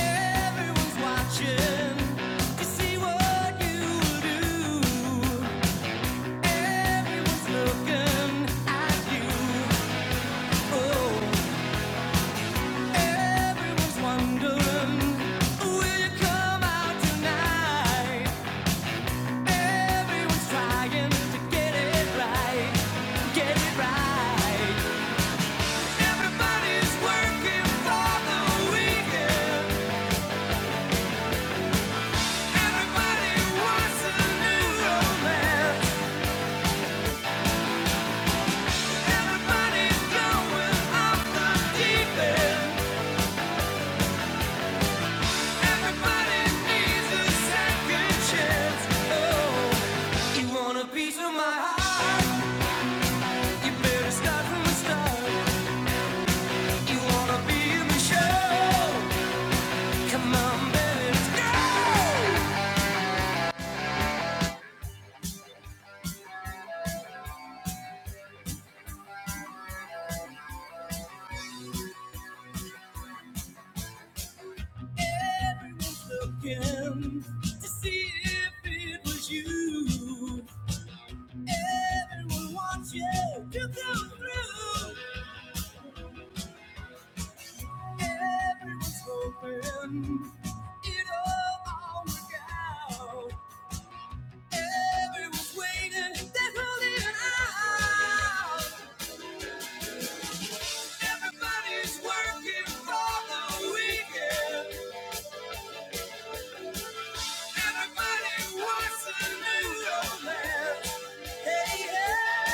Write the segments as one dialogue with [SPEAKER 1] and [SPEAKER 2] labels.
[SPEAKER 1] Everyone's watching to see what you do. Everyone's looking at you. Oh, everyone's wondering, will you come out tonight? Everyone's trying to get it right, get it right. Everybody's working for the weekend. Everybody wants a new romance. To see if it was you, everyone wants you to come through. Everyone's hoping It will all work out. Everyone's waiting. they're holding out. Everybody's working for the weekend. Everybody wants a new romance. Hey, hey.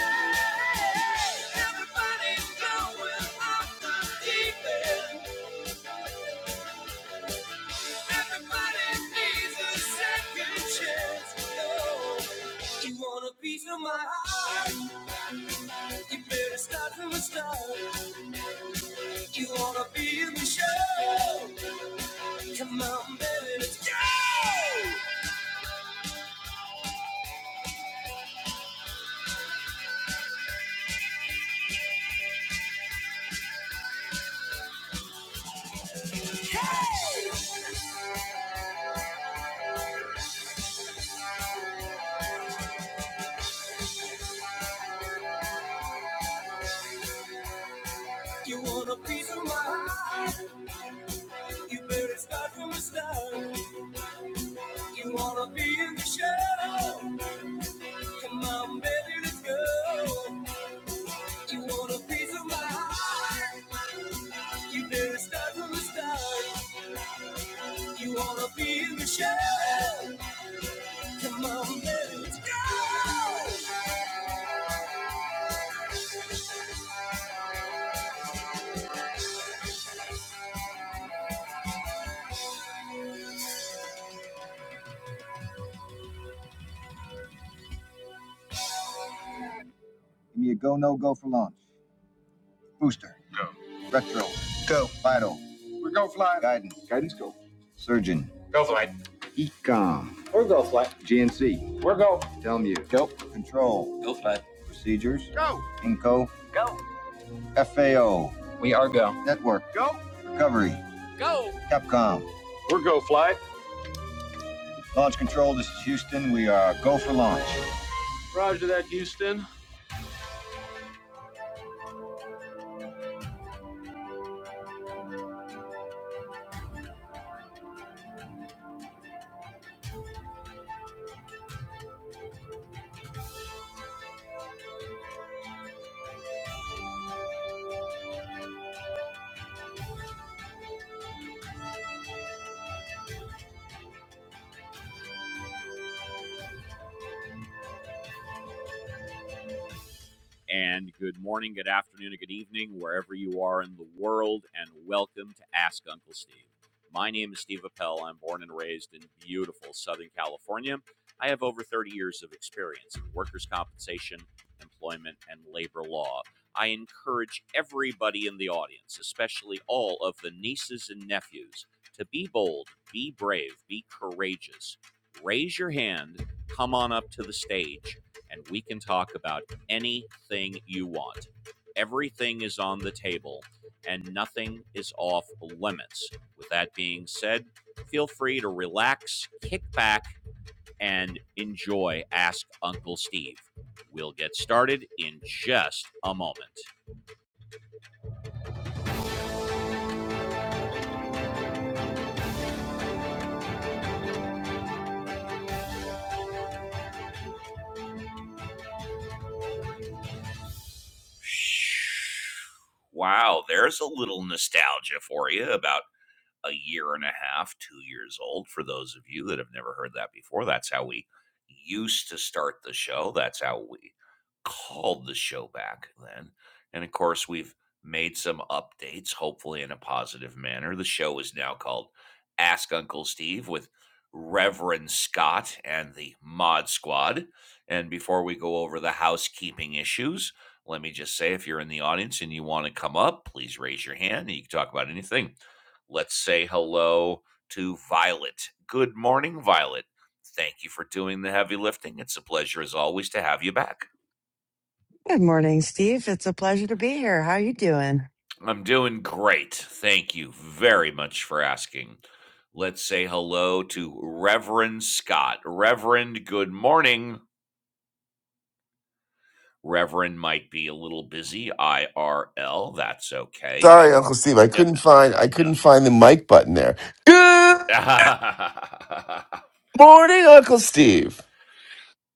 [SPEAKER 1] Everybody's going off the deep end. Everybody needs a second chance. Oh, you want a piece of my heart? You better start from the start. You wanna be in the show? Come on, baby, let's go. You want a piece of my heart? You better start from the start. You wanna be in the show? Come on, baby, let's go. You want a piece of my heart? You better start from the start. You wanna be in the show? Come on, let's go. Give me a go, no go for launch. Booster. Go. Retro. Go. Vital. We are go fly. Guidance. Guidance go. Surgeon. Go fly. Ecom. GNC. We're go. Tell you. Go. Control. Go fly. Procedures. Go. Inco. Go. FAO. Network. Go. Recovery. Capcom. We're go fly. Launch control. This is Houston. We are go for launch. Roger that, Houston. and good morning, good afternoon, and good evening, wherever you are in the world, and welcome to Ask Uncle Steve. My name is Steve Appel. I'm born and raised in beautiful Southern California. I have over 30 years of experience in workers' compensation, employment, and labor law. I encourage everybody in the audience, especially all of the nieces and nephews, to be bold, be brave, be courageous. Raise your hand, come on up to the stage, and we can talk about anything you want. Everything is on the table and nothing is off limits. With that being said, feel free to relax, kick back, and enjoy Ask Uncle Steve. We'll get started in just a moment. Wow, there's a little nostalgia for you about a year and a half, two years old. For those of you that have never heard that before, that's how we used to start the show. That's how we called the show back then. And of course, we've made some updates, hopefully in a positive manner. The show is now called Ask Uncle Steve with Reverend Scott and the Mod Squad. And before we go over the housekeeping issues, let me just say if you're in the audience and you want to come up, please raise your hand and you can talk about anything. Let's say hello to Violet. Good morning, Violet. Thank you for doing the heavy lifting. It's a pleasure, as always, to have you back.
[SPEAKER 2] Good morning, Steve. It's a pleasure to be here. How are you doing?
[SPEAKER 1] I'm doing great. Thank you very much for asking. Let's say hello to Reverend Scott. Reverend, good morning. Reverend might be a little busy, IRL. That's okay.
[SPEAKER 3] Sorry, Uncle Steve. I
[SPEAKER 1] No,
[SPEAKER 3] couldn't find I couldn't find the mic button there. Good
[SPEAKER 1] no.
[SPEAKER 3] morning, Uncle Steve.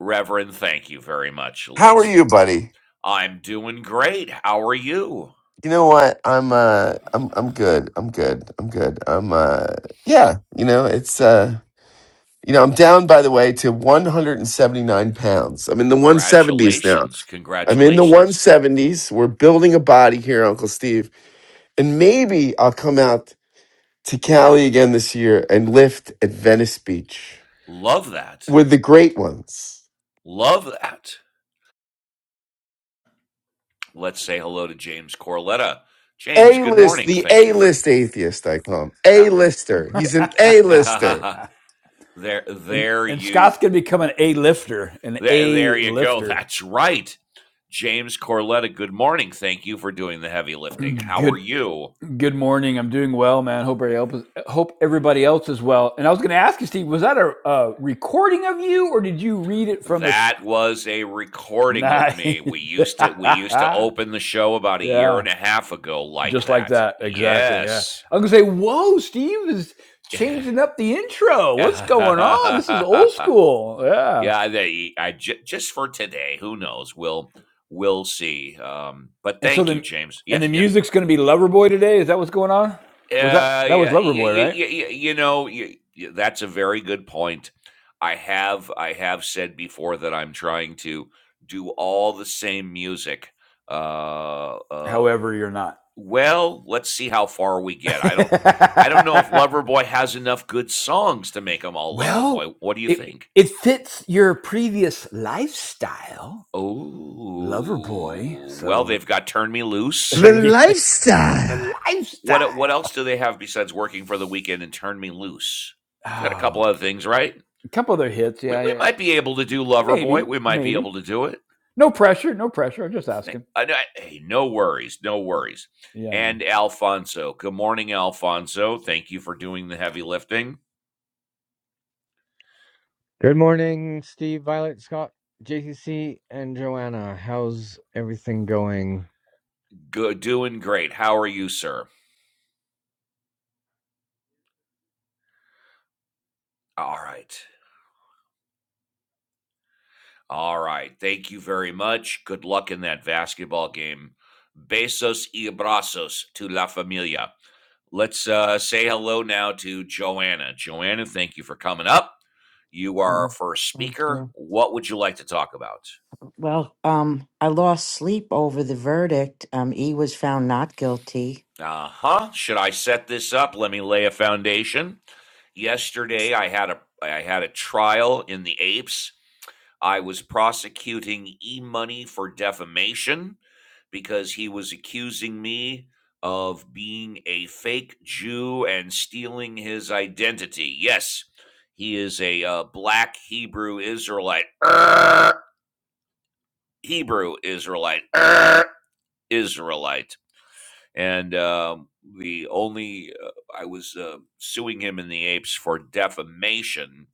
[SPEAKER 1] Reverend, thank you very much.
[SPEAKER 3] How are
[SPEAKER 1] Let's.
[SPEAKER 3] you, buddy?
[SPEAKER 1] I'm doing great. How are you?
[SPEAKER 3] You know what? I'm uh I'm I'm good. I'm good. I'm good. I'm uh yeah, you know, it's uh you know, I'm down by the way to 179 pounds. I'm in the 170s now.
[SPEAKER 1] Congratulations.
[SPEAKER 3] I'm in the
[SPEAKER 1] Congratulations.
[SPEAKER 3] 170s. We're building a body here, Uncle Steve. And maybe I'll come out to Cali again this year and lift at Venice Beach
[SPEAKER 1] Love that.
[SPEAKER 3] with the great ones.
[SPEAKER 1] Love that. Let's say hello to James Corletta. James,
[SPEAKER 3] A
[SPEAKER 1] good
[SPEAKER 3] list,
[SPEAKER 1] morning.
[SPEAKER 3] the
[SPEAKER 1] Thank
[SPEAKER 3] A
[SPEAKER 1] you for
[SPEAKER 3] list atheist, I call him. A
[SPEAKER 1] ah.
[SPEAKER 3] lister. He's an A lister.
[SPEAKER 1] there
[SPEAKER 4] and
[SPEAKER 1] there
[SPEAKER 4] and
[SPEAKER 1] you
[SPEAKER 4] Scott's gonna become an A lifter, an
[SPEAKER 1] there, there
[SPEAKER 4] A
[SPEAKER 1] you go.
[SPEAKER 4] lifter.
[SPEAKER 1] That's right. James Corletta, good morning. Thank you for doing the heavy lifting. How are
[SPEAKER 4] Good
[SPEAKER 1] you?
[SPEAKER 4] good morning. I'm doing well, man. Hope everybody else hope everybody else is well. And I was gonna ask you, Steve, was that a, a recording of you, or did you read it from a
[SPEAKER 1] That
[SPEAKER 4] sc-
[SPEAKER 1] was a recording of
[SPEAKER 4] nice?
[SPEAKER 1] me. We used to we used to open the show about a year and
[SPEAKER 4] yeah,
[SPEAKER 1] a half ago like
[SPEAKER 4] just like
[SPEAKER 1] that.
[SPEAKER 4] that, exactly. Yeah,
[SPEAKER 1] Yes.
[SPEAKER 4] I'm gonna say, whoa, Steve is changing up the intro. What's going
[SPEAKER 1] yeah,
[SPEAKER 4] on? This is old school. Yeah.
[SPEAKER 1] they, I j- just for today. Who knows? We'll we'll see. Um, but
[SPEAKER 4] And so
[SPEAKER 1] thank you,
[SPEAKER 4] the
[SPEAKER 1] James.
[SPEAKER 4] and the
[SPEAKER 1] Yes, yeah,
[SPEAKER 4] music's going to be Loverboy today. Is that what's going on? Was that
[SPEAKER 1] uh,
[SPEAKER 4] that was
[SPEAKER 1] yeah. y-
[SPEAKER 4] Loverboy,
[SPEAKER 1] y-
[SPEAKER 4] right?
[SPEAKER 1] y- y- you know, y- y- that's a very good point. I have I have said before that I'm trying to do all the same music. Uh, uh,
[SPEAKER 4] However, you're not.
[SPEAKER 1] well, let's see how far we get. I don't I don't know if Loverboy has enough good songs to make them all
[SPEAKER 4] well,
[SPEAKER 1] Loverboy. What do you
[SPEAKER 4] it
[SPEAKER 1] think?
[SPEAKER 4] it fits your previous lifestyle, Loverboy.
[SPEAKER 1] Oh, well,
[SPEAKER 4] So
[SPEAKER 1] they've got Turn Me Loose.
[SPEAKER 3] The
[SPEAKER 4] there you the
[SPEAKER 3] lifestyle.
[SPEAKER 1] What e- what
[SPEAKER 4] lifestyle.
[SPEAKER 1] else do they have besides working for the weekend and Turn Me Loose? We've got a couple
[SPEAKER 4] Oh,
[SPEAKER 1] other things, right?
[SPEAKER 4] a couple other hits.
[SPEAKER 1] We,
[SPEAKER 4] Yeah,
[SPEAKER 1] we
[SPEAKER 4] yeah.
[SPEAKER 1] might be able to do Lover Boy.
[SPEAKER 4] Maybe,
[SPEAKER 1] We might be
[SPEAKER 4] maybe.
[SPEAKER 1] able to do it.
[SPEAKER 4] No pressure, no pressure. I'm just
[SPEAKER 1] Hey,
[SPEAKER 4] asking.
[SPEAKER 1] hey, no worries, no worries.
[SPEAKER 4] Yeah, man.
[SPEAKER 1] And Alfonso, good morning, Alfonso. Thank you for doing the heavy lifting.
[SPEAKER 5] Good morning, Steve, Violet, Scott, JCC, and Joanna. How's everything going?
[SPEAKER 1] Good, doing great. How are you, sir? All right. All right. Thank you very much. Good luck in that basketball game. Besos y abrazos to la familia. Let's uh, say hello now to Joanna. Joanna, thank you for coming up. You are our
[SPEAKER 6] Oh,
[SPEAKER 1] first
[SPEAKER 6] thank
[SPEAKER 1] speaker.
[SPEAKER 6] you.
[SPEAKER 1] What would you like to talk about?
[SPEAKER 6] Well, um, I lost sleep over the verdict. Um, E was found not guilty.
[SPEAKER 1] Uh huh. Should I set this up? Let me lay a foundation. Yesterday, I had a I had a trial in the apes I was prosecuting E-money for defamation because he was accusing me of being a fake Jew and stealing his identity. Yes, he is a uh, black Hebrew Israelite. Er, Hebrew Israelite. Er, Israelite and um, the only uh, I was uh, suing him in the apes for defamation,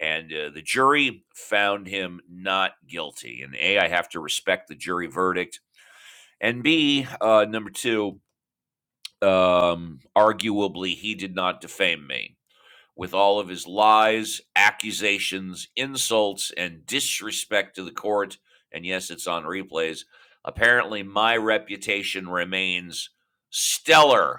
[SPEAKER 1] and uh, the jury found him not guilty. And a, I have to respect the jury verdict, and b, uh, number two, um, arguably he did not defame me. With all of his lies, accusations, insults, and disrespect to the court, and yes, it's on replays. Apparently, my reputation remains stellar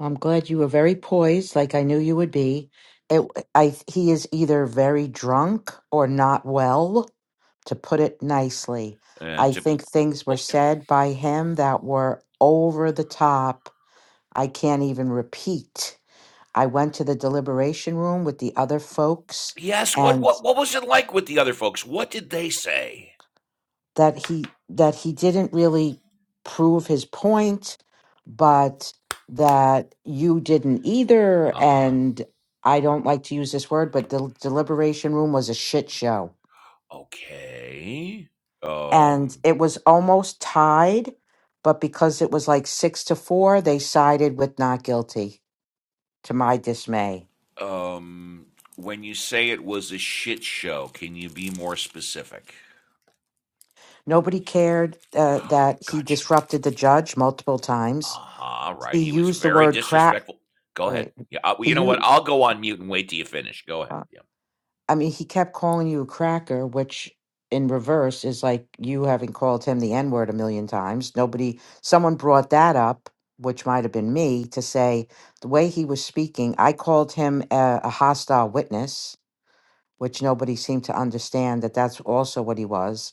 [SPEAKER 6] I'm glad you were very poised, like I knew you would be. It, I, he is either very drunk or not well, to put it nicely.
[SPEAKER 1] And
[SPEAKER 6] I
[SPEAKER 1] to,
[SPEAKER 6] think things were
[SPEAKER 1] oh,
[SPEAKER 6] said by him that were over the top. I can't even repeat. I went to the deliberation room with the other folks,
[SPEAKER 1] yes, what
[SPEAKER 6] and.
[SPEAKER 1] what what was it like with the other folks? What did they say?
[SPEAKER 6] that he that he didn't really prove his point but that you didn't either
[SPEAKER 1] Uh huh.
[SPEAKER 6] and i don't like to use this word but the deliberation room was a shit show
[SPEAKER 1] Okay.
[SPEAKER 6] and
[SPEAKER 1] Um.
[SPEAKER 6] it was
[SPEAKER 1] yeah.
[SPEAKER 6] almost tied but because it was like 6 to 4 they sided with not guilty to my dismay
[SPEAKER 1] Um. When you say it was a shit show, can you be more specific?
[SPEAKER 6] nobody cared uh, that he
[SPEAKER 1] Gotcha.
[SPEAKER 6] disrupted the judge multiple
[SPEAKER 1] Uh
[SPEAKER 6] times
[SPEAKER 1] huh. Right.
[SPEAKER 6] he
[SPEAKER 1] He was
[SPEAKER 6] used the
[SPEAKER 1] very
[SPEAKER 6] word crap
[SPEAKER 1] disrespectful. Go ahead.
[SPEAKER 6] right
[SPEAKER 1] Yeah. I, well,
[SPEAKER 6] he
[SPEAKER 1] you know what?
[SPEAKER 6] used
[SPEAKER 1] I'll go on mute and wait till you finish. Go ahead. Yeah.
[SPEAKER 6] I mean, he kept calling you a cracker, which in reverse is like you having called him the N word a million times. Nobody, someone brought that up, which might have been me, to say the way he was speaking, I called him a, a hostile witness which nobody seemed to understand that that's also what he was.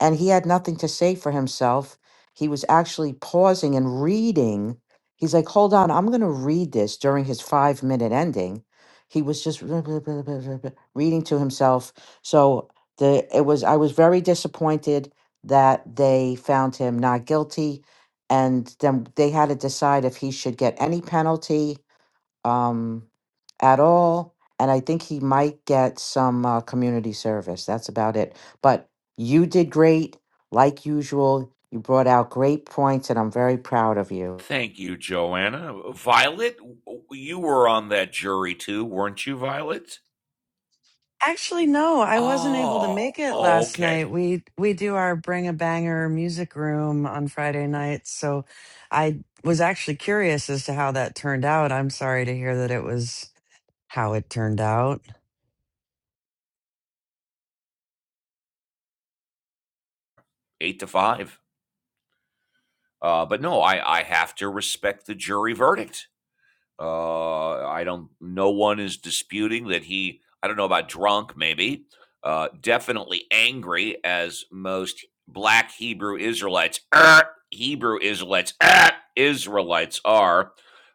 [SPEAKER 6] And he had nothing to say for himself. He was actually pausing and reading. He's like, hold on, I'm going to read this during his five minute ending. He was just reading to himself. So the it was I was very disappointed that they found him not guilty and then they had to decide if he should get any penalty. Um, at all. And I think he might get some uh, community service. That's about it. But you did great, like usual. You brought out great points, and I'm very proud of you.
[SPEAKER 1] Thank you, Joanna. Violet, you were on that jury too, weren't you, Violet?
[SPEAKER 2] Actually, no, I wasn't able to
[SPEAKER 1] Oh,
[SPEAKER 2] make it last night.
[SPEAKER 1] okay.
[SPEAKER 2] We we do our Bring a Banger music room on Friday nights, so I was actually curious as to how that turned out. I'm sorry to hear that it was how it turned out.
[SPEAKER 1] 8 to 5. Uh, but no, I I have to respect the jury verdict. Uh, I don't no one is disputing that he I don't know about drunk maybe. Uh, definitely angry as most black Hebrew Israelites er, Hebrew Israelites er, Israelites are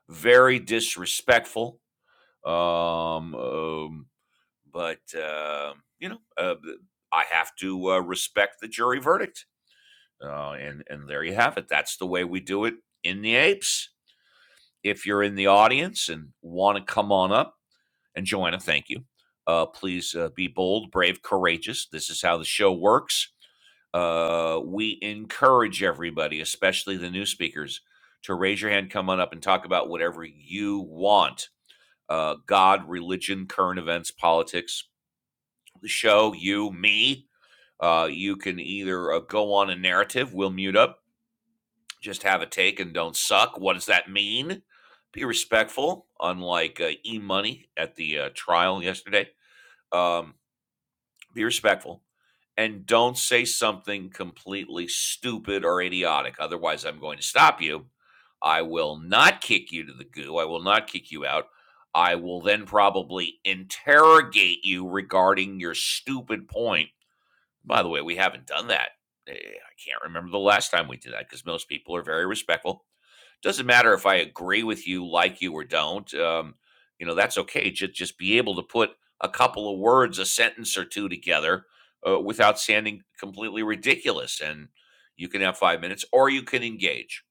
[SPEAKER 1] very disrespectful. Um, um but uh, you know, uh, I have to uh, respect the jury verdict. Uh, and and there you have it. That's the way we do it in the apes. If you're in the audience and want to come on up, and Joanna, thank you. Uh, please uh, be bold, brave, courageous. This is how the show works. Uh, we encourage everybody, especially the new speakers, to raise your hand, come on up, and talk about whatever you want uh, God, religion, current events, politics, the show, you, me. Uh, you can either uh, go on a narrative, we'll mute up, just have a take and don't suck. What does that mean? Be respectful, unlike uh, E Money at the uh, trial yesterday. Um, be respectful and don't say something completely stupid or idiotic. Otherwise, I'm going to stop you. I will not kick you to the goo. I will not kick you out. I will then probably interrogate you regarding your stupid point by the way, we haven't done that. Eh, I can't remember the last time we did that because most people are very respectful. Doesn't matter if I agree with you, like you, or don't. Um, you know, that's okay. Just just be able to put a couple of words, a sentence or two together uh, without sounding completely ridiculous. And you can have five minutes, or you can engage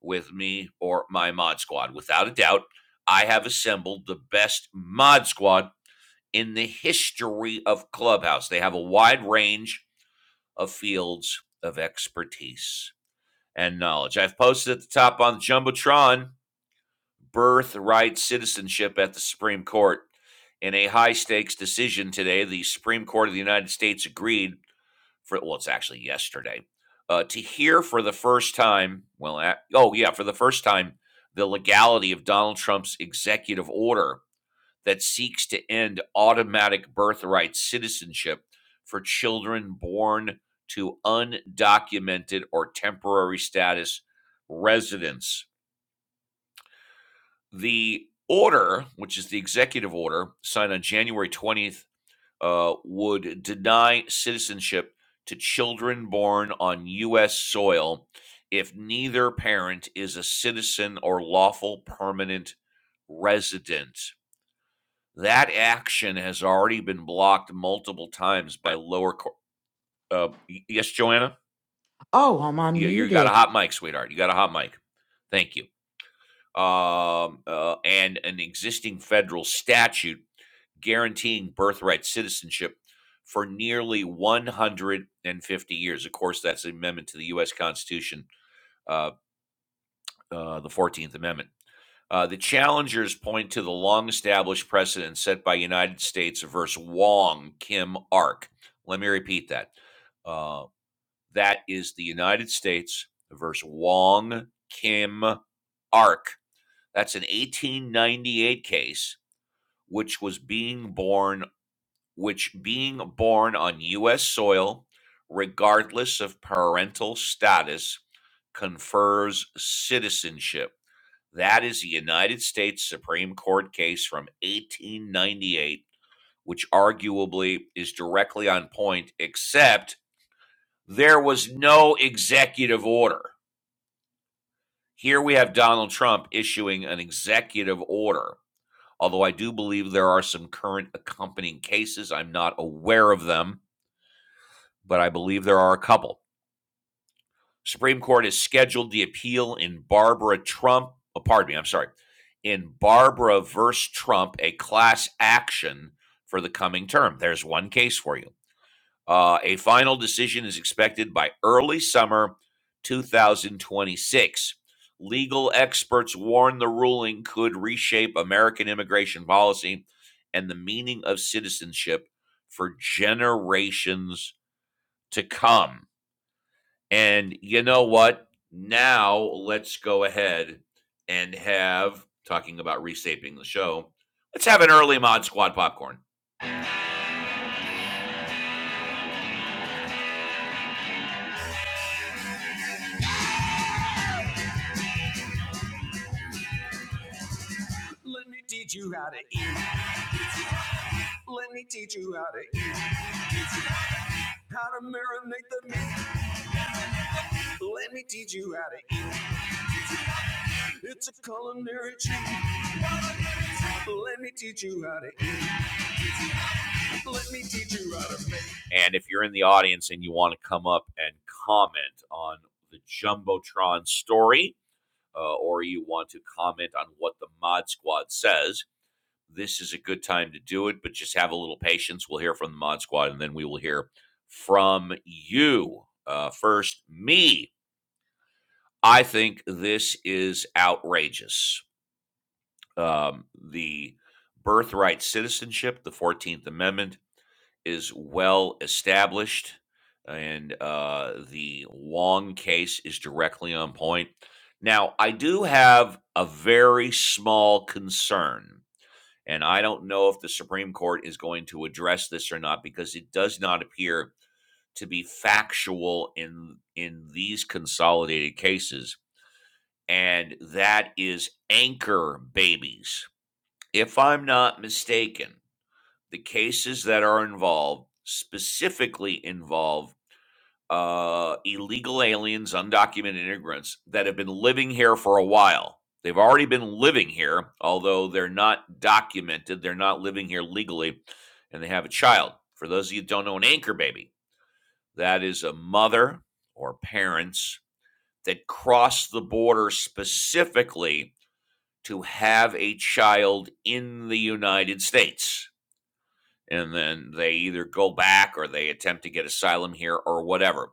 [SPEAKER 1] with me or my mod squad. Without a doubt, I have assembled the best mod squad in the history of Clubhouse. They have a wide range of fields of expertise and knowledge. I've posted at the top on the Jumbotron birthright citizenship at the Supreme Court. In a high stakes decision today, the Supreme Court of the United States agreed for, well, it's actually yesterday, uh, to hear for the first time, well, a- oh, yeah, for the first time, the legality of Donald Trump's executive order that seeks to end automatic birthright citizenship for children born to undocumented or temporary status residents. The order, which is the executive order signed on January 20th, uh, would deny citizenship to children born on U.S. soil if neither parent is a citizen or lawful permanent resident. That action has already been blocked multiple times by lower court. Uh, yes, Joanna,
[SPEAKER 6] Oh, I'm
[SPEAKER 1] you, you got a
[SPEAKER 6] unmuted.
[SPEAKER 1] hot mic, sweetheart. You got a hot mic. Thank you. Um, uh, and an existing federal statute guaranteeing birthright citizenship for nearly 150 years. Of course, that's an amendment to the U.S. Constitution uh, uh, the 14th Amendment. Uh, the challengers point to the long established precedent set by United States versus Wong Kim Ark. Let me repeat that. Uh, that is the United States versus Wong Kim Ark. That's an 1898 case which was being born which being born on US soil regardless of parental status confers citizenship. That is a United States Supreme Court case from 1898, which arguably is directly on point, except there was no executive order. Here we have Donald Trump issuing an executive order, although I do believe there are some current accompanying cases. I'm not aware of them, but I believe there are a couple. Supreme Court has scheduled the appeal in Barbara Trump. Oh, pardon me, I'm sorry. In Barbara versus Trump, a class action for the coming term. There's one case for you. Uh, a final decision is expected by early summer 2026. Legal experts warn the ruling could reshape American immigration policy and the meaning of citizenship for generations to come. And you know what? Now let's go ahead and have talking about reshaping the show. Let's have an early mod squad popcorn. Let me teach you how to eat. Let me teach you how to eat. How to marinate the meat. Let me teach you how to eat. It's a culinary treat. Let me teach you how to eat. Let me teach you how to make. And if you're in the audience and you want to come up and comment on the Jumbotron story, uh, or you want to comment on what the Mod Squad says, this is a good time to do it, but just have a little patience. We'll hear from the Mod Squad and then we will hear from you. Uh, first, me. I think this is outrageous. Um, the birthright citizenship, the 14th Amendment, is well established, and uh, the Wong case is directly on point. Now, I do have a very small concern, and I don't know if the Supreme Court is going to address this or not because it does not appear to be factual in in these consolidated cases and that is anchor babies if i'm not mistaken the cases that are involved specifically involve uh, illegal aliens, undocumented immigrants that have been living here for a while. They've already been living here, although they're not documented. They're not living here legally, and they have a child. For those of you who don't know, an anchor baby that is a mother or parents that cross the border specifically to have a child in the United States and then they either go back or they attempt to get asylum here or whatever.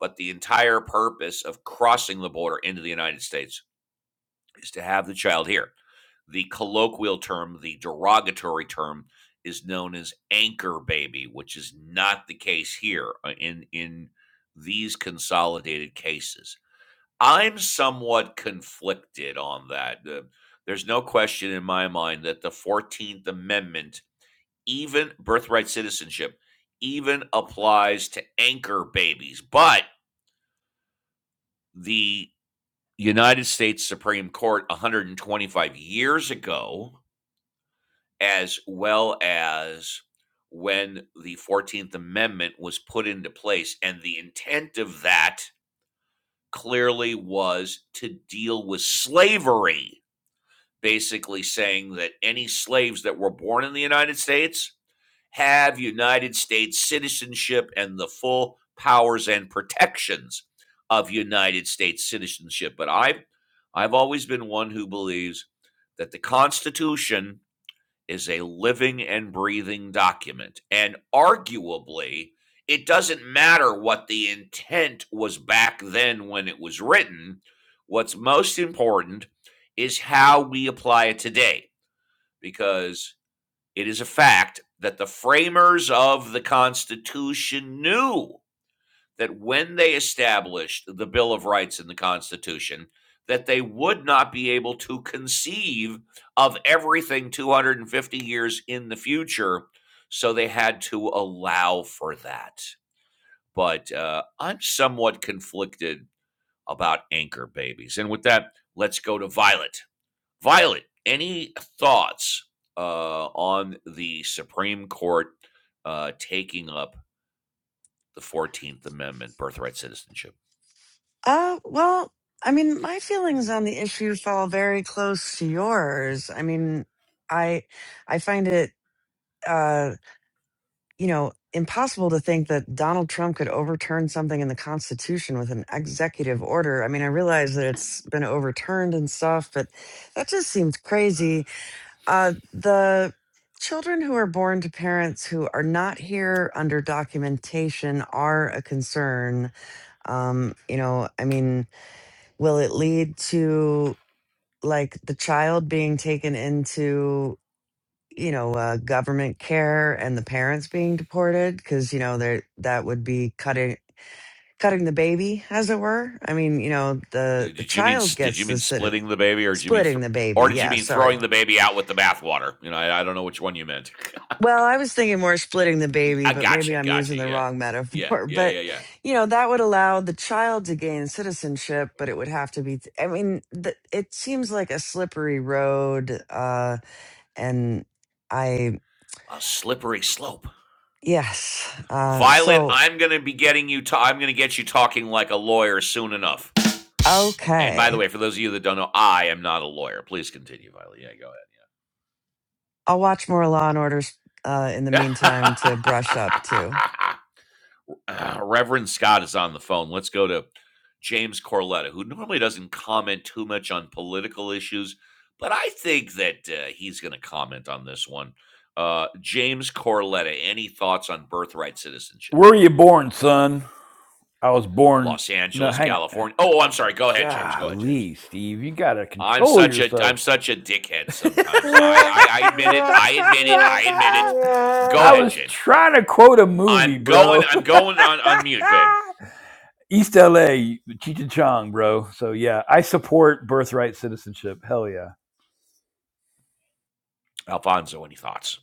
[SPEAKER 1] But the entire purpose of crossing the border into the United States is to have the child here. The colloquial term, the derogatory term, is known as anchor baby, which is not the case here uh, in in these consolidated cases. I'm somewhat conflicted on that. Uh, there's no question in my mind that the 14th Amendment even birthright citizenship even applies to anchor babies. But the United States Supreme Court 125 years ago, as well as when the 14th Amendment was put into place, and the intent of that clearly was to deal with slavery, basically saying that any slaves that were born in the United States have United States citizenship and the full powers and protections of United States citizenship. But I've, I've always been one who believes that the Constitution is a living and breathing document. And arguably, it doesn't matter what the intent was back then when it was written. What's most important is how we apply it today, because it is a fact that the framers of the Constitution knew that when they established the Bill of Rights in the Constitution, that they would not be able to conceive of everything 250 years in the future. So they had to allow for that. But uh, I'm somewhat conflicted about anchor babies. And with that, let's go to Violet. Violet, any thoughts uh, on the Supreme Court uh, taking up the Fourteenth Amendment, birthright citizenship?
[SPEAKER 2] Uh, well, I mean, my feelings on the issue fall very close to yours. I mean, I I find it uh you know, impossible to think that Donald Trump could overturn something in the Constitution with an executive order. I mean, I realize that it's been overturned and stuff, but that just seems crazy. Uh, the children who are born to parents who are not here under documentation are a concern. Um, you know, I mean, will it lead to like the child being taken into? you know, uh, government care and the parents being deported because you know there that would be cutting cutting the baby, as it were. I mean, you know,
[SPEAKER 1] Uh,
[SPEAKER 2] the the
[SPEAKER 1] Did you mean
[SPEAKER 2] child
[SPEAKER 1] did you
[SPEAKER 2] gets the
[SPEAKER 1] mean
[SPEAKER 2] citi-
[SPEAKER 1] splitting the baby, or did you mean thr
[SPEAKER 2] splitting the
[SPEAKER 1] or
[SPEAKER 2] baby.
[SPEAKER 1] did you
[SPEAKER 2] Yeah,
[SPEAKER 1] mean
[SPEAKER 2] sorry.
[SPEAKER 1] throwing the baby out with the bathwater? You know, I, I don't know which one you meant.
[SPEAKER 2] Well, I was thinking more splitting the
[SPEAKER 1] Y-
[SPEAKER 2] baby,
[SPEAKER 1] I
[SPEAKER 2] but maybe
[SPEAKER 1] gotcha,
[SPEAKER 2] I'm using
[SPEAKER 1] gotcha.
[SPEAKER 2] the
[SPEAKER 1] Yeah,
[SPEAKER 2] wrong
[SPEAKER 1] yeah,
[SPEAKER 2] metaphor.
[SPEAKER 1] yeah,
[SPEAKER 2] But
[SPEAKER 1] yeah, yeah.
[SPEAKER 2] you know, that would allow the child to gain citizenship, but it would have to be. I mean, th- it seems like a slippery road, uh, and I
[SPEAKER 1] A slippery slope.
[SPEAKER 2] yes. Uh,
[SPEAKER 1] Violet,
[SPEAKER 2] so
[SPEAKER 1] I'm gonna be getting you. Ta- I'm gonna get you talking like a lawyer soon enough. And by the
[SPEAKER 2] Okay.
[SPEAKER 1] way, for those of you that don't know, I am not a lawyer. Please continue, Violet. Yeah, go ahead.
[SPEAKER 2] I'll watch more Law and Orders uh, in the meantime
[SPEAKER 1] uh,
[SPEAKER 2] to brush up too.
[SPEAKER 1] Reverend Scott is on the phone. Let's go to James Corletta, who normally doesn't comment too much on political issues, but I think that uh, he's going to comment on this one. Uh, James Corletta, any thoughts on birthright citizenship?
[SPEAKER 4] Where were you born, son? I was born.
[SPEAKER 1] Los
[SPEAKER 4] No,
[SPEAKER 1] Angeles,
[SPEAKER 4] hang on.
[SPEAKER 1] California. Oh, I'm sorry. Go ahead, James. Go ahead, James.
[SPEAKER 4] Golly, Steve, you gotta
[SPEAKER 1] I'm
[SPEAKER 4] control
[SPEAKER 1] such a I'm
[SPEAKER 4] yourself.
[SPEAKER 1] such a dickhead sometimes. I I, I admit it. I admit it. I admit it.
[SPEAKER 4] I
[SPEAKER 1] Go ahead,
[SPEAKER 4] was
[SPEAKER 1] James.
[SPEAKER 4] trying to quote a movie,
[SPEAKER 1] I'm going.
[SPEAKER 4] bro.
[SPEAKER 1] I'm going on on mute, babe.
[SPEAKER 4] East LA, Cheech and Chong, bro. So yeah, I support birthright citizenship. Hell yeah.
[SPEAKER 1] Alfonso, any thoughts?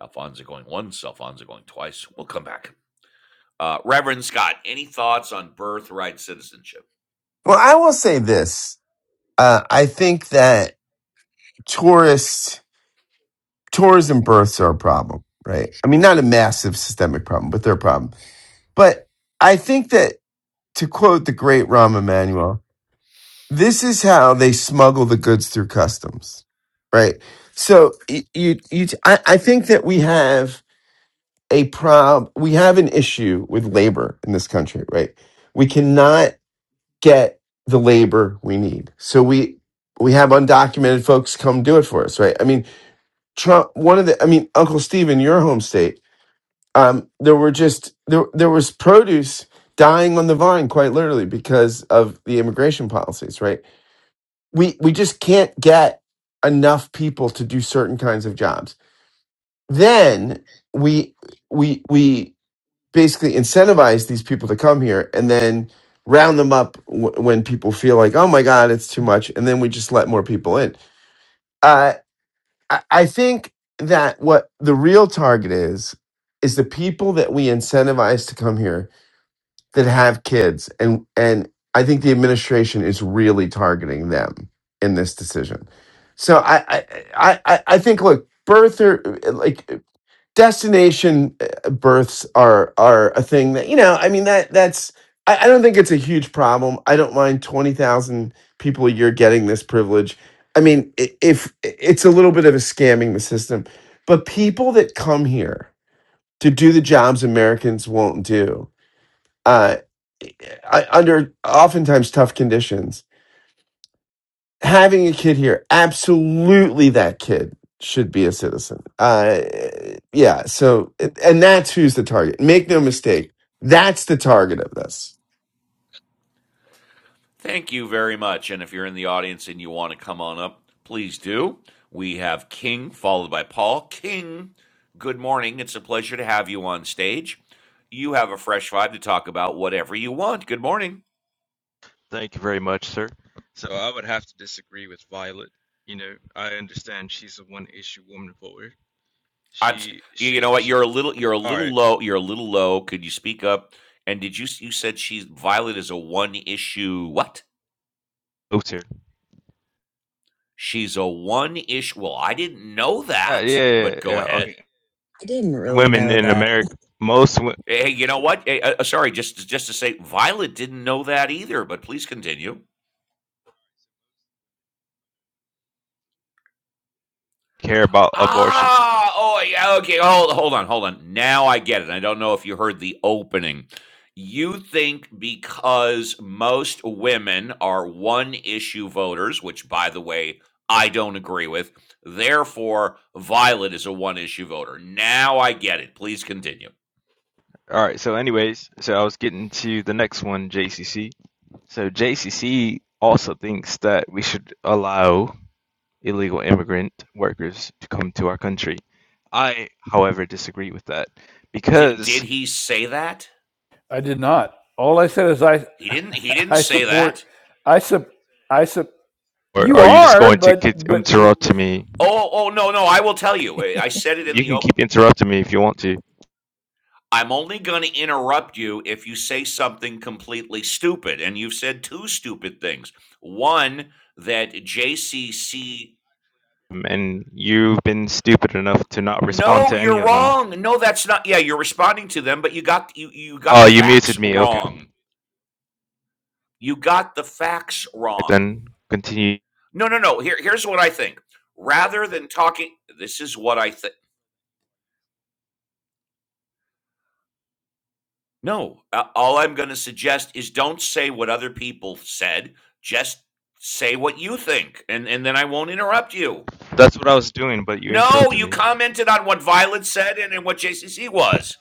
[SPEAKER 1] Alfonso going once, Alfonso going twice. We'll come back. Uh, Reverend Scott, any thoughts on birthright citizenship?
[SPEAKER 3] Well, I will say this. Uh, I think that tourist, tourism births are a problem, right? I mean, not a massive systemic problem, but they're a problem. But I think that, to quote the great Rahm Emanuel, this is how they smuggle the goods through customs, right? So y- you, you, I, I think that we have a prob we have an issue with labor in this country right we cannot get the labor we need so we we have undocumented folks come do it for us right i mean trump one of the i mean uncle steve in your home state um there were just there there was produce dying on the vine quite literally because of the immigration policies right we we just can't get enough people to do certain kinds of jobs then we we we basically incentivize these people to come here and then round them up w- when people feel like oh my god it's too much and then we just let more people in uh, I-, I think that what the real target is is the people that we incentivize to come here that have kids and and i think the administration is really targeting them in this decision so i i i, I I think look birther like destination uh, births are are a thing that you know i mean that that's i, I don't think it's a huge problem i don't mind 20000 people a year getting this privilege i mean i- if it's a little bit of a scamming the system but people that come here to do the jobs americans won't do uh, I, under oftentimes tough conditions having a kid here, absolutely that kid should be a citizen. Uh, yeah. So, and that's who's the target. Make no mistake. That's the target of this.
[SPEAKER 1] Thank you very much. And if you're in the audience and you want to come on up, please do. We have King followed by Paul. King, good morning. It's a pleasure to have you on stage. You have a fresh vibe to talk about whatever you want. Good morning.
[SPEAKER 7] Thank you very much, sir. So I would have to disagree with Violet. You know, I understand she's a one-issue woman voter.
[SPEAKER 1] I'm.
[SPEAKER 7] She,
[SPEAKER 1] You
[SPEAKER 7] she,
[SPEAKER 1] know what?
[SPEAKER 7] she.
[SPEAKER 1] You're a little. You're a
[SPEAKER 7] All
[SPEAKER 1] little
[SPEAKER 7] right.
[SPEAKER 1] low. You're a little low. Could you speak up? And did you? You said she's Violet is a one issue. What?
[SPEAKER 7] Oops, here.
[SPEAKER 1] She's a one issue Well, I didn't know
[SPEAKER 7] Uh, yeah,
[SPEAKER 1] that,
[SPEAKER 7] yeah, yeah.
[SPEAKER 1] but go
[SPEAKER 7] yeah,
[SPEAKER 1] ahead.
[SPEAKER 7] Okay.
[SPEAKER 2] I didn't really
[SPEAKER 7] Women
[SPEAKER 2] know
[SPEAKER 7] in
[SPEAKER 2] that.
[SPEAKER 7] America, most w-
[SPEAKER 1] Hey, hey, you know what? Hey, uh, uh, sorry, just just to say, Violet didn't know that either. But please continue.
[SPEAKER 7] care about abortion.
[SPEAKER 1] Ah, oh yeah, okay. Hold, hold on, hold on. Now I get it. I don't know if you heard the opening. You think because most women are one issue voters, which by the way, I don't agree with. Therefore, Violet is a one issue voter. Now I get it. Please continue.
[SPEAKER 7] All right. So, anyways, so I was getting to the next one, JCC. So JCC also thinks that we should allow illegal immigrant workers to come to our country. I, however, disagree with that
[SPEAKER 1] Did
[SPEAKER 7] because
[SPEAKER 1] did he say that?
[SPEAKER 4] I did not. All I said is I
[SPEAKER 1] He didn't. He didn't
[SPEAKER 4] I
[SPEAKER 1] say
[SPEAKER 4] support
[SPEAKER 1] that.
[SPEAKER 4] I sup I sup
[SPEAKER 7] Or
[SPEAKER 4] you
[SPEAKER 7] are you just
[SPEAKER 4] are,
[SPEAKER 7] going to keep
[SPEAKER 4] but but
[SPEAKER 7] interrupting me?
[SPEAKER 1] Oh, oh no, no. I will tell you. I said it in
[SPEAKER 7] You
[SPEAKER 1] the
[SPEAKER 7] can
[SPEAKER 1] open.
[SPEAKER 7] keep interrupting me if you want to.
[SPEAKER 1] I'm only going to interrupt you if you say something completely stupid, and you've said two stupid things. One that JCC.
[SPEAKER 7] Um, And you've been stupid enough to not respond
[SPEAKER 1] No,
[SPEAKER 7] to any
[SPEAKER 1] you're
[SPEAKER 7] of them.
[SPEAKER 1] wrong. No, that's not. Yeah, you're responding to them, but you got you you got
[SPEAKER 7] Oh,
[SPEAKER 1] the
[SPEAKER 7] you
[SPEAKER 1] facts
[SPEAKER 7] muted me. Okay.
[SPEAKER 1] wrong.
[SPEAKER 7] Right,
[SPEAKER 1] You got the facts wrong.
[SPEAKER 7] then continue.
[SPEAKER 1] No, no, no. Here, here's what I think. Rather than talking, this is what I think No, uh, all I'm going to suggest is don't say what other people said. Just say what you think, and and then I won't interrupt you.
[SPEAKER 7] That's what I was doing, but you
[SPEAKER 1] No,
[SPEAKER 7] interrupted
[SPEAKER 1] you
[SPEAKER 7] me.
[SPEAKER 1] commented on what Violet said and, and what JCC was.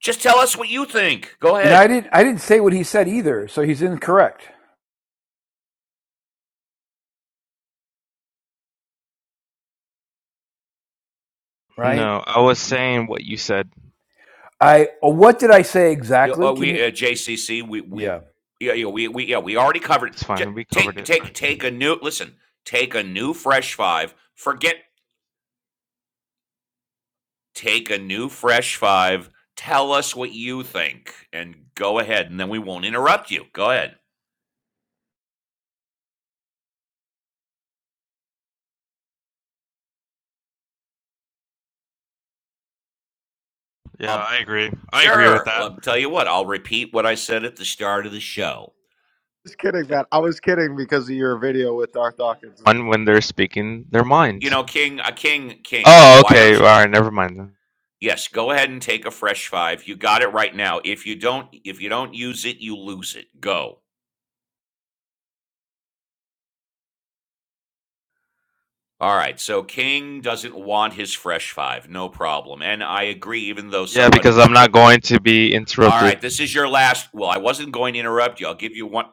[SPEAKER 1] Just tell us what you think. Go
[SPEAKER 4] and I
[SPEAKER 1] ahead.
[SPEAKER 4] didn't I didn't say what he said either, so he's incorrect, right?
[SPEAKER 7] No, I was saying what you said.
[SPEAKER 4] I what did I say
[SPEAKER 1] Yeah,
[SPEAKER 4] exactly?
[SPEAKER 1] Uh,
[SPEAKER 4] Can
[SPEAKER 1] we
[SPEAKER 4] you
[SPEAKER 1] uh, JCC. We we
[SPEAKER 4] Yeah.
[SPEAKER 1] yeah yeah we we yeah we already covered.
[SPEAKER 7] It's
[SPEAKER 1] Just
[SPEAKER 7] fine. We covered
[SPEAKER 1] take
[SPEAKER 7] it
[SPEAKER 1] take
[SPEAKER 7] already.
[SPEAKER 1] take a new listen. Take a new fresh five. Forget take a new fresh five, tell us what you think, and go ahead, and then we won't interrupt you. Go ahead.
[SPEAKER 7] Yeah,
[SPEAKER 1] Um,
[SPEAKER 7] I agree. I agree with
[SPEAKER 1] sure.
[SPEAKER 7] that.
[SPEAKER 1] Let tell you what. I'll repeat what I said at the start of the show.
[SPEAKER 8] was kidding,
[SPEAKER 1] Yeah.
[SPEAKER 8] man. I was kidding because of your video with Darth Dawkins.
[SPEAKER 7] One, when they're speaking their
[SPEAKER 1] You
[SPEAKER 7] mind.
[SPEAKER 1] know, King, uh, King, King.
[SPEAKER 7] Oh,
[SPEAKER 1] Why
[SPEAKER 7] okay.
[SPEAKER 1] don't
[SPEAKER 7] All
[SPEAKER 1] you?
[SPEAKER 7] right. Never mind then.
[SPEAKER 1] Yes, go ahead and take a fresh five. You got it right now. If you don't, if you don't use it, you lose it. Go. All right. So King doesn't want his fresh five. No problem. And I agree. Even though
[SPEAKER 7] Yeah,
[SPEAKER 1] somebody
[SPEAKER 7] because
[SPEAKER 1] was.
[SPEAKER 7] I'm
[SPEAKER 1] Jo-
[SPEAKER 7] not going to be
[SPEAKER 1] All
[SPEAKER 7] interrupted
[SPEAKER 1] right. This is your last. Well, I wasn't going to interrupt you. I'll give you one.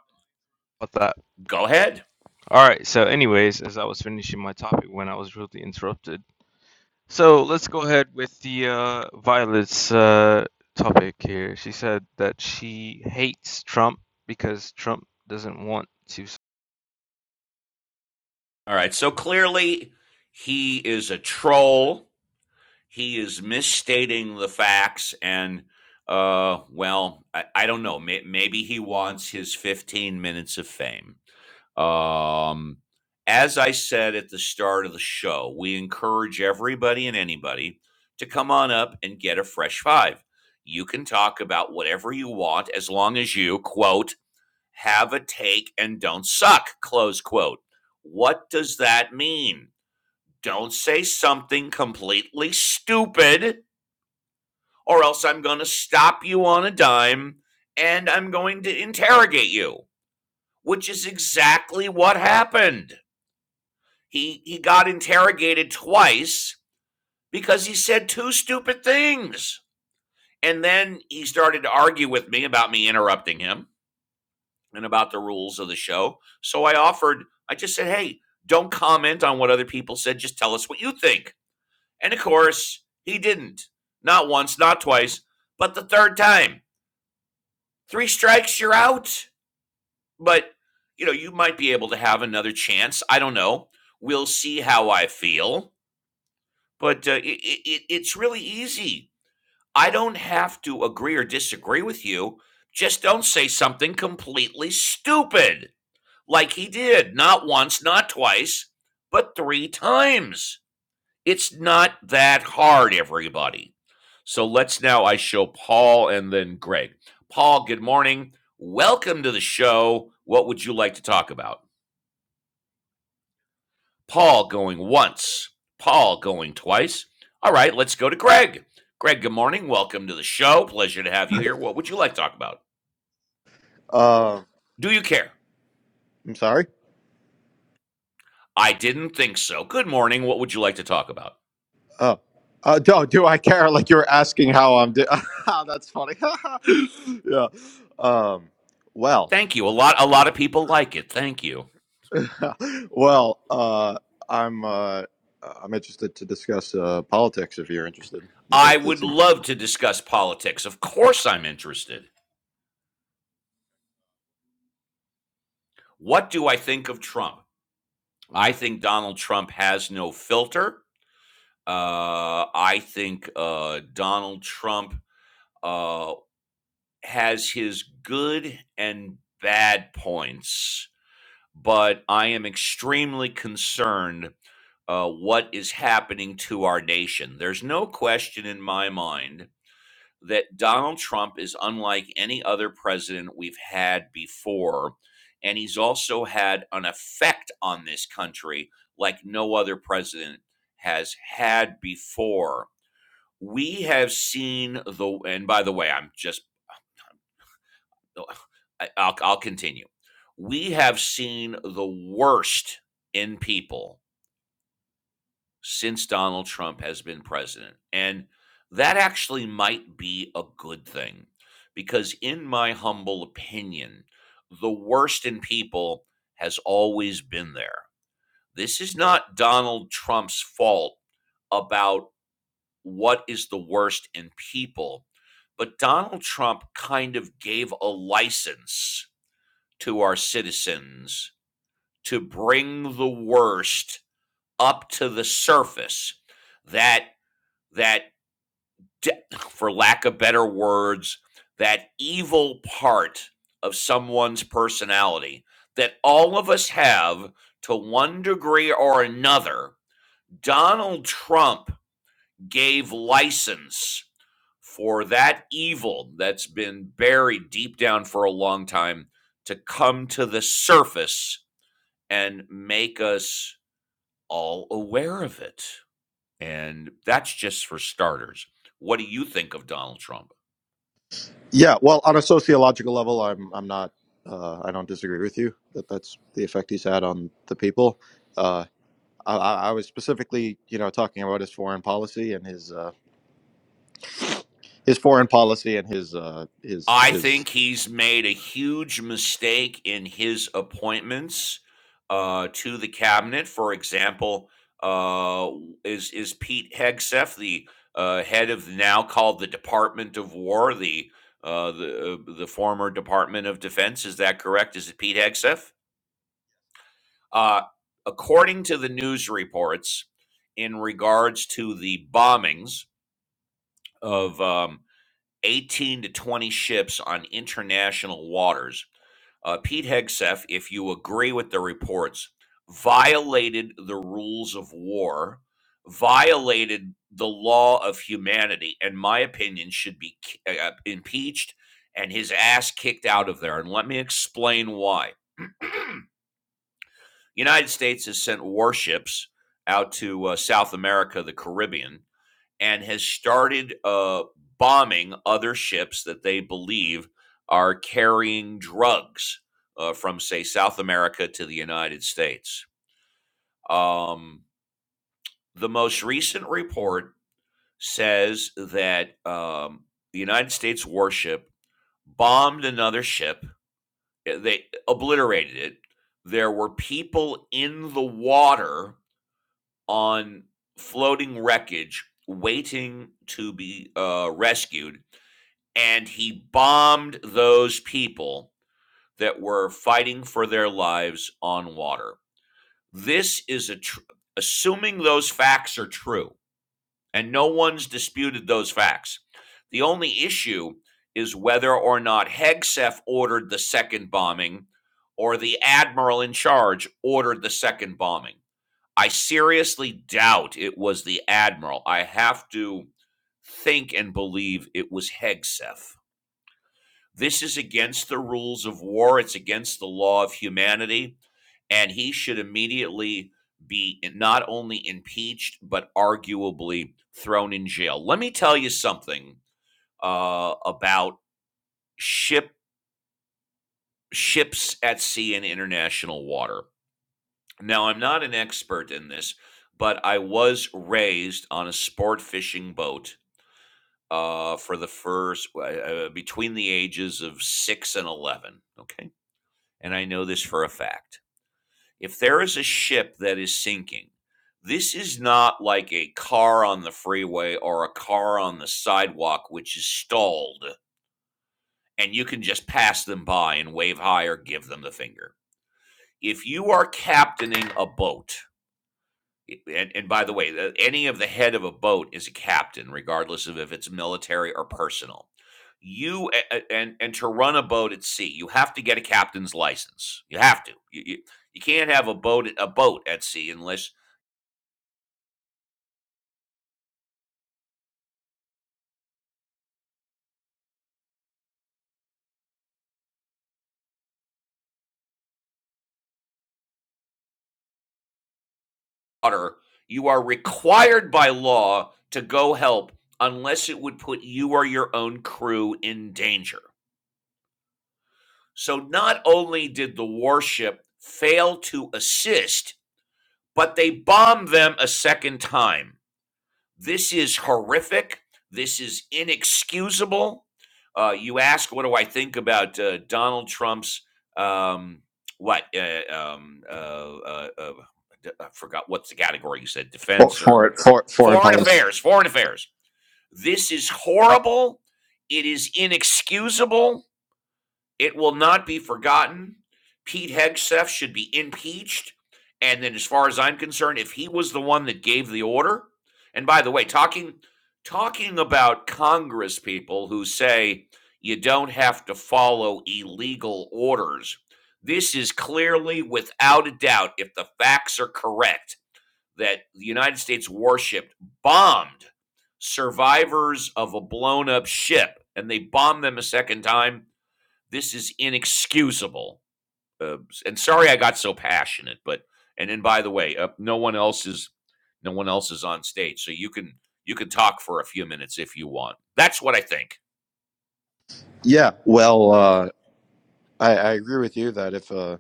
[SPEAKER 7] with that.
[SPEAKER 1] Go ahead.
[SPEAKER 7] All right, so anyways, as I was finishing my topic when I was rudely interrupted. So let's go ahead with the uh, Violet's uh, topic here. She said that she hates Trump because Trump doesn't want to
[SPEAKER 1] All right. So clearly, he is a troll. He is misstating the facts. And, uh, well, I, I don't know. maybe he wants his 15 minutes of fame. Um, as I said at the start of the show, we encourage everybody and anybody to come on up and get a fresh five. You can talk about whatever you want as long as you, quote, have a take and don't suck, close quote. What does that mean? Don't say something completely stupid, or else I'm going to stop you on a dime and I'm going to interrogate you, which is exactly what happened. He, he got interrogated twice because he said two stupid things. And then he started to argue with me about me interrupting him and about the rules of the show. So I offered, I just said, hey, don't comment on what other people said. Just tell us what you think. And of course, he didn't. Not once, not twice, but the third time. Three strikes, you're out. But, you know, you might be able to have another chance. I don't know. We'll see how I feel. But uh, it, it, it's really easy. I don't have to agree or disagree with you. Just don't say something completely stupid. like he did, not once, not twice, but three times. It's not that hard, everybody. So let's now I show Paul and then Greg. Paul, good morning. Welcome to the show. What would you like to talk about? Paul going once, Paul going twice. All right, let's go to Greg. Greg, good morning. Welcome to the show. Pleasure to have you here. What would you like to talk about?
[SPEAKER 8] Uh,
[SPEAKER 1] Do you care?
[SPEAKER 8] I'm sorry.
[SPEAKER 1] I didn't think so. Good morning. What would you like to talk about?
[SPEAKER 8] Oh, uh, do do I care? Like you were asking how I'm doing. That's funny. yeah. Um. Well.
[SPEAKER 1] Thank you. A lot a lot of people like it. Thank you.
[SPEAKER 8] well. Uh. I'm. Uh. I'm interested to discuss uh, politics if you're interested. If
[SPEAKER 1] I
[SPEAKER 8] that, that
[SPEAKER 1] would
[SPEAKER 8] seems.
[SPEAKER 1] love to discuss politics. Of course I'm interested. What do I think of Trump? I think Donald Trump has no filter. Uh, I think uh, Donald Trump uh, has his good and bad points, but I am extremely concerned uh, what is happening to our nation. There's no question in my mind that Donald Trump is unlike any other president we've had before. And he's also had an effect on this country like no other president has had before. We have seen the, and by the way, I'm just, I- will I'll continue. We have seen the worst in people since Donald Trump has been president. And that actually might be a good thing because, in my humble opinion, the worst in people has always been there. This is not Donald Trump's fault about what is the worst in people, but Donald Trump kind of gave a license to our citizens to bring the worst up to the surface that that, for lack of better words, that evil part of someone's personality that all of us have to one degree or another. Donald Trump gave license for that evil that's been buried deep down for a long time to come to the surface and make us all aware of it. And that's just for starters. What do you think of Donald Trump?
[SPEAKER 8] Yeah. Well, on a sociological level, I'm. I'm not. Uh, I don't disagree with you that that's the effect he's had on the people. Uh, I, I was specifically, you know, talking about his foreign policy and his uh, his foreign policy and his uh, his
[SPEAKER 1] I
[SPEAKER 8] his
[SPEAKER 1] think he's made a huge mistake in his appointments uh, to the cabinet. For example, uh, is is Pete Hegseth, the uh, head of now called the Department of War, the uh, the uh, the former Department of Defense? Is that correct? Is it Pete Hegseth? Uh, according to the news reports, in regards to the bombings of um, 18 to 20 ships on international waters. Uh, Pete Hegseth, if you agree with the reports, violated the rules of war, violated the law of humanity, and my opinion should be uh, uh, impeached and his ass kicked out of there. And let me explain why. The United States has sent warships out to uh, South America, the Caribbean, and has started uh, bombing other ships that they believe are carrying drugs uh, from, say, South America to the United States. Um, the most recent report says that um, the United States warship bombed another ship. Uh, They obliterated it. There were people in the water on floating wreckage waiting to be uh, rescued and he bombed those people that were fighting for their lives on water. This is a tr- assuming those facts are true, and no one's disputed those facts. The only issue is whether or not Hegseth ordered the second bombing or the admiral in charge ordered the second bombing. I seriously doubt it was the admiral. I have to think and believe it was Hegseth. This is against the rules of war, it's against the law of humanity, and he should immediately be not only impeached, but arguably thrown in jail. Let me tell you something uh, about ship ships at sea in international water. Now, I'm not an expert in this, but I was raised on a sport fishing boat uh, for the first uh, between the ages of six and eleven. Okay, and I know this for a fact. If there is a ship that is sinking, this is not like a car on the freeway or a car on the sidewalk which is stalled and you can just pass them by and wave high or give them the finger. If you are captaining a boat, And, and by the way, the, any of the head of a boat is a captain, regardless of if it's military or personal. You a- and and to run a boat at sea, you have to get a captain's license. You have to. You, you, you can't have a boat a boat at sea unless water. You are required by law to go help unless it would put you or your own crew in danger. So not only did the warship fail to assist, but they bombed them a second time. This is horrific. This is inexcusable. Uh, you ask, what do I think about uh, Donald Trump's um, what? Uh, um, uh, uh, uh, d- I forgot what's the category you said
[SPEAKER 8] for,
[SPEAKER 1] defense or
[SPEAKER 8] for, for, foreign
[SPEAKER 1] foreign
[SPEAKER 8] policy.
[SPEAKER 1] affairs. Foreign affairs. This is horrible. It is inexcusable it will not be forgotten. Pete Hegseth should be impeached. And then, as far as I'm concerned, if he was the one that gave the order, and by the way, talking talking about Congress people who say you don't have to follow illegal orders, this is clearly, without a doubt, if the facts are correct, that the United States worshipped, bombed survivors of a blown up ship, and they bombed them a second time this is inexcusable. Uh, and sorry I got so passionate, but and then by the way, uh, no one else is no one else is on stage, so you can you can talk for a few minutes if you want. That's what I think.
[SPEAKER 8] Yeah, well, uh, I, I agree with you that if uh,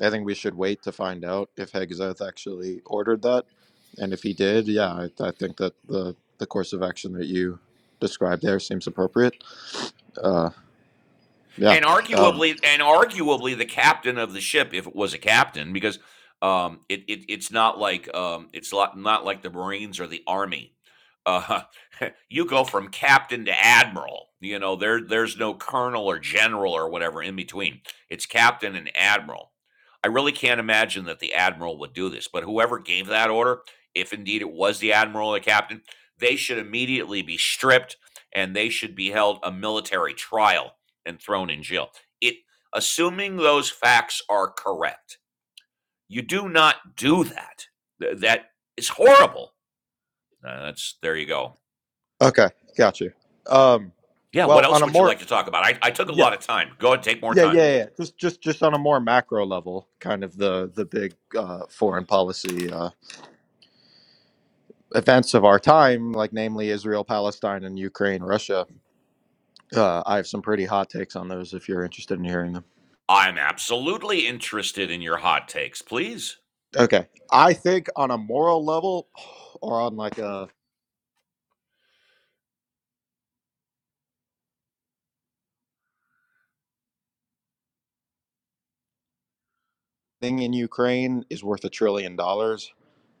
[SPEAKER 8] I think we should wait to find out if Hegseth actually ordered that, and if he did, yeah, I, I think that the the course of action that you described there seems appropriate. Uh, yeah.
[SPEAKER 1] and
[SPEAKER 8] Um,
[SPEAKER 1] arguably and arguably the captain of the ship if it was a captain because um it, it it's not like um it's not, not like the marines or the army uh you go from captain to admiral you know there there's no colonel or general or whatever in between it's captain and admiral i really can't imagine that the admiral would do this but whoever gave that order if indeed it was the admiral or the captain they should immediately be stripped and they should be held a military trial and thrown in jail. It assuming those facts are correct. You do not do that. Th- That is horrible. Uh, that's there you go.
[SPEAKER 8] okay, got you. Um,
[SPEAKER 1] Yeah, what
[SPEAKER 8] well, on
[SPEAKER 1] else
[SPEAKER 8] a
[SPEAKER 1] would you
[SPEAKER 8] more
[SPEAKER 1] like to talk about? I, I took a
[SPEAKER 8] yeah,
[SPEAKER 1] lot of time. Go ahead, take more
[SPEAKER 8] Yeah, yeah,
[SPEAKER 1] time.
[SPEAKER 8] yeah. yeah. Just, just, just on a more macro level, kind of the the big uh, foreign policy uh, events of our time, like namely Israel, Palestine, and Ukraine, Russia. Uh, I have some pretty hot takes on those if you're interested in hearing them.
[SPEAKER 1] I'm absolutely interested in your hot takes, please.
[SPEAKER 8] Okay, I think on a moral level, or on like a thing in Ukraine is worth a trillion dollars.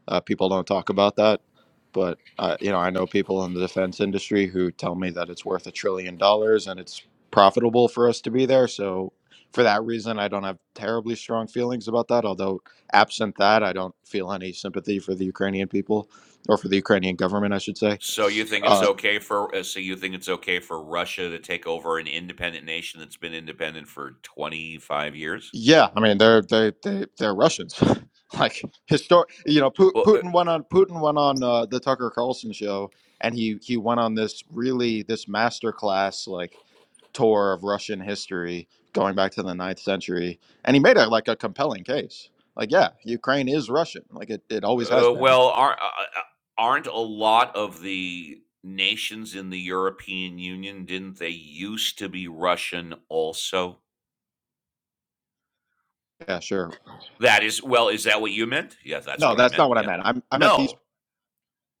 [SPEAKER 8] Uh, people don't talk about that, but uh, you know, I know people in the defense industry who tell me that it's worth a trillion dollars and it's profitable for us to be there. So for that reason, I don't have terribly strong feelings about that. Although absent that, I don't feel any sympathy for the Ukrainian people or for the Ukrainian government, I should say.
[SPEAKER 1] So you think
[SPEAKER 8] Uh,
[SPEAKER 1] it's okay for uh, so you think it's okay for Russia to take over an independent nation that's been independent for 25 years?
[SPEAKER 8] Yeah, I mean they're they they they're Russians. like historic, you know, Pu-
[SPEAKER 1] Well, uh,
[SPEAKER 8] Putin went on Putin went on uh, the Tucker Carlson show, and he he went on this really this master class like tour of Russian history going back to the ninth century, and he made a like a compelling case. Like, yeah, Ukraine is Russian. Like it, it always has
[SPEAKER 1] Uh,
[SPEAKER 8] been.
[SPEAKER 1] well, aren't uh, uh, aren't a lot of the nations in the European Union didn't they used to be Russian also?
[SPEAKER 8] Yeah, sure.
[SPEAKER 1] That is well, is that what you meant? Yeah, that's
[SPEAKER 8] No,
[SPEAKER 1] what I
[SPEAKER 8] that's
[SPEAKER 1] meant.
[SPEAKER 8] not what I
[SPEAKER 1] Yeah.
[SPEAKER 8] meant. I'm I meant these
[SPEAKER 1] No,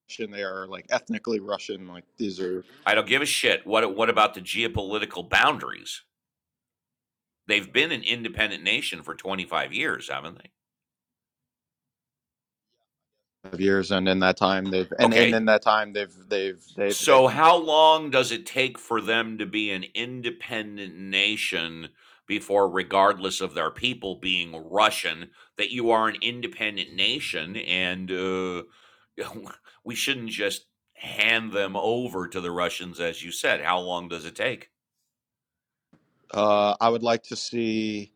[SPEAKER 8] Russian. They are like ethnically Russian. Like these are
[SPEAKER 1] I don't give a shit. What what about the geopolitical boundaries? They've been an independent nation for 25 years, haven't they?
[SPEAKER 8] of years, and in that time they've and, and
[SPEAKER 1] Okay,
[SPEAKER 8] in that time they've they've they've they
[SPEAKER 1] So how long does it take for them to be an independent nation before, regardless of their people being Russian, that you are an independent nation and uh, we shouldn't just hand them over to the Russians, as you said? How long does it take?
[SPEAKER 8] Uh, I would like to see,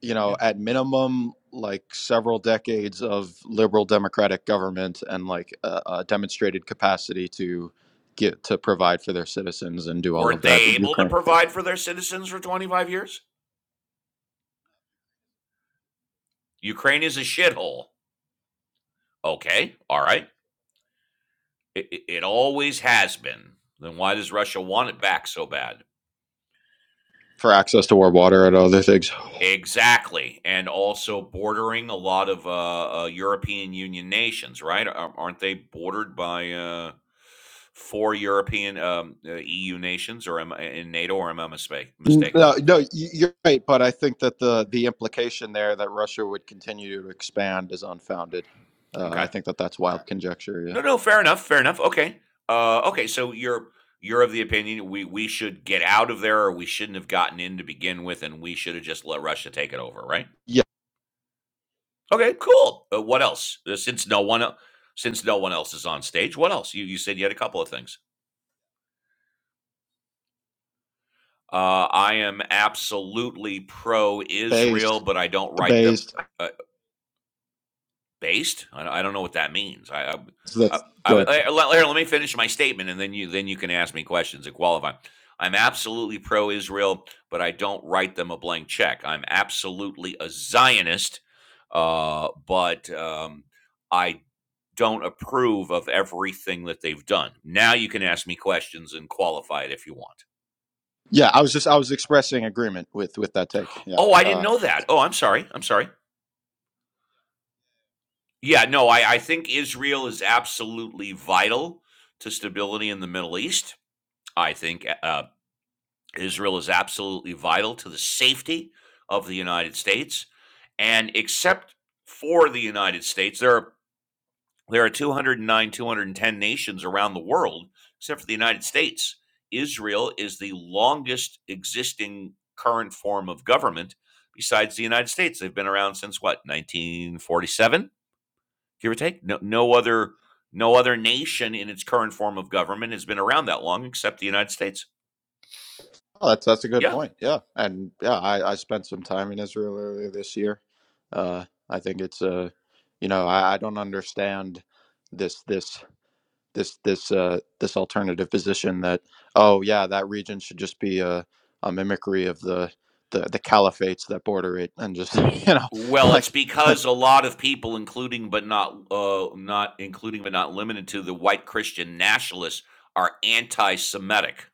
[SPEAKER 8] you know,
[SPEAKER 1] Yeah.
[SPEAKER 8] at minimum, like several decades of liberal democratic government and like a, a demonstrated capacity to get to provide for their citizens and do all of
[SPEAKER 1] Weren't
[SPEAKER 8] that.
[SPEAKER 1] they able to
[SPEAKER 8] Ukraine
[SPEAKER 1] provide for their citizens for 25 years? Ukraine is a shithole. Okay. All right. It, it, it always has been. Then why does Russia want it back so bad?
[SPEAKER 8] for access to warm water and other things.
[SPEAKER 1] Exactly, and also bordering a lot of uh, uh, European Union nations, right? Ar- Aren't they bordered by uh, four European um, uh, EU nations, or am I in NATO, or am I mistake, mistaken
[SPEAKER 8] No,
[SPEAKER 1] about
[SPEAKER 8] no, y-
[SPEAKER 1] that?
[SPEAKER 8] you're right, but I think that the the implication there that Russia would continue to expand is unfounded. Uh, I
[SPEAKER 1] Okay,
[SPEAKER 8] think that that's wild conjecture. Yeah,
[SPEAKER 1] no, no, fair enough, fair enough. Okay, uh, okay, so you're you're of the opinion we we should get out of there, or we shouldn't have gotten in to begin with, and we should have just let Russia take it over, right?
[SPEAKER 8] yeah,
[SPEAKER 1] Okay, cool. Uh, what else? Uh, Since no one, el- since no one else is on stage, what else? You you said you had a couple of things. Uh, I am absolutely pro Israel,
[SPEAKER 8] based,
[SPEAKER 1] but I don't write them.
[SPEAKER 8] based.
[SPEAKER 1] Uh, Based? I, don't- I don't know what that means. I, I, I,
[SPEAKER 8] That's
[SPEAKER 1] I,
[SPEAKER 8] good.
[SPEAKER 1] would- eh, let, here, let me finish my statement, and then you then you can ask me questions and qualify. I'm absolutely pro-Israel, but I don't write them a blank check. I'm absolutely a Zionist, uh, but um, I don't approve of everything that they've done. Now you can ask me questions and qualify it if you want.
[SPEAKER 8] Yeah, I was just I was expressing agreement with with that take. Yeah,
[SPEAKER 1] Oh, I didn't
[SPEAKER 8] uh,
[SPEAKER 1] know that. Oh, I'm sorry. I'm sorry. Yeah, no, I, I think Israel is absolutely vital to stability in the Middle East. I think uh, uh, Israel is absolutely vital to the safety of the United States. And except for the United States, there are there are 209, 210 nations around the world, except for the United States. Israel is the longest existing current form of government besides the United States. They've been around since what, 1947, give or take? No, no other no other nation in its current form of government has been around that long except the United States.
[SPEAKER 8] oh, that's that's a good
[SPEAKER 1] Yeah.
[SPEAKER 8] point. Yeah, and yeah, I I spent some time in Israel earlier this year. Uh, I think it's uh, you know, I, I don't understand this this this this uh this alternative position that oh yeah that region should just be a a mimicry of the the the caliphates that border it and just you know
[SPEAKER 1] Well, it's
[SPEAKER 8] like like,
[SPEAKER 1] because a lot of people, including but not uh, not including but not limited to the white Christian nationalists, are anti-Semitic.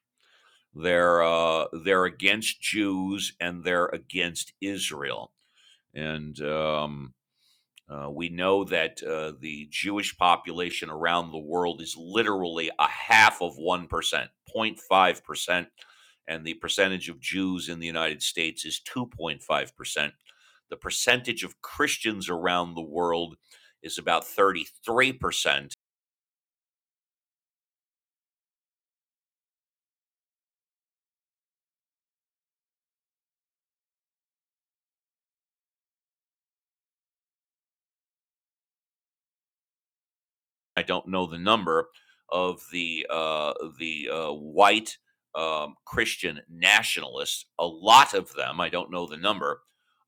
[SPEAKER 1] They're uh, they're against Jews and they're against Israel. And um, uh, we know that uh, the Jewish population around the world is literally a half of 1%, 0.5%, and the percentage of Jews in the United States is 2.5%. The percentage of Christians around the world is about 33%, I don't know the number of the uh, the uh, white um, Christian nationalists. A lot of them, I don't know the number,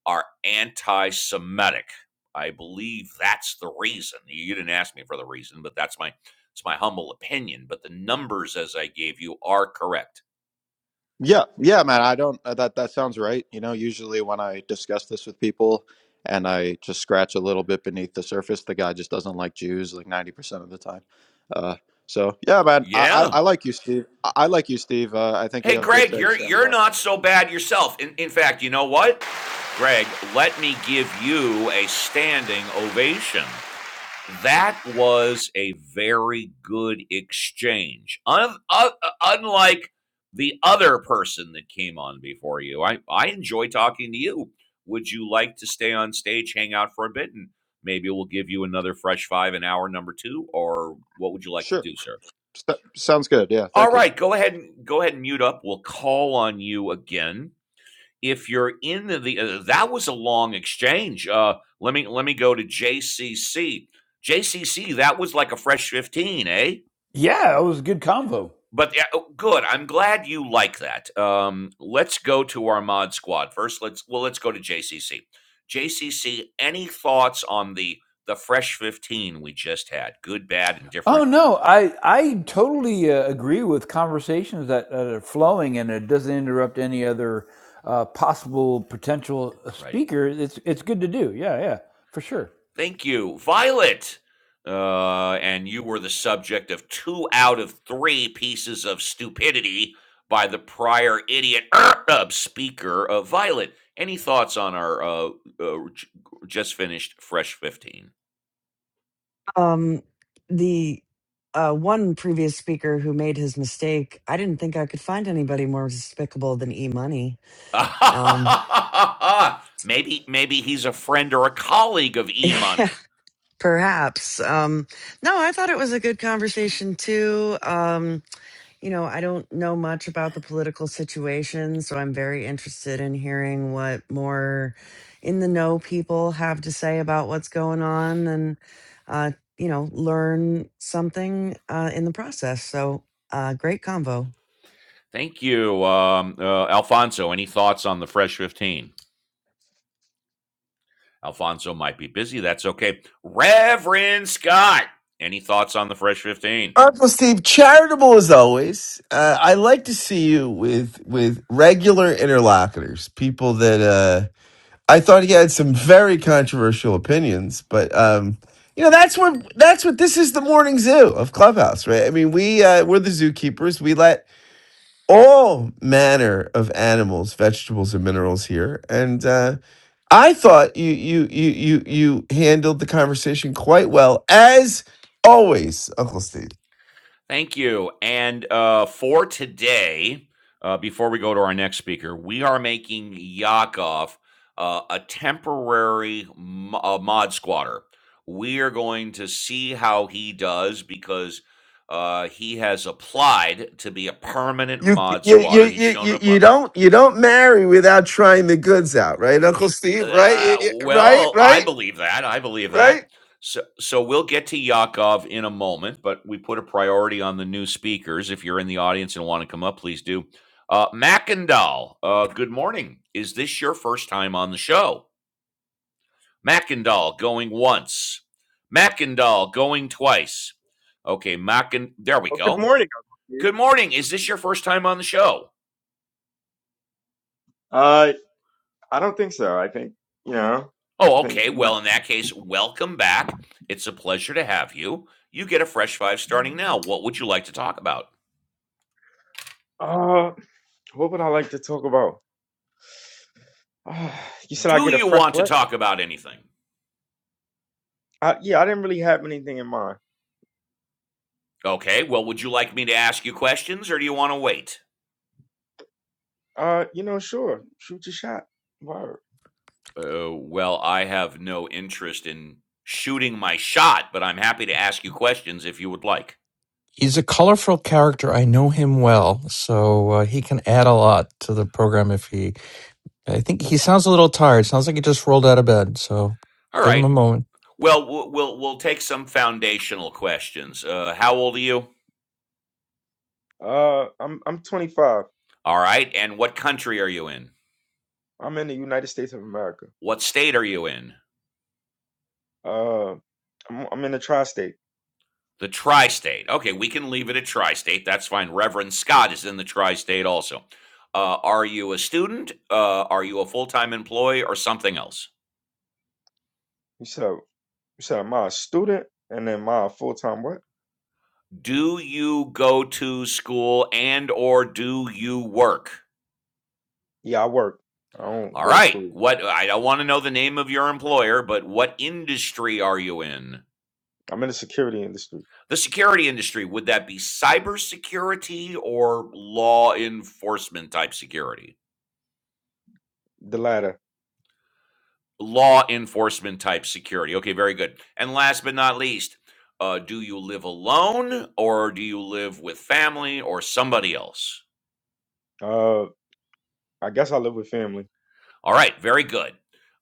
[SPEAKER 1] are anti-Semitic. I believe that's the reason. You didn't ask me for the reason, but that's my it's my humble opinion. But the numbers as I gave you are correct.
[SPEAKER 8] Yeah, yeah, man. I don't. uh, That that sounds right. You know, usually when I discuss this with people, and I just scratch a little bit beneath the surface, the guy just doesn't like Jews like ninety percent of the time. Uh, so yeah, man. I, I
[SPEAKER 1] Yeah.
[SPEAKER 8] I like you, Steve. I, I like you, Steve. Uh, I think
[SPEAKER 1] Hey,
[SPEAKER 8] you have good
[SPEAKER 1] Greg, you're
[SPEAKER 8] takes, and
[SPEAKER 1] you're
[SPEAKER 8] uh,
[SPEAKER 1] not so bad yourself. In in fact, you know what, Greg? Let me give you a standing ovation. That was a very good exchange. Un- un- unlike the other person that came on before you, I, I enjoy talking to you. Would you like to stay on stage, hang out for a bit, and maybe we'll give you another fresh five in hour number two? Or what would you like to
[SPEAKER 8] sure,
[SPEAKER 1] do, sir?
[SPEAKER 8] S- sounds good. Yeah,
[SPEAKER 1] All
[SPEAKER 8] thank you.
[SPEAKER 1] right, go ahead and go ahead and mute up. We'll call on you again if you're in the, the uh, that was a long exchange. Uh, let me let me go to JCC. JCC that was like a fresh fifteen, eh?
[SPEAKER 4] Yeah, it was a good convo.
[SPEAKER 1] But yeah, oh, good. I'm glad you like that. Um, let's go to our mod squad first. Let's well, let's go to JCC. JCC, any thoughts on the the fresh fifteen we just had? Good, bad, and
[SPEAKER 4] Oh
[SPEAKER 1] different.
[SPEAKER 4] no, I I totally uh, agree with conversations that, that are flowing and it doesn't interrupt any other uh, possible potential uh,
[SPEAKER 1] Right.
[SPEAKER 4] speaker. It's it's good to do. Yeah, yeah, for sure.
[SPEAKER 1] Thank you, Violet. Uh, and you were the subject of two out of three pieces of stupidity by the prior idiot uh, uh, speaker of Violet. Any thoughts on our uh, uh, just finished Fresh 15?
[SPEAKER 2] Um, the uh, one previous speaker who made his mistake, I didn't think I could find anybody more despicable than E Money. Um,
[SPEAKER 1] maybe maybe he's a friend or a colleague of E
[SPEAKER 2] yeah,
[SPEAKER 1] Money.
[SPEAKER 2] perhaps. Um, no, I thought it was a good conversation too. Um, You know, I don't know much about the political situation, so I'm very interested in hearing what more in the know people have to say about what's going on and, uh, you know, learn something uh, in the process. So, uh, great convo.
[SPEAKER 1] Thank you, um, uh, Alfonso. Any thoughts on the Fresh 15? Alfonso might be busy. That's okay. Reverend Scott, any thoughts on the Fresh 15?
[SPEAKER 3] Uncle Steve, charitable as always. Uh, I like to see you with with regular interlocutors, people that uh, I thought he had some very controversial opinions, but um, you know that's what that's what this is the morning zoo of Clubhouse, right? I mean, we uh, we're the zookeepers. We let all manner of animals, vegetables, and minerals here. And uh, I thought you you you you you handled the conversation quite well, as always, Uncle Steve.
[SPEAKER 1] Thank you. And uh, for today, uh, before we go to our next speaker, we are making Yakov uh, a temporary mo- uh, mod squatter. We are going to see how he does because uh, he has applied to be a permanent
[SPEAKER 3] You
[SPEAKER 1] mod
[SPEAKER 3] you, you
[SPEAKER 1] squatter. He's
[SPEAKER 3] you
[SPEAKER 1] shown
[SPEAKER 3] you
[SPEAKER 1] up
[SPEAKER 3] you
[SPEAKER 1] on
[SPEAKER 3] don't you don't marry without trying the goods out, right, Uncle Steve? Right, Y-
[SPEAKER 1] Uh,
[SPEAKER 3] y- right,
[SPEAKER 1] well, I
[SPEAKER 3] right,
[SPEAKER 1] believe that. I believe
[SPEAKER 3] right.
[SPEAKER 1] that. So, so we'll get to Yakov in a moment, but we put a priority on the new speakers. If you're in the audience and want to come up, please do. Uh, Mackendall, uh, good morning. Is this your first time on the show? Mackendall going once. Mackendall going twice. Okay, Macken. There we
[SPEAKER 9] Well, good
[SPEAKER 1] go.
[SPEAKER 9] morning, Uncle
[SPEAKER 1] Good morning. Is this
[SPEAKER 9] Steve.
[SPEAKER 1] your first time on the show?
[SPEAKER 9] Uh, I don't think so. I think you know. I
[SPEAKER 1] Oh,
[SPEAKER 9] think
[SPEAKER 1] okay.
[SPEAKER 9] it might.
[SPEAKER 1] Well, in that case, welcome back. It's a pleasure to have you. You get a fresh five starting now. What would you like to talk about?
[SPEAKER 9] Uh, what would I like to talk about? Uh, you said I
[SPEAKER 1] Do
[SPEAKER 9] get a
[SPEAKER 1] you
[SPEAKER 9] fresh
[SPEAKER 1] want to
[SPEAKER 9] what?
[SPEAKER 1] talk about anything?
[SPEAKER 9] Uh, yeah, I didn't really have anything in mind.
[SPEAKER 1] Okay. Well, would you like me to ask you questions or do you want to wait?
[SPEAKER 9] Uh, you know, sure, shoot your shot. Word.
[SPEAKER 1] Uh, well, I have no interest in shooting my shot, but I'm happy to ask you questions if you would like.
[SPEAKER 10] He's a colorful character. I know him well, so uh, he can add a lot to the program if he. I think he sounds a little tired. Sounds like he just rolled out of bed. So
[SPEAKER 1] All
[SPEAKER 10] give him a
[SPEAKER 1] right. w-
[SPEAKER 10] moment.
[SPEAKER 1] Well, w- we'll we'll take some foundational questions. Uh, how old are you?
[SPEAKER 9] Uh, I'm I'm 25.
[SPEAKER 1] All right. And what country are you in?
[SPEAKER 9] I'm in the United States of America.
[SPEAKER 1] What state are you in?
[SPEAKER 9] Uh, I'm I'm in the tri-state.
[SPEAKER 1] The tri state. Okay, we can leave it at tri state. That's fine. Reverend Scott is in the tri state also. Uh, are you a student? Uh, are you a full time employee or something else?
[SPEAKER 9] You said you said am I a student and then my full-time what?
[SPEAKER 1] Do you go to school and or do you work?
[SPEAKER 9] Yeah, I work. I don't
[SPEAKER 1] All
[SPEAKER 9] go to
[SPEAKER 1] right.
[SPEAKER 9] school.
[SPEAKER 1] What I don't want to know the name of your employer, but what industry are you in?
[SPEAKER 9] I'm in the security industry.
[SPEAKER 1] The security industry, would that be cybersecurity or law enforcement type security?
[SPEAKER 9] The latter.
[SPEAKER 1] law enforcement type security. Okay, very good. And last but not least, uh, do you live alone or do you live with family or somebody else?
[SPEAKER 9] Uh. I guess I live with family.
[SPEAKER 1] All right, very good.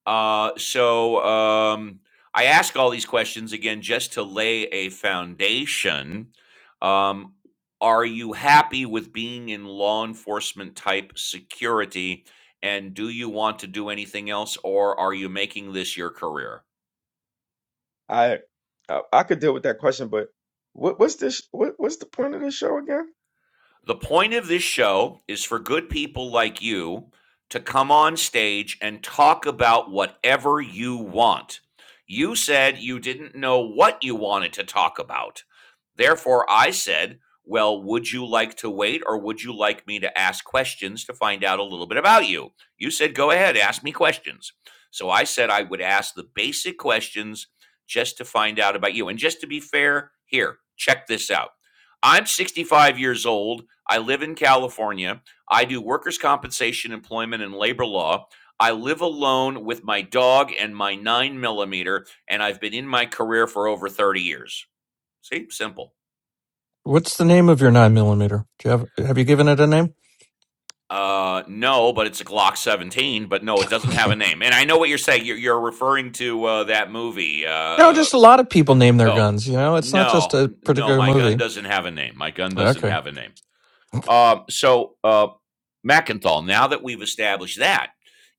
[SPEAKER 1] Uh, so um, I ask all these questions again just to lay a foundation. Um, are you happy with being in law enforcement type security? And do you want to do anything else or are you making this your career?
[SPEAKER 9] I I, I could deal with that question, but what, what's this? What, what's the point of this show again?
[SPEAKER 1] The point of this show is for good people like you to come on stage and talk about whatever you want. You said you didn't know what you wanted to talk about. Therefore, I said, Well, would you like to wait or would you like me to ask questions to find out a little bit about you? You said, Go ahead, ask me questions. So I said I would ask the basic questions just to find out about you. And just to be fair, here, check this out. I'm 65 years old. I live in California. I do workers' compensation, employment, and labor law. I live alone with my dog and my nine millimeter, and I've been in my career for over 30 years. See, simple.
[SPEAKER 10] What's the name of your nine millimeter? Do you have have you given it a name?
[SPEAKER 1] Uh, no, but it's a Glock 17, but no, it doesn't have a name. And I know what you're saying. You're, you're referring to uh, that movie. Uh,
[SPEAKER 10] No,
[SPEAKER 1] uh,
[SPEAKER 10] just a lot of people name their
[SPEAKER 1] oh,
[SPEAKER 10] guns. You know, it's not just
[SPEAKER 1] no,
[SPEAKER 10] a
[SPEAKER 1] no,
[SPEAKER 10] particular
[SPEAKER 1] my gun
[SPEAKER 10] movie.
[SPEAKER 1] doesn't have a name. My gun doesn't
[SPEAKER 10] Okay,
[SPEAKER 1] have a name. Um, so, uh, Mackenthal, now that we've established that,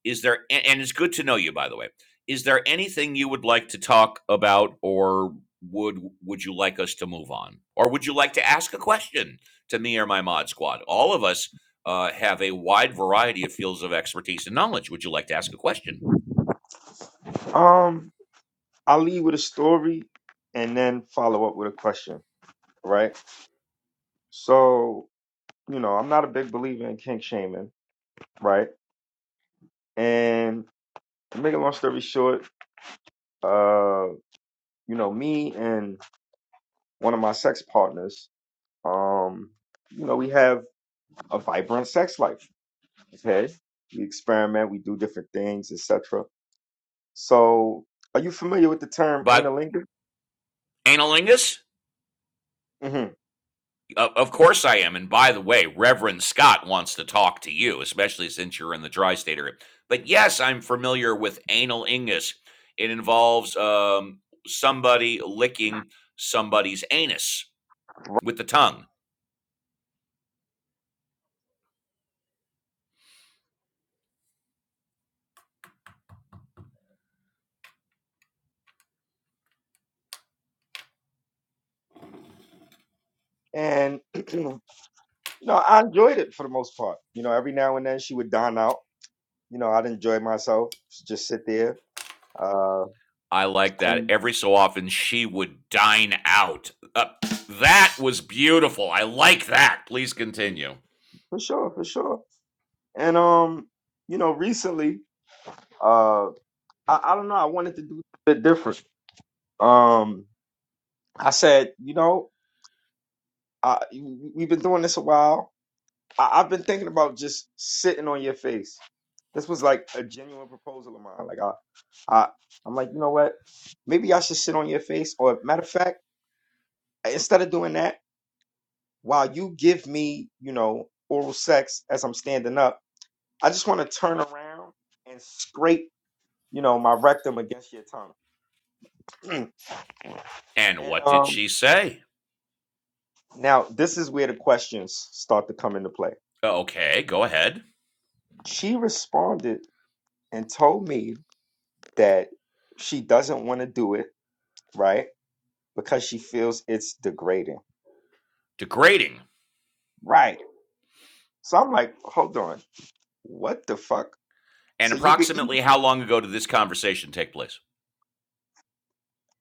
[SPEAKER 1] is there, and it's good to know you, by the way, is there anything you would like to talk about or would would you like us to move on? Or would you like to ask a question to me or my mod squad? All of us uh, have a wide variety of fields of expertise and knowledge. Would you like to ask a question?
[SPEAKER 9] Um, I'll leave with a story and then follow up with a question, right? So you know, I'm not a big believer in kink shaming, right? And to make a long story short, uh, you know, me and one of my sex partners, um, you know, we have a vibrant sex life. Okay, we experiment, we do different things, etc So, are you familiar with the term
[SPEAKER 1] But
[SPEAKER 9] analingus?
[SPEAKER 1] analingus?
[SPEAKER 9] hmm
[SPEAKER 1] Of course I am. And by the way, Reverend Scott wants to talk to you, especially since you're in the tri state area. But yes, I'm familiar with anal ingus. It involves um, somebody licking somebody's anus with the tongue.
[SPEAKER 9] And you know, I enjoyed it for the most part. You know, every now and then she would don out. You know, I'd enjoy myself, just sit there. Uh,
[SPEAKER 1] I like that.
[SPEAKER 9] and
[SPEAKER 1] Every so often, she would dine out. Uh, that was beautiful. I like that. Please continue.
[SPEAKER 9] for sure, for sure. And um, you know, recently, uh, I, I don't know, I wanted to do a bit different. Um, I said, you know, I, we've been doing this a while. I, I've been thinking about just sitting on your face This was like a genuine proposal of mine. Like I, I, I'm like, you know what? Maybe I should sit on your face. Or matter of fact, instead of doing that, while you give me, you know, oral sex as I'm standing up, I just want to turn around and scrape, you know, my rectum against your tongue.
[SPEAKER 1] And
[SPEAKER 9] and
[SPEAKER 1] what did
[SPEAKER 9] um,
[SPEAKER 1] she say?
[SPEAKER 9] now this is where the questions start to come into play.
[SPEAKER 1] Okay, go ahead.
[SPEAKER 9] She responded and told me that she doesn't want to do it, right? Because she feels it's degrading.
[SPEAKER 1] Degrading.
[SPEAKER 9] Right So I'm like, hold on, what the fuck?
[SPEAKER 1] And
[SPEAKER 9] So you could eat,
[SPEAKER 1] approximately how long ago did this conversation take place?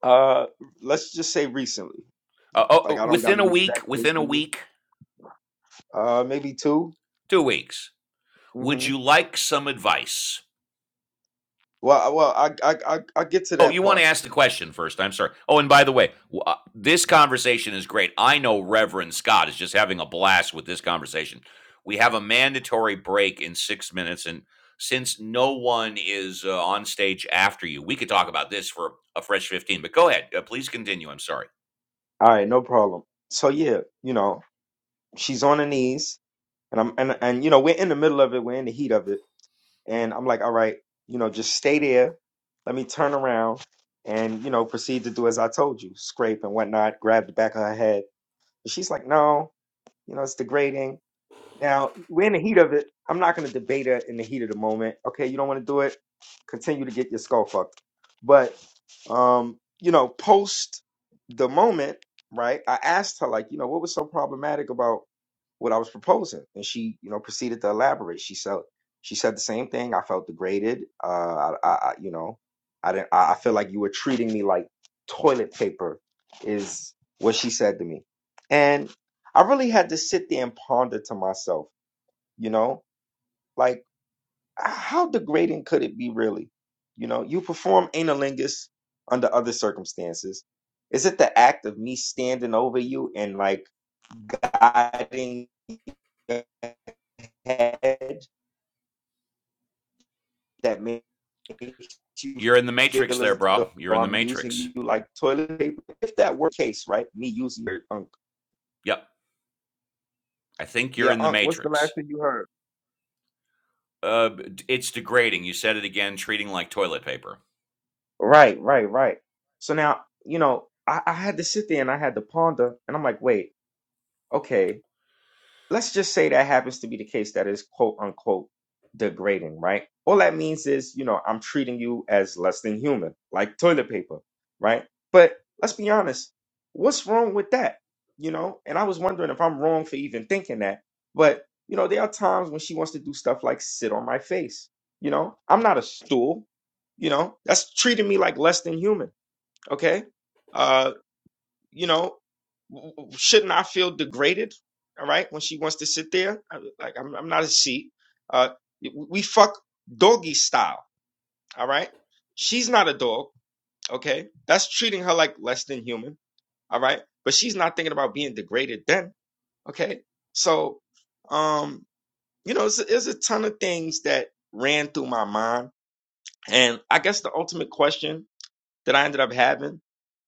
[SPEAKER 9] uh, let's just say recently.
[SPEAKER 1] Uh, oh,
[SPEAKER 9] Like
[SPEAKER 1] oh,
[SPEAKER 9] I don't got
[SPEAKER 1] within a
[SPEAKER 9] an exact
[SPEAKER 1] week,
[SPEAKER 9] date
[SPEAKER 1] within a
[SPEAKER 9] for you.
[SPEAKER 1] week,
[SPEAKER 9] Uh, maybe 2
[SPEAKER 1] two weeks. Would
[SPEAKER 9] Mm-hmm.
[SPEAKER 1] you like some advice?
[SPEAKER 9] Well, I- well, I, I, I, I get to
[SPEAKER 1] Oh,
[SPEAKER 9] that
[SPEAKER 1] you want
[SPEAKER 9] part.
[SPEAKER 1] to ask the question first. I'm sorry. Oh, and by the way, uh, this conversation is great. I know Reverend Scott is just having a blast with this conversation. We have a mandatory break in six minutes. And since no one is uh, on stage after you, we could talk about this for a fresh 15. But go ahead. Uh, please continue. I'm sorry.
[SPEAKER 9] All right, no problem. So yeah, you know, she's on her knees, and I'm, and and you know, we're in the middle of it, we're in the heat of it, and I'm like, all right, you know, just stay there. Let me turn around and you know proceed to do as I told you, scrape and whatnot, grab the back of her head. And she's like, no, you know, it's degrading Now, we're in the heat of it. I'm not going to debate it in the heat of the moment. Okay, you don't want to do it. Continue to get your skull fucked. But, um, you know, post the moment, right? I asked her, like, you know, what was so problematic about what I was proposing, and she, you know, proceeded to elaborate. She said, she said the same thing. I felt degraded. Uh, I, I, I you know, I didn't. I, I feel like you were treating me like toilet paper, is what she said to me, and. I really had to sit there and ponder to myself, you know, like how degrading could it be really? You know, you perform analingus under other circumstances. Is it the act of me standing over you and like guiding your head that makes you
[SPEAKER 1] You're in the matrix
[SPEAKER 9] feel
[SPEAKER 1] there,
[SPEAKER 9] as
[SPEAKER 1] bro.
[SPEAKER 9] though
[SPEAKER 1] You're in the
[SPEAKER 9] I'm using
[SPEAKER 1] matrix.
[SPEAKER 9] you like toilet paper? If that were the case, right? Me using your uncle.
[SPEAKER 1] Yep. I think
[SPEAKER 9] Yeah,
[SPEAKER 1] you're in the
[SPEAKER 9] uncle. what's the last
[SPEAKER 1] matrix.
[SPEAKER 9] thing you heard?
[SPEAKER 1] Uh, it's degrading. You said it again, treating like toilet paper.
[SPEAKER 9] Right, right, right. So now, you know, I, I had to sit there and I had to ponder, and I'm like, wait, okay, let's just say that happens to be the case that is quote unquote degrading, right? All that means is, you know, I'm treating you as less than human, like toilet paper, right? But let's be honest, what's wrong with that? You know, and I was wondering if I'm wrong for even thinking that, but you know, there are times when she wants to do stuff like sit on my face. You know, I'm not a stool. You know, that's treating me like less than human okay uh you know w- w- shouldn't i feel degraded all right when she wants to sit there I- like i'm, I'm not a she uh we fuck doggy style all right she's not a dog okay that's treating her like less than human all right but she's not thinking about being degraded then okay so um you know it's, it's a ton of things that ran through my mind and i guess the ultimate question that i ended up having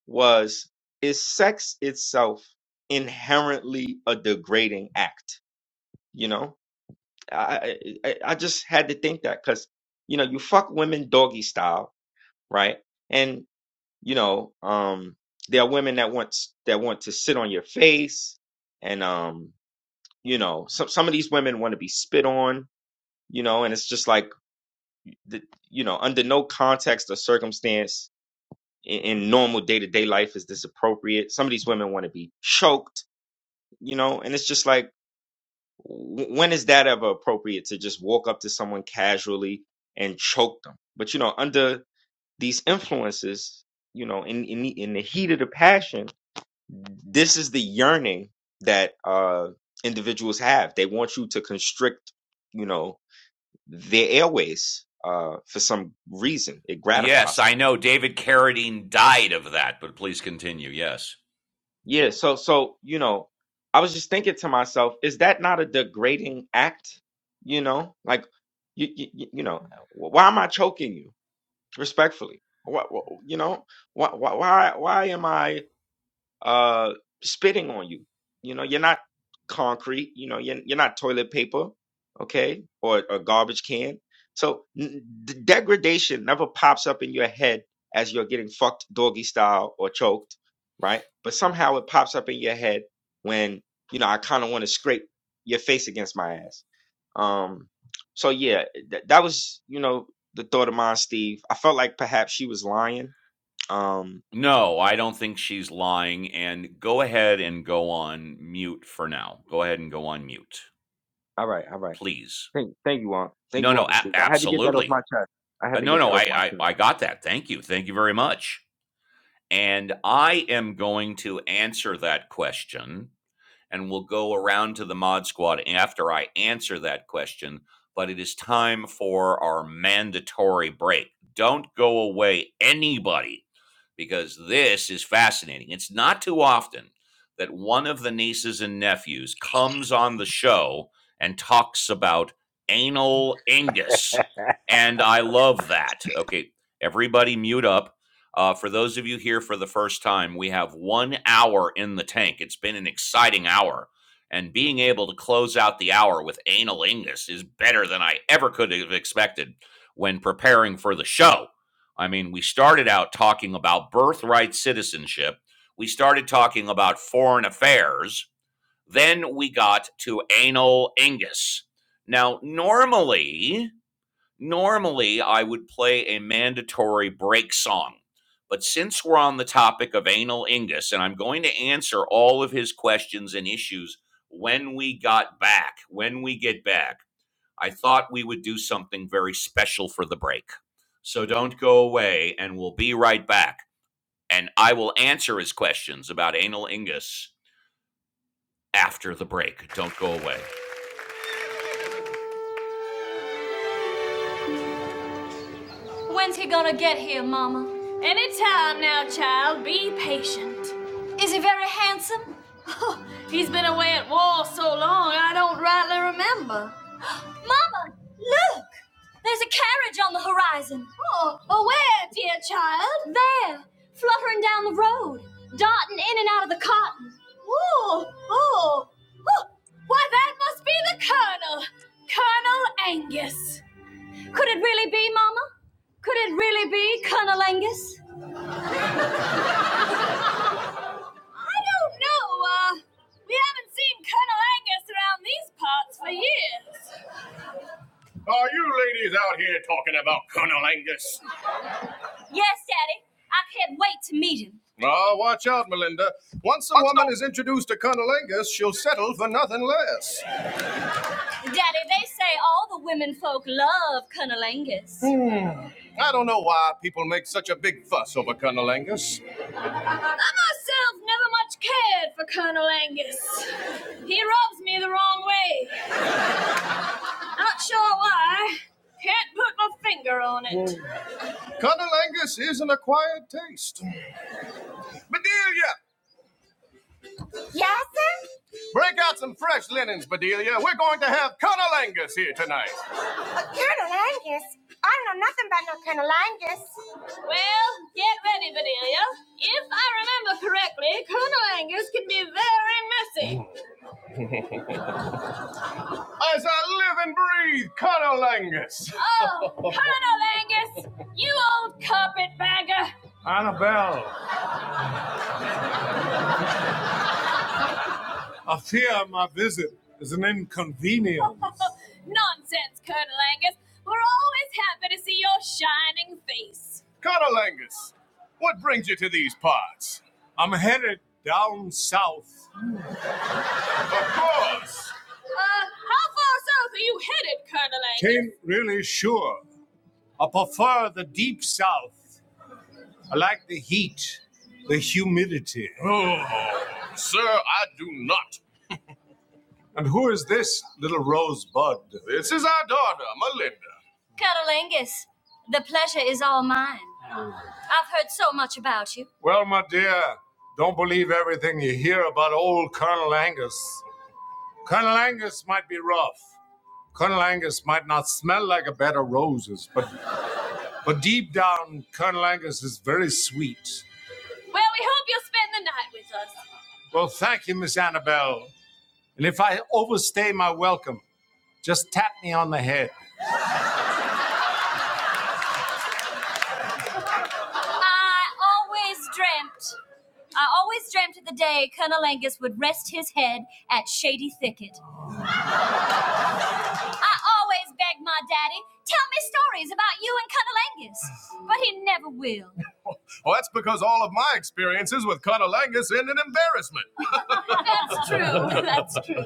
[SPEAKER 9] was is sex itself inherently a degrading act you know i i, I just had to think that because you know you fuck women doggy style right and you know um there are women that want s- that want to sit on your face and um you know some some of these women want to be spit on you know and it's just like the, you know under no context or circumstance in, in normal day-to-day life is this appropriate some of these women want to be choked you know and it's just like w- when is that ever appropriate to just walk up to someone casually and choke them but you know under these influences you know in in the, in the heat of the passion this is the yearning that uh individuals have they want you to constrict you know their airways uh for some reason it gratifies them
[SPEAKER 1] Yes, I know. David Carradine died of that, but please continue. Yes.
[SPEAKER 9] Yeah, so so you know, I was just thinking to myself, is that not a degrading act? You know, like you you, you know, why am I choking you? Respectfully, what, you know, why why why why am I? uh, spitting on you. You know, you're not concrete. You know, you're, you're not toilet paper, okay, or a garbage can. So n- d- degradation never pops up in your head as you're getting fucked doggy style or choked, right? But somehow it pops up in your head when you know I kind of want to scrape your face against my ass. Um, so yeah, th- that was you know the thought of mine, Steve. I felt like perhaps she was lying. Um,
[SPEAKER 1] No, I don't think she's lying. And go ahead and go on mute for now. Go ahead and go on mute,
[SPEAKER 9] all right, all right.
[SPEAKER 1] please.
[SPEAKER 9] Thank, thank you, Aunt. Thank
[SPEAKER 1] No,
[SPEAKER 9] you,
[SPEAKER 1] no,
[SPEAKER 9] Uncle
[SPEAKER 1] ab-
[SPEAKER 9] Steve. I had to get that off my
[SPEAKER 1] absolutely.
[SPEAKER 9] chest. I had
[SPEAKER 1] Uh,
[SPEAKER 9] to
[SPEAKER 1] no,
[SPEAKER 9] get
[SPEAKER 1] no,
[SPEAKER 9] that
[SPEAKER 1] I,
[SPEAKER 9] off my
[SPEAKER 1] I,
[SPEAKER 9] chest.
[SPEAKER 1] I got that. Thank you. Thank you very much. And I am going to answer that question and we'll go around to the mod squad after I answer that question. But it is time for our mandatory break. Don't go away, anybody because this is fascinating. It's not too often that one of the nieces and nephews comes on the show and talks about anal ingus. And I love that. Okay, everybody mute up. Uh, for those of you here for the first time, we have one hour in the tank. It's been an exciting hour. And being able to close out the hour with anal ingus is better than I ever could have expected when preparing for the show. I mean, we started out talking about birthright citizenship. We started talking about foreign affairs. Then we got to anal ingus. Now, normally, normally I would play a mandatory break song. But since we're on the topic of anal ingus, and I'm going to answer all of his questions and issues when we got back, when we get back, I thought we would do something very special for the break. So don't go away, and we'll be right back. And I will answer his questions about anal ingus after the break. Don't go away. When's he gonna get here, Mama? Any time now, child. Be patient. Is he very handsome? Oh, he's been away at war so long, I don't rightly remember. Mama, look! There's a carriage on the horizon. Oh, oh where, dear child? There, fluttering down the road, darting in and out of the cotton. Oh, oh, oh. Why, that must be the Colonel. Colonel Angus. Could it really be, Mama? Could it really be Colonel Angus? I don't know. Uh, we haven't seen Colonel Angus around these parts for years. Are you ladies out here talking about Colonel Angus? Yes, Daddy. I can't wait to meet him. Oh, watch out, Melinda. Once a woman is introduced to Colonel Angus, she'll settle for nothing less. Daddy, they say all the women folk love Colonel Angus. I don't know why people make such a big fuss over Colonel Angus. I myself never much cared for Colonel Angus. He rubs me the wrong way. Not sure why. Can't put my finger on it. Whoa. Colonel Angus is an acquired taste. Bedelia, break out some fresh linens, Bedelia. We're going to have Colonel Angus here tonight. Colonel Angus? I don't know nothing about no Colonel Angus. Well, get ready, Bedelia. If I remember correctly, Colonel Angus can be very messy. As I live and breathe, Conolangus. Oh, Colonel Angus, you old carpetbagger. Annabelle, I fear my visit is an inconvenience. Nonsense, Colonel Angus. We're always happy to see your shining face. Colonel Angus, what brings you to these parts? I'm headed down south. Of course. Uh, how far south are you headed, Colonel Angus? Ain't really sure. I prefer the deep south. I like the heat, the humidity. Oh, sir, I do not. And who is this little rosebud? This is our daughter, Melinda. Yes, the pleasure is all mine. Heard so much about you. Well, my dear, don't believe everything you hear about old Colonel Angus. Colonel Angus might be rough. Colonel Angus might not smell like a bed of roses, but but deep down, Colonel Angus is very sweet. Well, we hope you'll spend the night with us. Well, thank you, Miss Annabelle. And if I overstay my welcome, just tap me on the head. I always dreamt, I always dreamt of the day Colonel Angus would rest his head at Shady Thicket. I always begged my daddy, tell me stories about you and Colonel Angus, but he never will. Well, that's because all of my experiences with Colonel Angus end in embarrassment. That's true. That's true.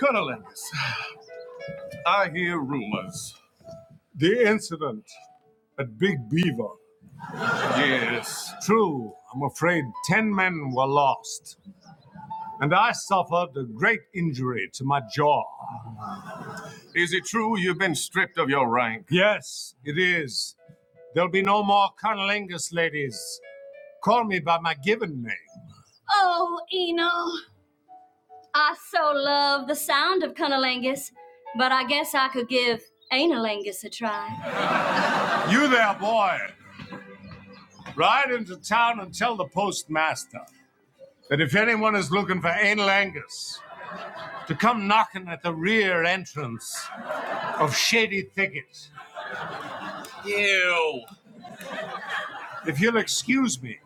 [SPEAKER 1] Colonel Angus, I hear rumors. The incident at Big Beaver. Yes. True, I'm afraid ten men were lost, and I suffered a great injury to my jaw. Is it true you've been stripped of your rank? Yes, it is. There'll be no more Colonel Angus, ladies. Call me by my given name. Oh, Eno, I so love the sound of Colonel Angus, but I guess I could give Anal Angus a try. You there, boy. Ride into town and tell the postmaster. that if anyone is looking for anal Angus to come knocking at the rear entrance of Shady Thicket, if you'll excuse me,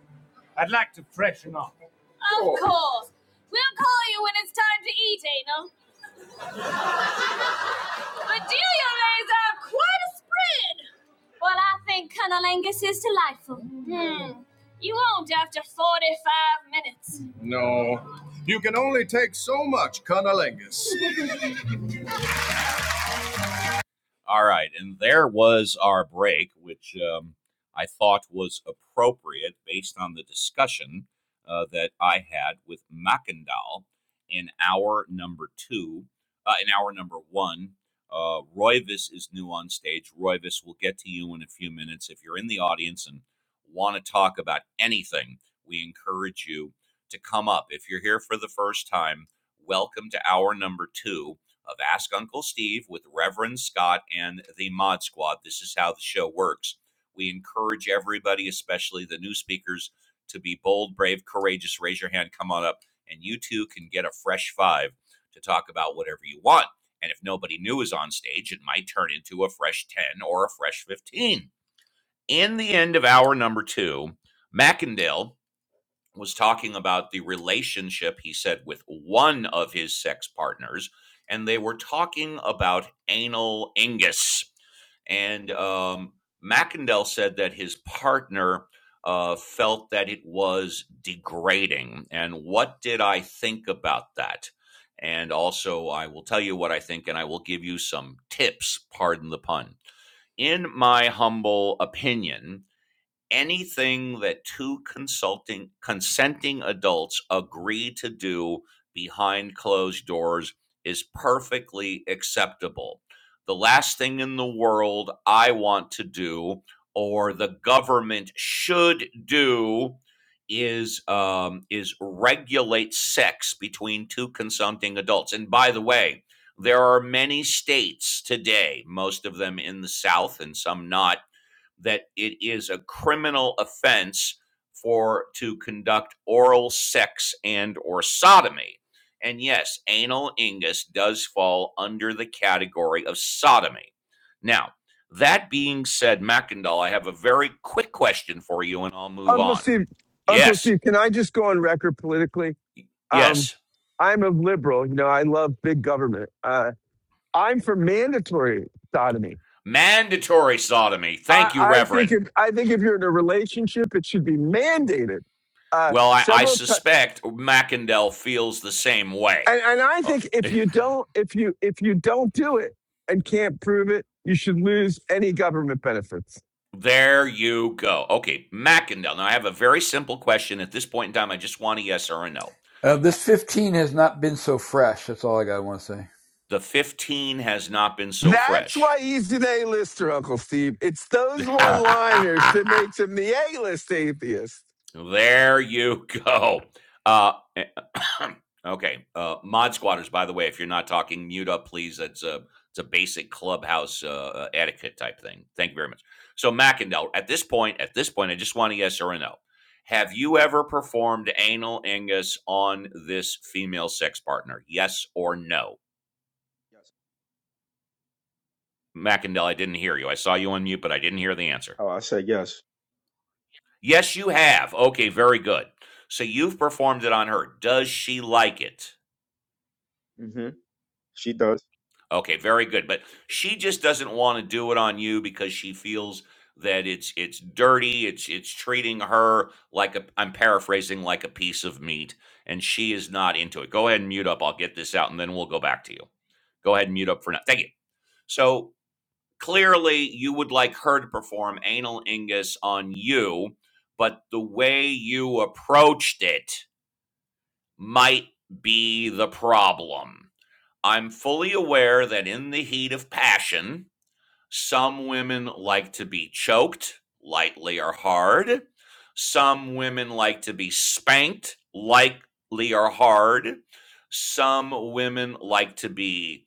[SPEAKER 1] I'd like to freshen up. Of course. We'll call you when it's time to eat, Anal. But Delia lays out quite a spread. Well, I think Colonel Angus is delightful. Hmm. You won't after 45 minutes. No. You can only take so much, Colonel Angus. All right. And there was our break, which um, I thought was appropriate based on the discussion uh, that I had with Mackendal in hour number two, uh, in hour number one. Uh, Royvis is new on stage. Royvis, we'll get to you in a few minutes. If you're in the audience and want to talk about anything, we encourage you to come up. If you're here for the first time, welcome to hour number two of Ask Uncle Steve with Reverend Scott and the Mod Squad. This is how the show works. We encourage everybody, especially the new speakers, to be bold, brave, courageous. Raise your hand, come on up, and you too can get a fresh five to talk about whatever you want. And if nobody new is on stage, it might turn into a fresh 10 or a fresh 15. In the end of hour number two, Mackendale was talking about the relationship he said with one of his sex partners, and they were talking about anal ingus. And um, Mackendell said that his partner uh, felt that it was degrading. And what did I think about that? And also, I will tell you what I think, and I will give you some tips. Pardon the pun in my humble opinion, anything that two consulting consenting adults agree to do behind closed doors is perfectly acceptable. The last thing in the world I want to do or the government should do is um, is regulate sex between two consenting adults. And by the way, there are many states today, most of them in the South and some not, that it is a criminal offense for to conduct oral sex and or sodomy. And yes, anal ingus does fall under the category of sodomy. Now, that being said, Mackendall, I have a very quick question for you and I'll move
[SPEAKER 3] Uncle
[SPEAKER 1] on.
[SPEAKER 3] Steve, Uncle
[SPEAKER 1] Yes,
[SPEAKER 3] Steve, can I just go on record politically? Um,
[SPEAKER 1] yes.
[SPEAKER 3] I'm a liberal. You know, I love big government. Uh, I'm for mandatory sodomy.
[SPEAKER 1] Mandatory sodomy.
[SPEAKER 3] I,
[SPEAKER 1] Thank you,
[SPEAKER 3] I think
[SPEAKER 1] Reverend.
[SPEAKER 3] if I think if you're in a relationship, it should be mandated uh,
[SPEAKER 1] Well, I, I
[SPEAKER 3] several times.
[SPEAKER 1] suspect Mackendall feels the same way.
[SPEAKER 3] And I
[SPEAKER 1] Uh,
[SPEAKER 3] don't if you do it and can't prove it, you should lose any government benefits.
[SPEAKER 1] There you go. Okay, Mackindale. Now I have a very simple question. At this point in time, I just want a yes or a no.
[SPEAKER 4] Uh,
[SPEAKER 1] Ha-
[SPEAKER 4] this 15 has not been so fresh. That's all I got. to want to say.
[SPEAKER 1] The 15 has not been so
[SPEAKER 3] That's
[SPEAKER 1] fresh.
[SPEAKER 3] why he's an A-lister, Uncle Steve. It's those one-liners that makes him the A-list atheist.
[SPEAKER 1] There you go. Uh, okay, uh, mod squatters. By the way, if you're not talking, mute up, please. That's a it's a basic clubhouse uh, uh, etiquette type thing. Thank you very much. So McIndell, at this point, at this point, I just want a yes or a no. Have you ever performed anal ingus on this female sex partner? Yes or no?
[SPEAKER 9] Yes.
[SPEAKER 1] McIndell, I didn't hear you. I saw you on mute, but I didn't hear the answer.
[SPEAKER 9] Oh, I said yes.
[SPEAKER 1] Yes, you have. Okay, very good. So you've performed it on her. Does she like it?
[SPEAKER 9] hmm She does.
[SPEAKER 1] Okay, very good. But she just doesn't want to do it on you because she feels that it's it's dirty. It's it's treating her like a I'm paraphrasing like a piece of meat, and she is not into it. Go ahead and mute up. I'll get this out, and then we'll go back to you. Go ahead and mute up for now. Thank you. So clearly, you would like her to perform anal ingus on you, but the way you approached it might be the problem. I'm fully aware that in the heat of passion, some women like to be choked lightly or hard. Some women like to be spanked lightly or hard. Some women like to be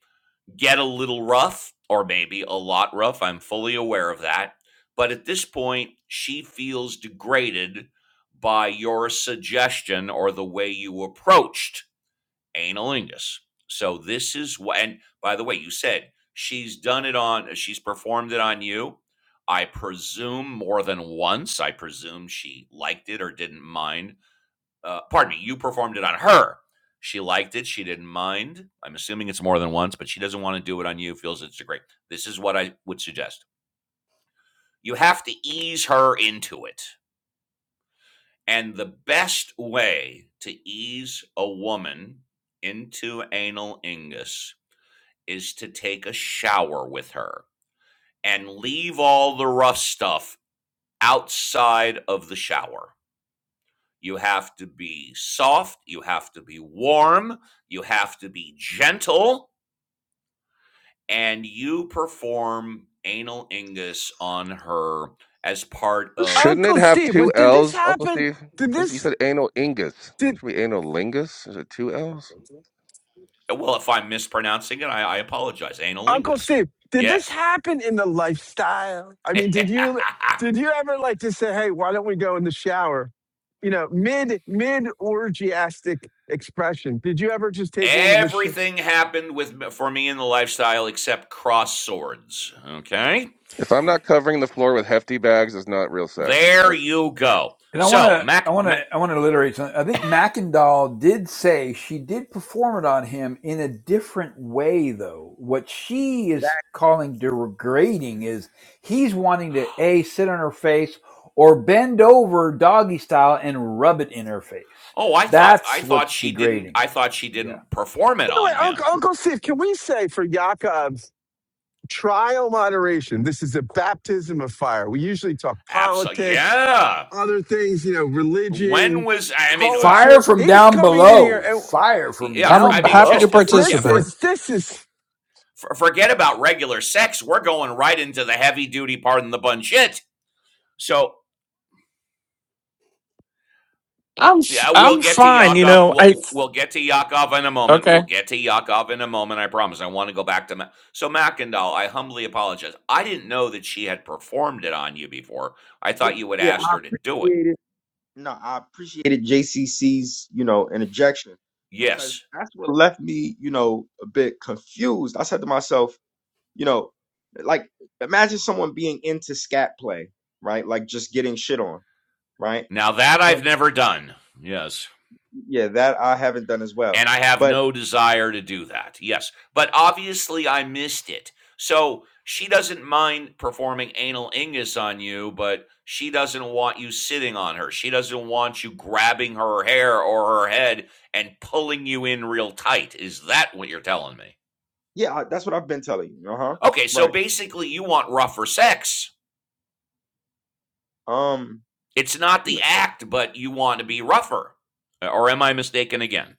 [SPEAKER 1] get a little rough or maybe a lot rough. I'm fully aware of that. But at this point, she feels degraded by your suggestion or the way you approached analingus. So this is what. And by the way, you said she's done it on. She's performed it on you. I presume more than once. I presume she liked it or didn't mind. Uh, pardon me. You performed it on her. She liked it. She didn't mind. I'm assuming it's more than once, but she doesn't want to do it on you. Feels it's a great. This is what I would suggest. You have to ease her into it. And the best way to ease a woman into analingus. is to take a shower with her and leave all the rough stuff outside of the shower. You have to be soft, you have to be warm, you have to be gentle, and you perform anal ingus on her as part of,
[SPEAKER 11] Shouldn't it
[SPEAKER 3] Uncle
[SPEAKER 11] have
[SPEAKER 3] Steve, was
[SPEAKER 11] two
[SPEAKER 3] did this
[SPEAKER 11] L's, Uncle
[SPEAKER 3] happen?
[SPEAKER 11] Steve?
[SPEAKER 3] Did
[SPEAKER 11] Is you
[SPEAKER 3] this
[SPEAKER 11] said anal ingus.
[SPEAKER 3] Did
[SPEAKER 11] Should be anal lingus? Is it two L's?
[SPEAKER 1] well, if I'm mispronouncing it, I, I apologize. Anal
[SPEAKER 3] Uncle
[SPEAKER 1] ingus.
[SPEAKER 3] Steve? Did this
[SPEAKER 1] Yes.
[SPEAKER 3] happen in the lifestyle? I mean, did you did you ever like to say, "Hey, why don't we go in the shower?" You know, mid mid orgiastic expression. Did you ever just take a woman in the shit?
[SPEAKER 1] Everything happened with for me in the lifestyle except cross swords. Okay.
[SPEAKER 11] If I'm not covering the floor with hefty bags, it's not real sex.
[SPEAKER 1] There
[SPEAKER 11] That's
[SPEAKER 1] you
[SPEAKER 11] right.
[SPEAKER 1] go.
[SPEAKER 4] And I want
[SPEAKER 1] So
[SPEAKER 4] to, I
[SPEAKER 1] Mac,
[SPEAKER 4] want
[SPEAKER 1] Mac
[SPEAKER 4] to, I want to alliterate something. I think Mackendall did say she did perform it on him in a different way, though. What she
[SPEAKER 9] That,
[SPEAKER 4] is calling degrading is he's wanting to a sit on her face or bend over doggy style and rub it in her face.
[SPEAKER 1] oh, I thought I
[SPEAKER 4] That's
[SPEAKER 1] thought
[SPEAKER 4] what's
[SPEAKER 1] she didn't
[SPEAKER 4] degrading.
[SPEAKER 1] I thought she
[SPEAKER 4] Yeah.
[SPEAKER 1] didn't perform it
[SPEAKER 3] By the way,
[SPEAKER 1] on
[SPEAKER 3] Uncle
[SPEAKER 1] him.
[SPEAKER 3] Uncle Steve, can we say for Yaakov's trial moderation? This is a baptism of fire. We usually talk
[SPEAKER 1] Absolutely.
[SPEAKER 3] politics,
[SPEAKER 1] Yeah.
[SPEAKER 3] other things, you know,
[SPEAKER 1] When
[SPEAKER 3] religion,
[SPEAKER 1] was I mean uh,
[SPEAKER 4] Fire
[SPEAKER 3] culture.
[SPEAKER 4] from
[SPEAKER 3] He's
[SPEAKER 1] for,
[SPEAKER 4] down
[SPEAKER 3] coming in here,
[SPEAKER 4] below.
[SPEAKER 3] and
[SPEAKER 4] Fire from
[SPEAKER 1] yeah, for
[SPEAKER 10] I'm
[SPEAKER 1] I
[SPEAKER 4] down
[SPEAKER 1] mean
[SPEAKER 10] happy to
[SPEAKER 1] just
[SPEAKER 4] below.
[SPEAKER 1] uh, forget
[SPEAKER 3] this
[SPEAKER 1] for
[SPEAKER 10] participate.
[SPEAKER 3] is this is
[SPEAKER 1] for- forget about regular sex. We're going right into the heavy duty pardon the bun shit. So
[SPEAKER 10] I'm f-
[SPEAKER 1] Yeah,
[SPEAKER 10] I'm
[SPEAKER 1] we'll get to
[SPEAKER 10] fine. You
[SPEAKER 1] Yakov.
[SPEAKER 10] know, I
[SPEAKER 1] We'll, we'll get to Yakov in a moment.
[SPEAKER 10] okay.
[SPEAKER 1] We'll get to Yakov in a moment. I promise. I want to go back to Ma- so Mackendall. I humbly apologize. I didn't know that she had performed it on you before. I
[SPEAKER 9] yeah,
[SPEAKER 1] thought you had
[SPEAKER 9] yeah, I
[SPEAKER 1] asked her to do it.
[SPEAKER 9] created. No, I appreciated JCC's, you know, interjection because
[SPEAKER 1] Yes.
[SPEAKER 9] that's what left me, you know, a bit confused. I said to myself, you know, like imagine someone being into scat play, right? Like just getting shit on, right?
[SPEAKER 1] Now that
[SPEAKER 9] But
[SPEAKER 1] I've never done. Yes.
[SPEAKER 9] yeah, that I haven't done as well.
[SPEAKER 1] And I have
[SPEAKER 9] But
[SPEAKER 1] no desire to do that. Yes. But obviously, I missed it. So she doesn't mind performing anal ingus on you, but she doesn't want you sitting on her. She doesn't want you grabbing her hair or her head and pulling you in real tight. Is that what you're telling me?
[SPEAKER 9] yeah, I- that's what I've been telling you. Uh huh.
[SPEAKER 1] Okay. So
[SPEAKER 9] Right.
[SPEAKER 1] basically, you want rougher sex.
[SPEAKER 9] Um.
[SPEAKER 1] It's not the act, but you want to be rougher. Or am I mistaken again?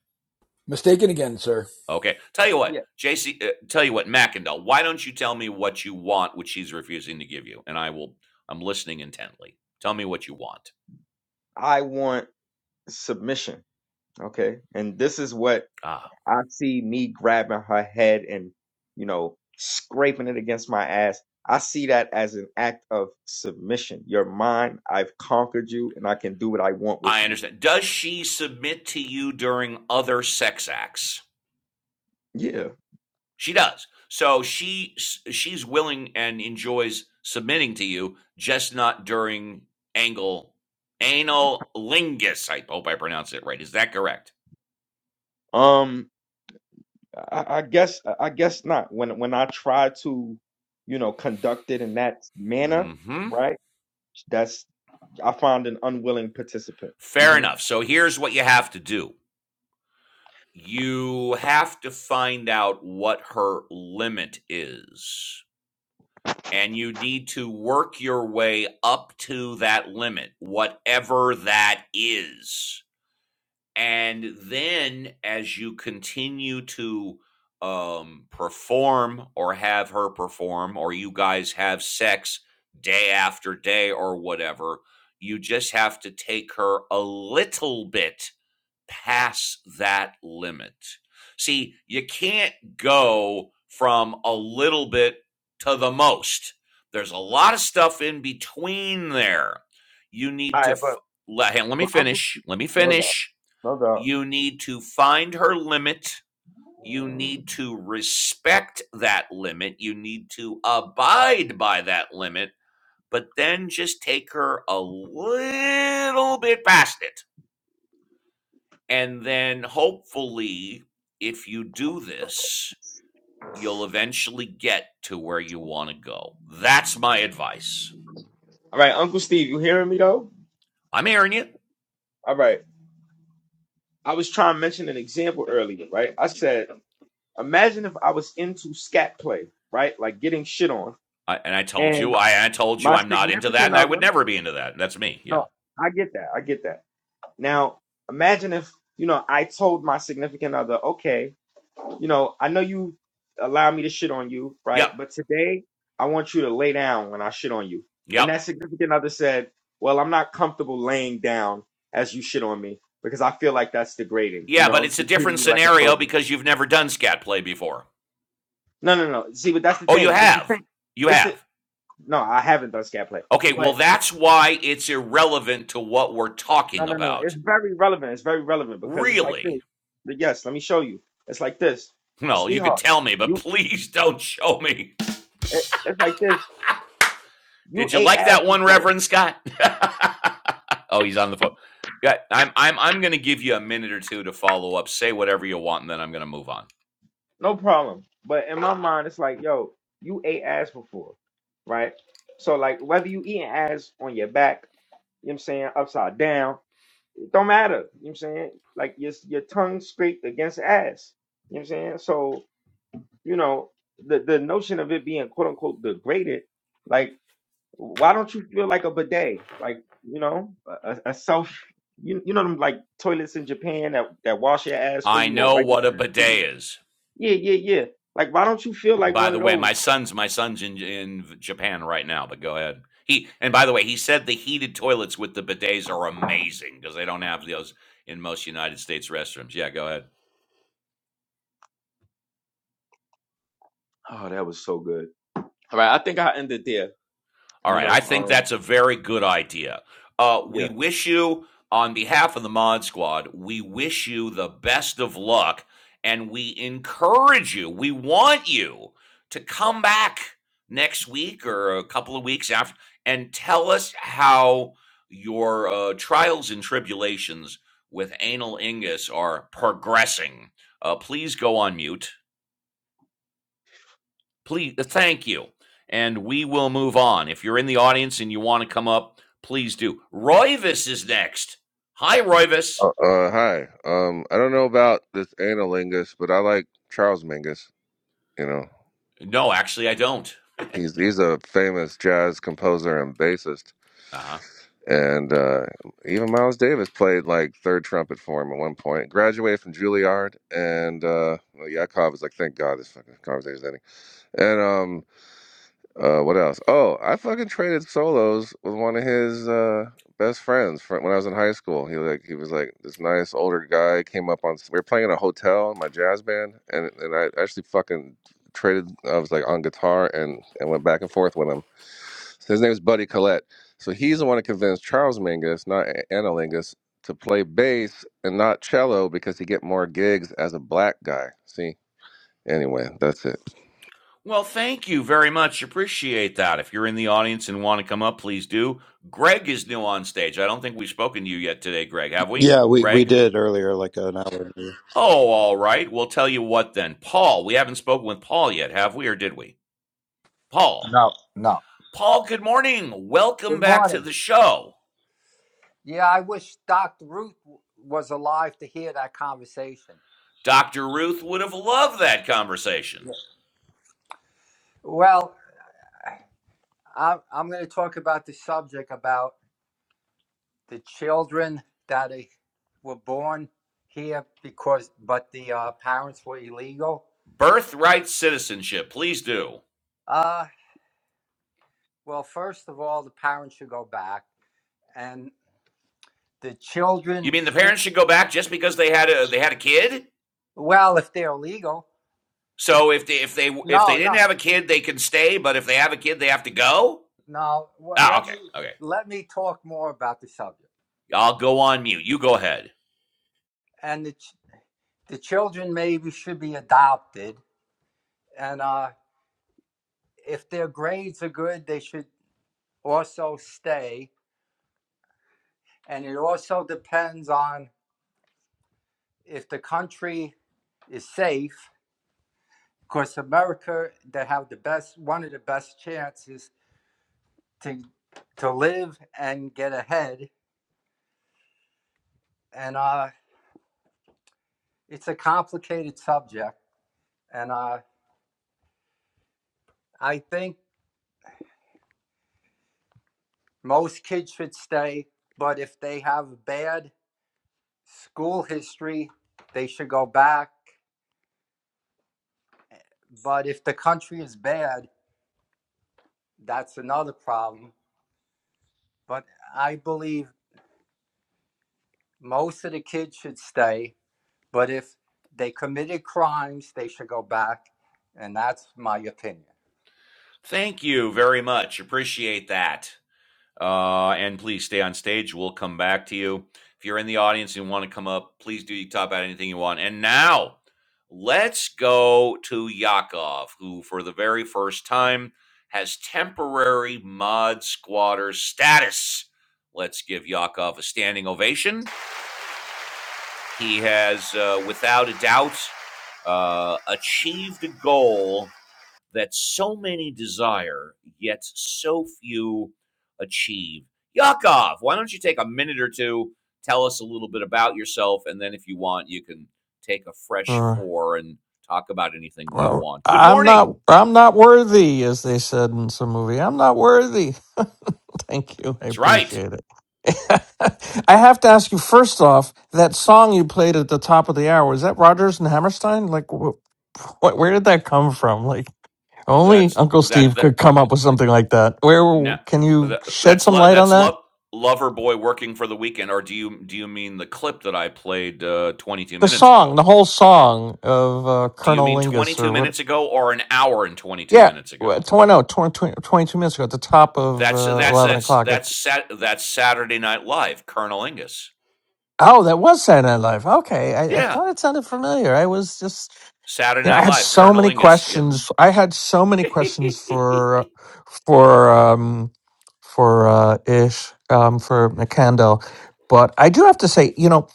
[SPEAKER 4] Mistaken again, sir.
[SPEAKER 1] Okay. Tell you what,
[SPEAKER 9] Yeah.
[SPEAKER 1] JC, uh, tell you what, Mackendall, why don't you tell me what you want, which she's refusing to give you? And I will, I'm listening intently. Tell me what you want.
[SPEAKER 9] I want submission. Okay. And this is what
[SPEAKER 1] Ah,
[SPEAKER 9] I see me grabbing her head and, you know, scraping it against my ass. I see that as an act of submission. You're mine. I've conquered you and I can do what I want with
[SPEAKER 1] I
[SPEAKER 9] you.
[SPEAKER 1] understand. Does she submit to you during other sex acts?
[SPEAKER 9] Yeah.
[SPEAKER 1] She does. So she she's willing and enjoys submitting to you, just not during angle anal lingus. I hope I pronounced it right. Is that correct?
[SPEAKER 9] Um, I, I guess, I guess not. When, when I try to, you know, conduct it in that manner,
[SPEAKER 1] Mm-hmm.
[SPEAKER 9] right? That's, I find an unwilling participant.
[SPEAKER 1] Fair
[SPEAKER 9] hmm All
[SPEAKER 1] enough. So here's what you have to do. you have to find out what her limit is. And you need to work your way up to that limit, whatever that is. And then as you continue to um, perform or have her perform, or you guys have sex day after day or whatever, you just have to take her a little bit past that limit. See, you can't go from a little bit to the most. There's a lot of stuff in between there. You need to
[SPEAKER 9] right.
[SPEAKER 1] f-
[SPEAKER 9] But,
[SPEAKER 1] let, hey, let me
[SPEAKER 9] but Uncle,
[SPEAKER 1] finish. Let me
[SPEAKER 9] no doubt.
[SPEAKER 1] finish.
[SPEAKER 9] No doubt.
[SPEAKER 1] You need to find her limit. You need to respect that limit. You need to abide by that limit, but then just take her a little bit past it and then hopefully, if you do this, you'll eventually get to where you want to go. That's my advice.
[SPEAKER 9] All right, Uncle Steve, you hearing me though?
[SPEAKER 1] I'm airing it.
[SPEAKER 9] All right. I was trying to mention an example earlier, right? I said, imagine if I was into scat play, right? Like getting shit on.
[SPEAKER 1] I, and I told
[SPEAKER 9] And
[SPEAKER 1] you, I, I told you
[SPEAKER 9] my
[SPEAKER 1] I'm not into that,
[SPEAKER 9] significant
[SPEAKER 1] and I would
[SPEAKER 9] other,
[SPEAKER 1] never be into that. That's me. Yeah.
[SPEAKER 9] no, I get that. I get that. Now, imagine if, you know, I told my significant other, okay, you know, I know you allow me to shit on you, right?
[SPEAKER 1] Yep.
[SPEAKER 9] But today, I want you to lay down when I shit on you.
[SPEAKER 1] Yep.
[SPEAKER 9] And that significant other said, Well, I'm not comfortable laying down as you shit on me because I feel like that's degrading. You
[SPEAKER 1] Yeah, but
[SPEAKER 9] know,
[SPEAKER 1] it's a
[SPEAKER 9] you're treating
[SPEAKER 1] different
[SPEAKER 9] me like a
[SPEAKER 1] scenario
[SPEAKER 9] toilet.
[SPEAKER 1] because you've never done scat play before.
[SPEAKER 9] No, no, no. See, but that's the
[SPEAKER 1] Oh, you
[SPEAKER 9] thing. It's the
[SPEAKER 1] have.
[SPEAKER 9] thing.
[SPEAKER 1] You
[SPEAKER 9] It's the,
[SPEAKER 1] have.
[SPEAKER 9] no, I haven't done scat play.
[SPEAKER 1] Okay, well,
[SPEAKER 9] But
[SPEAKER 1] that's why it's irrelevant to what we're
[SPEAKER 9] no,
[SPEAKER 1] talking
[SPEAKER 9] no, no. It's
[SPEAKER 1] about.
[SPEAKER 9] very relevant. It's very relevant because it's like this.
[SPEAKER 1] Really?
[SPEAKER 9] But yes, let me show you. It's like this.
[SPEAKER 1] Well, you could
[SPEAKER 9] Sweetheart,
[SPEAKER 1] tell me, but
[SPEAKER 9] you,
[SPEAKER 1] please don't show me.
[SPEAKER 9] it- it's like this. You
[SPEAKER 1] Did you
[SPEAKER 9] ate
[SPEAKER 1] like
[SPEAKER 9] ass
[SPEAKER 1] that one,
[SPEAKER 9] before.
[SPEAKER 1] Reverend Scott? oh, he's on the phone. Yeah, I'm I'm I'm gonna give you a minute or two to follow up. Say whatever you want, and then I'm gonna move on.
[SPEAKER 9] No problem. But in my mind, it's like, yo, you ate ass before, right? So like whether you eating ass on your back, you know what I'm saying, upside down, it don't matter. You know what I'm saying? Like your your tongue scraped against ass. You know what I'm saying? So, you know, the, the notion of it being quote unquote degraded, like why don't you feel like a bidet? Like, you know, a, a a self you, you know them like toilets in Japan that, that wash your ass for
[SPEAKER 1] I
[SPEAKER 9] you or
[SPEAKER 1] know
[SPEAKER 9] wipe your
[SPEAKER 1] what a
[SPEAKER 9] ass for you?
[SPEAKER 1] bidet is.
[SPEAKER 9] Yeah, yeah, yeah. Like, why don't you feel
[SPEAKER 1] And
[SPEAKER 9] like
[SPEAKER 1] by
[SPEAKER 9] one of
[SPEAKER 1] the way,
[SPEAKER 9] those?
[SPEAKER 1] my son's my son's in in Japan right now, but go ahead. He and by the way, he said the heated toilets with the bidets are amazing because they don't have those in most United States restrooms. Yeah, go ahead.
[SPEAKER 9] Oh, that was so good. All right, I think I ended there.
[SPEAKER 1] All
[SPEAKER 9] You
[SPEAKER 1] right. I
[SPEAKER 9] know,
[SPEAKER 1] think
[SPEAKER 9] um,
[SPEAKER 1] that's a very good idea. Uh,
[SPEAKER 9] yeah.
[SPEAKER 1] we wish you, on behalf of the Mod Squad, we wish you the best of luck and we encourage you, we want you to come back next week or a couple of weeks after and tell us how your uh, trials and tribulations with anal ingus are progressing. Uh, please go on mute. Please, uh, thank you. And we will move on. If you're in the audience and you want to come up, please do. Royvis is next. Hi, Royvis.
[SPEAKER 11] Uh, uh, hi. Um, I don't know about this anal lingus, but I like Charles Mingus. You know,
[SPEAKER 1] No, actually, I don't.
[SPEAKER 11] he's he's a famous jazz composer and bassist.
[SPEAKER 1] Uh huh.
[SPEAKER 11] And uh, even Miles Davis played like third trumpet for him at one point. Graduated from Juilliard, and uh, well, Yakov is like, thank God this fucking conversation's ending. And um, Uh, what else? Oh, I fucking traded solos with one of his uh, best friends fr- when I was in high school. He like he was like this nice older guy came up on. We were playing in a hotel in my jazz band, and and I actually fucking traded. I was like on guitar and and went back and forth with him. So his name is Buddy Collette. So he's the one that convinced Charles Mingus, not A- Anna Lingus, to play bass and not cello because he get more gigs as a black guy. See. Anyway, that's it.
[SPEAKER 1] Well, thank you very much. Appreciate that. If you're in the audience and want to come up, please do. Greg is new on stage. I don't think we've spoken to you yet today, Greg, have we?
[SPEAKER 8] Yeah, we we
[SPEAKER 1] Greg?
[SPEAKER 8] did earlier, like an hour ago.
[SPEAKER 1] Oh, all right. We'll tell you what then. Paul, we haven't spoken with Paul yet, have we, or did we? Paul.
[SPEAKER 12] No, no.
[SPEAKER 1] Paul, good morning. Welcome
[SPEAKER 12] Good
[SPEAKER 1] back to
[SPEAKER 12] morning.
[SPEAKER 1] the show.
[SPEAKER 12] Yeah, I wish Dr. Ruth w- was alive to hear that conversation.
[SPEAKER 1] Dr. Ruth would have loved that conversation.
[SPEAKER 12] Yeah. Well, I, I'm going to talk about the subject about the children that i- were born here because, but the uh, parents were illegal.
[SPEAKER 1] Birthright citizenship, please do.
[SPEAKER 12] Uh, well, first of all, the parents should go back, and the
[SPEAKER 1] You
[SPEAKER 12] children.
[SPEAKER 1] mean the
[SPEAKER 12] should-
[SPEAKER 1] parents should go back just because they had a they had a kid?
[SPEAKER 12] Well, if they're illegal,
[SPEAKER 1] So if they if they if
[SPEAKER 12] no,
[SPEAKER 1] they didn't
[SPEAKER 12] no,
[SPEAKER 1] have a kid, they can stay, but if they have a kid, they have to go?
[SPEAKER 12] no. Well,
[SPEAKER 1] Ah,
[SPEAKER 12] let me
[SPEAKER 1] okay. Okay.
[SPEAKER 12] let me talk more about the subject.
[SPEAKER 1] I'll go on mute. You go ahead.
[SPEAKER 12] And the the children maybe should be adopted and uh, if their grades are good they should also stay and it also depends on if the country is safe because america they have the best one of the best chances to to live and get ahead and uh, it's a complicated subject and uh, i think most kids should stay but if they have bad school history, they should go back. But if the country is bad, that's another problem. But I believe most of the kids should stay. But if they committed crimes, they should go back. And that's my opinion.
[SPEAKER 1] Thank you very much. Appreciate that. Uh, and please stay on stage. We'll come back to you. If you're in the audience and want to come up, please do top out anything you want. And now let's go to Yakov, who for the very first time has temporary mod squatter status. Let's give Yakov a standing ovation. He has, uh, without a doubt, uh, achieved a goal that so many desire, yet so few achieve. Yakov, why don't you take a minute or two, tell us a little bit about yourself, and then if you want, you can take a fresh
[SPEAKER 10] Uh,
[SPEAKER 1] four and talk about anything that you
[SPEAKER 10] well,
[SPEAKER 1] want. Good
[SPEAKER 10] I'm
[SPEAKER 1] morning.
[SPEAKER 10] not I'm not worthy, as they said in some movie. I'm not worthy. Thank you. I
[SPEAKER 1] That's right.
[SPEAKER 10] appreciate it. I have to ask you first off, that song you played at the top of the hour, is that Rodgers and Hammerstein? Like, wh- wh- where did that come from? Like, only
[SPEAKER 1] That's
[SPEAKER 10] Uncle
[SPEAKER 1] that
[SPEAKER 10] Steve
[SPEAKER 1] that
[SPEAKER 10] could come up with something like that. Where
[SPEAKER 1] no
[SPEAKER 10] can you
[SPEAKER 1] that,
[SPEAKER 10] shed
[SPEAKER 1] that's
[SPEAKER 10] some
[SPEAKER 1] lo-
[SPEAKER 10] light on
[SPEAKER 1] that's
[SPEAKER 10] that?
[SPEAKER 1] love lover boy working for the weekend or do you do you mean the clip that I played uh, 22
[SPEAKER 10] The
[SPEAKER 1] minutes
[SPEAKER 10] song,
[SPEAKER 1] ago?
[SPEAKER 10] the whole song of uh,
[SPEAKER 1] Do you
[SPEAKER 10] Colonel
[SPEAKER 1] mean
[SPEAKER 10] Lingus
[SPEAKER 1] 22
[SPEAKER 10] or what?
[SPEAKER 1] minutes ago or an hour and 22
[SPEAKER 10] Yeah,
[SPEAKER 1] minutes
[SPEAKER 10] wh-
[SPEAKER 1] ago?
[SPEAKER 10] tw- no, tw- tw- 22 minutes ago at the top of
[SPEAKER 1] That's
[SPEAKER 10] uh,
[SPEAKER 1] that's
[SPEAKER 10] 11
[SPEAKER 1] that's
[SPEAKER 10] o'clock. I th-
[SPEAKER 1] that's sat, that's Saturday Night Live, Colonel Ingus.
[SPEAKER 10] oh, that was Saturday Night Live. Okay, I, I
[SPEAKER 1] Yeah,
[SPEAKER 10] thought it sounded familiar. I was just
[SPEAKER 1] Saturday
[SPEAKER 10] Yeah, I
[SPEAKER 1] Night
[SPEAKER 10] had
[SPEAKER 1] Live,
[SPEAKER 10] so
[SPEAKER 1] Colonel
[SPEAKER 10] many
[SPEAKER 1] Ingus. Yes.
[SPEAKER 10] questions. I had so many questions
[SPEAKER 1] the
[SPEAKER 10] for for um for uh Ish um for McCandell. But I do have to say, you know,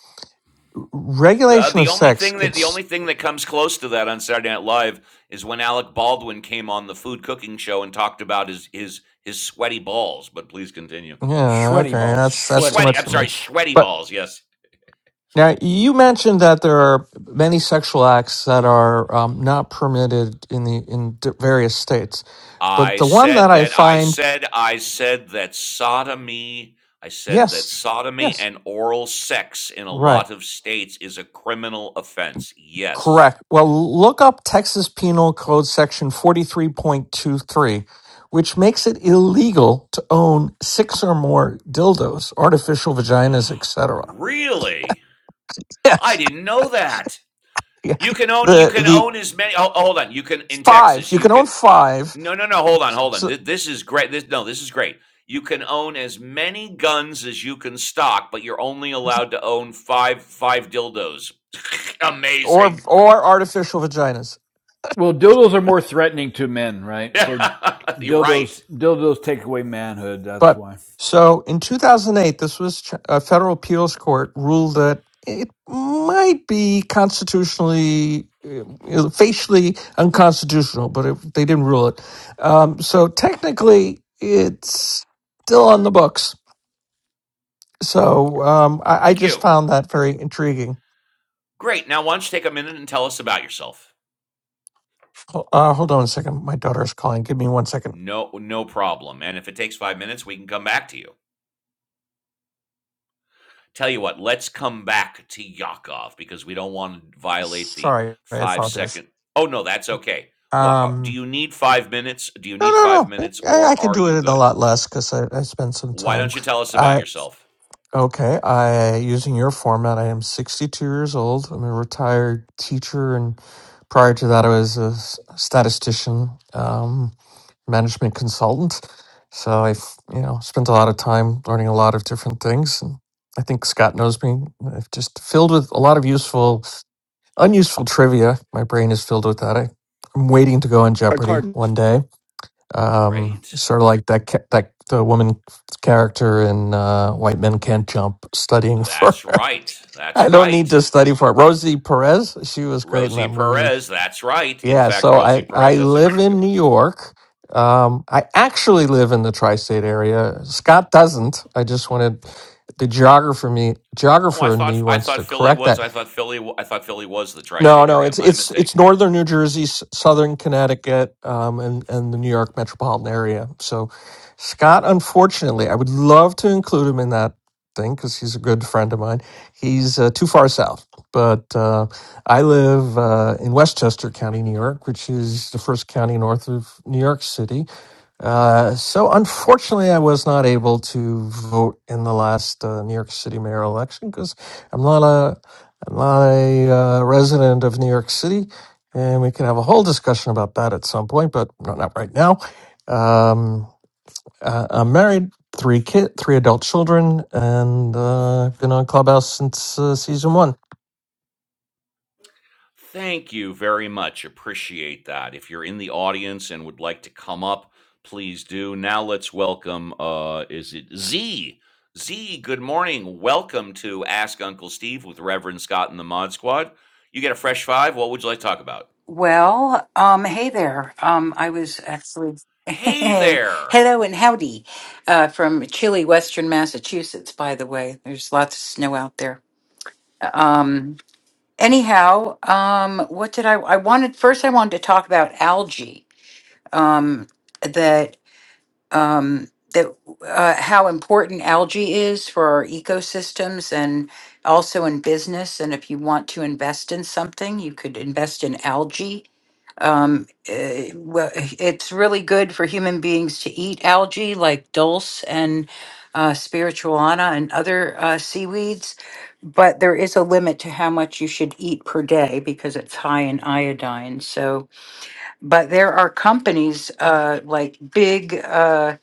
[SPEAKER 1] uh,
[SPEAKER 10] regulation
[SPEAKER 1] the
[SPEAKER 10] of
[SPEAKER 1] only
[SPEAKER 10] sex
[SPEAKER 1] thing that the
[SPEAKER 10] gets
[SPEAKER 1] only thing that comes close to that on Saturday Night Live is when Alec Baldwin came on the food cooking show and talked about his his his sweaty balls. But please continue.
[SPEAKER 10] yeah,
[SPEAKER 4] Sweaty
[SPEAKER 10] okay,
[SPEAKER 4] balls,
[SPEAKER 10] that's that's too
[SPEAKER 4] sweaty.
[SPEAKER 1] Sweaty.
[SPEAKER 10] much
[SPEAKER 1] I'm
[SPEAKER 10] for me.
[SPEAKER 1] sorry, sweaty
[SPEAKER 10] But
[SPEAKER 1] balls. Yes.
[SPEAKER 10] now you mentioned that there are many sexual acts that are um, not permitted in the in d- various states. But
[SPEAKER 1] I
[SPEAKER 10] the one that
[SPEAKER 1] said
[SPEAKER 10] I
[SPEAKER 1] that I
[SPEAKER 10] find
[SPEAKER 1] said I said that sodomy I said that
[SPEAKER 10] yes,
[SPEAKER 1] sodomy
[SPEAKER 10] yes,
[SPEAKER 1] and oral sex in a
[SPEAKER 10] right.
[SPEAKER 1] lot of states is a criminal offense. Yes.
[SPEAKER 10] Correct. Well, look up Texas Penal Code Section 43.23, which makes it illegal to own six or more dildos, artificial vaginas, et cetera.
[SPEAKER 1] Really?
[SPEAKER 10] Yes.
[SPEAKER 1] I didn't know that.
[SPEAKER 10] yeah.
[SPEAKER 1] You can own you
[SPEAKER 10] The
[SPEAKER 1] can
[SPEAKER 10] the
[SPEAKER 1] own as many oh, hold on. You can in
[SPEAKER 10] five,
[SPEAKER 1] Texas,
[SPEAKER 10] you
[SPEAKER 1] you
[SPEAKER 10] can own
[SPEAKER 1] could
[SPEAKER 10] five
[SPEAKER 1] No, no, no, hold on, hold on.
[SPEAKER 10] so,
[SPEAKER 1] This, this is great. This no, this is great. You can own as many guns as you can stock, but you're only allowed to own 5 5 dildos.
[SPEAKER 10] or
[SPEAKER 1] Amazing.
[SPEAKER 10] or artificial vaginas.
[SPEAKER 4] Well, dildos are more threatening to men, right? So
[SPEAKER 1] Yeah, you're
[SPEAKER 4] dildos,
[SPEAKER 1] right.
[SPEAKER 4] dildos take away manhood. That's
[SPEAKER 10] But
[SPEAKER 4] why
[SPEAKER 10] so in 2008, this was ch- a federal appeals court ruled that it might be constitutionally, uh, uh, facially unconstitutional, but it, they didn't rule it. Um, so technically, it's still on the books. So um, I, I
[SPEAKER 1] Thank
[SPEAKER 10] just
[SPEAKER 1] you.
[SPEAKER 10] found that very intriguing.
[SPEAKER 1] Great. Now, why don't you take a minute and tell us about yourself?
[SPEAKER 10] Ho- Uh, hold on a second. My daughter's calling. Give me one second.
[SPEAKER 1] No, no problem. And if it takes five minutes, we can come back to you. Tell you what, let's come back to Yakov because we don't want to violate the
[SPEAKER 10] Sorry, I
[SPEAKER 1] five
[SPEAKER 10] apologize.
[SPEAKER 1] second. Oh no, that's okay. What Do
[SPEAKER 10] Um,
[SPEAKER 1] you need five minutes? Do you
[SPEAKER 10] no,
[SPEAKER 1] need five
[SPEAKER 10] no, no.
[SPEAKER 1] minutes,
[SPEAKER 10] I, I
[SPEAKER 1] or
[SPEAKER 10] can
[SPEAKER 1] are
[SPEAKER 10] do it
[SPEAKER 1] you
[SPEAKER 10] in a
[SPEAKER 1] good?
[SPEAKER 10] lot less because I, I spent some
[SPEAKER 1] Why
[SPEAKER 10] time.
[SPEAKER 1] don't you tell us about yourself?
[SPEAKER 10] Okay, I using your format. I am 62 years old. I'm a retired teacher, and prior to that, I was a s- statistician, um, management consultant. So I, have you know, spent a lot of time learning a lot of different things. And I think Scott knows me. I've just filled with a lot of useful, unuseful trivia. My brain is filled with that. I, I'm waiting to go on
[SPEAKER 3] a
[SPEAKER 10] Jeopardy
[SPEAKER 3] card.
[SPEAKER 10] one day. Um,
[SPEAKER 1] Great.
[SPEAKER 10] sort of like that ca- that the woman character in uh, White Men Can't Jump, studying for.
[SPEAKER 1] That's right. That's
[SPEAKER 10] I don't need
[SPEAKER 1] right.
[SPEAKER 10] to study for it. Rosie Perez, she was great in
[SPEAKER 1] Rosie
[SPEAKER 10] that movie.
[SPEAKER 1] Perez. That's right. In
[SPEAKER 10] Yeah,
[SPEAKER 1] fact,
[SPEAKER 10] so
[SPEAKER 1] Rosie
[SPEAKER 10] I I
[SPEAKER 1] Perez has
[SPEAKER 10] live in New York. Um, I actually live in the tri-state area. Scott doesn't. I just wanted the geographer me
[SPEAKER 1] Oh, I
[SPEAKER 10] geographer in me
[SPEAKER 1] thought I
[SPEAKER 10] wants
[SPEAKER 1] thought
[SPEAKER 10] to
[SPEAKER 1] Philly
[SPEAKER 10] correct
[SPEAKER 1] was
[SPEAKER 10] that.
[SPEAKER 1] I thought Philly w- I thought Philly was the
[SPEAKER 10] No,
[SPEAKER 1] tri-state
[SPEAKER 10] no,
[SPEAKER 1] area.
[SPEAKER 10] it's
[SPEAKER 1] My
[SPEAKER 10] it's it's
[SPEAKER 1] mistake.
[SPEAKER 10] northern New Jersey, s- southern Connecticut, um, and and the New York metropolitan area. So, Scott, unfortunately, I would love to include him in that thing because he's a good friend of mine. He's uh, too far south, but uh, I live uh, in Westchester County, New York, which is the first county north of New York City. Uh, so, unfortunately, I was not able to vote in the last uh, New York City mayor election because I'm not a I'm a uh, resident of New York City, and we can have a whole discussion about that at some point, but not, not right now. Um, uh, I'm married, three kid, three adult children, and uh, I've been on Clubhouse since uh, season one.
[SPEAKER 1] Thank you very much. Appreciate that. If you're in the audience and would like to come up, please do. Now let's welcome uh is it Z? Z, good morning. Welcome to Ask Uncle Steve with Reverend Scott and the Mod Squad. You get a fresh 5. What would you like to talk about?
[SPEAKER 13] Well, um, hey there. Um, I was actually
[SPEAKER 1] Hey there.
[SPEAKER 13] hello and howdy uh, from chilly Western Massachusetts. By the way, there's lots of snow out there. Um, anyhow, um, what did I? I wanted first. I wanted to talk about algae. Um, that um, that uh, how important algae is for our ecosystems and also in business. And if you want to invest in something, you could invest in algae um, eh, well, it's really good for human beings to eat algae like dulse and uh, spirituana and other uh, seaweeds, but there is a limit to how much you should eat per day because it's high in iodine. So, but there are companies uh, like big, uh,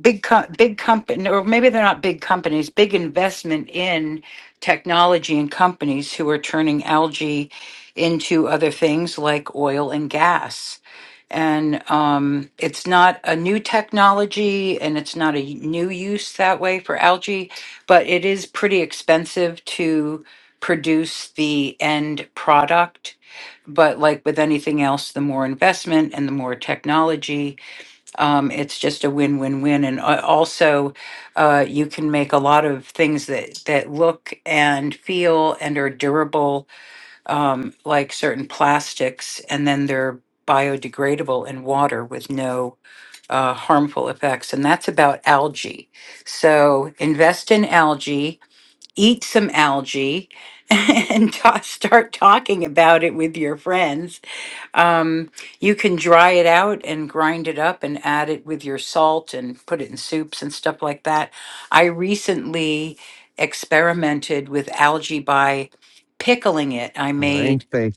[SPEAKER 13] big, co- big company, or maybe they're not big companies, big investment in technology and companies who are turning algae into other things like oil and gas and um, it's not a new technology and it's not a new use that way for algae, but it is pretty expensive to produce the end product. But like with anything else, the more investment and the more technology, um, it's just a win-win-win. And a- also, uh, you can make a lot of things that that look and feel and are durable um, like certain plastics, and then they're biodegradable in water with no uh, harmful effects. And that's about algae. So invest in algae, eat some algae, and ta- start talking about it with your friends. Um, you can dry it out and grind it up and add it with your salt and put it in soups and stuff like that. I recently experimented with algae by pickling it. I
[SPEAKER 3] Nine
[SPEAKER 13] made
[SPEAKER 3] things.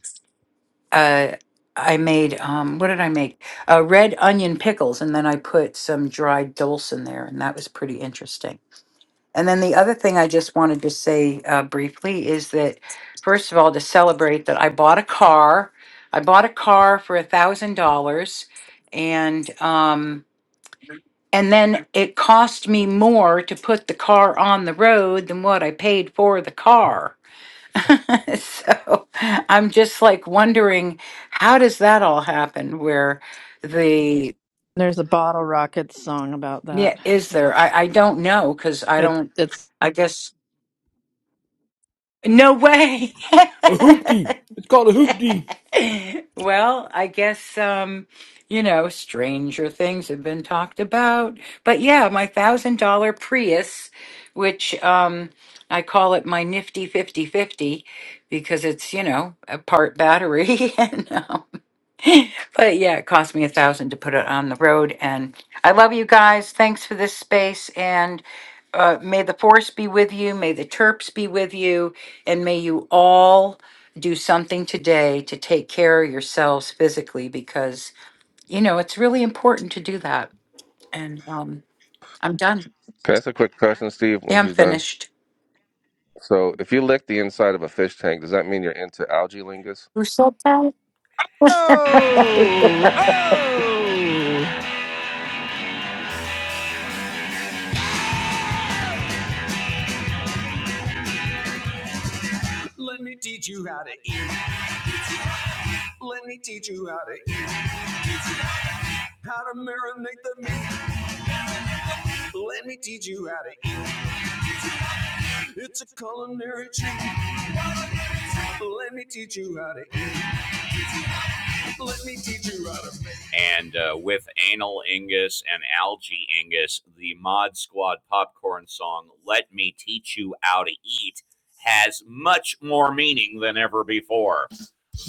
[SPEAKER 13] uh, I made um, what did I make? Uh, red onion pickles, and then I put some dried dulse in there, and that was pretty interesting. And then the other thing I just wanted to say uh, briefly is that, first of all, to celebrate that I bought a car. I bought a car for a thousand dollars, and um, and then it cost me more to put the car on the road than what I paid for the car. so I'm just like wondering how does that all happen where the
[SPEAKER 14] There's a Bottle Rockets song about that.
[SPEAKER 13] yeah is
[SPEAKER 14] Yeah.
[SPEAKER 13] there I I don't know cuz I
[SPEAKER 14] It
[SPEAKER 13] don't
[SPEAKER 14] it's
[SPEAKER 13] I guess no way
[SPEAKER 4] a hoopty. It's called a hoopty.
[SPEAKER 13] Well, I guess um you know stranger things have been talked about but yeah my $1000 Prius which um I call it my nifty fifty fifty because it's you know a part battery You know. But yeah, it cost me a thousand to put it on the road. And I love you guys. Thanks for this space. And uh, may the force be with you. May the chirps be with you. And may you all do something today to take care of yourselves physically because, you know, it's really important to do that. And um, I'm done.
[SPEAKER 11] Can I ask a quick question, Steve? When
[SPEAKER 13] Yeah, I'm
[SPEAKER 11] she's done.
[SPEAKER 13] finished.
[SPEAKER 11] So if you lick the inside of a fish tank, does that mean you're into algae lingus?
[SPEAKER 13] Who said that?
[SPEAKER 3] Oh, oh,
[SPEAKER 1] Let me teach you how to eat. Let me teach you how to eat. How to marinate the meat. Let me teach you how to It's a culinary treat. Let me teach you how to eat. Let me teach you how to make. And uh, with Anal Ingus and Algae Ingus, the Mod Squad popcorn song, Let Me Teach You How to Eat, has much more meaning than ever before.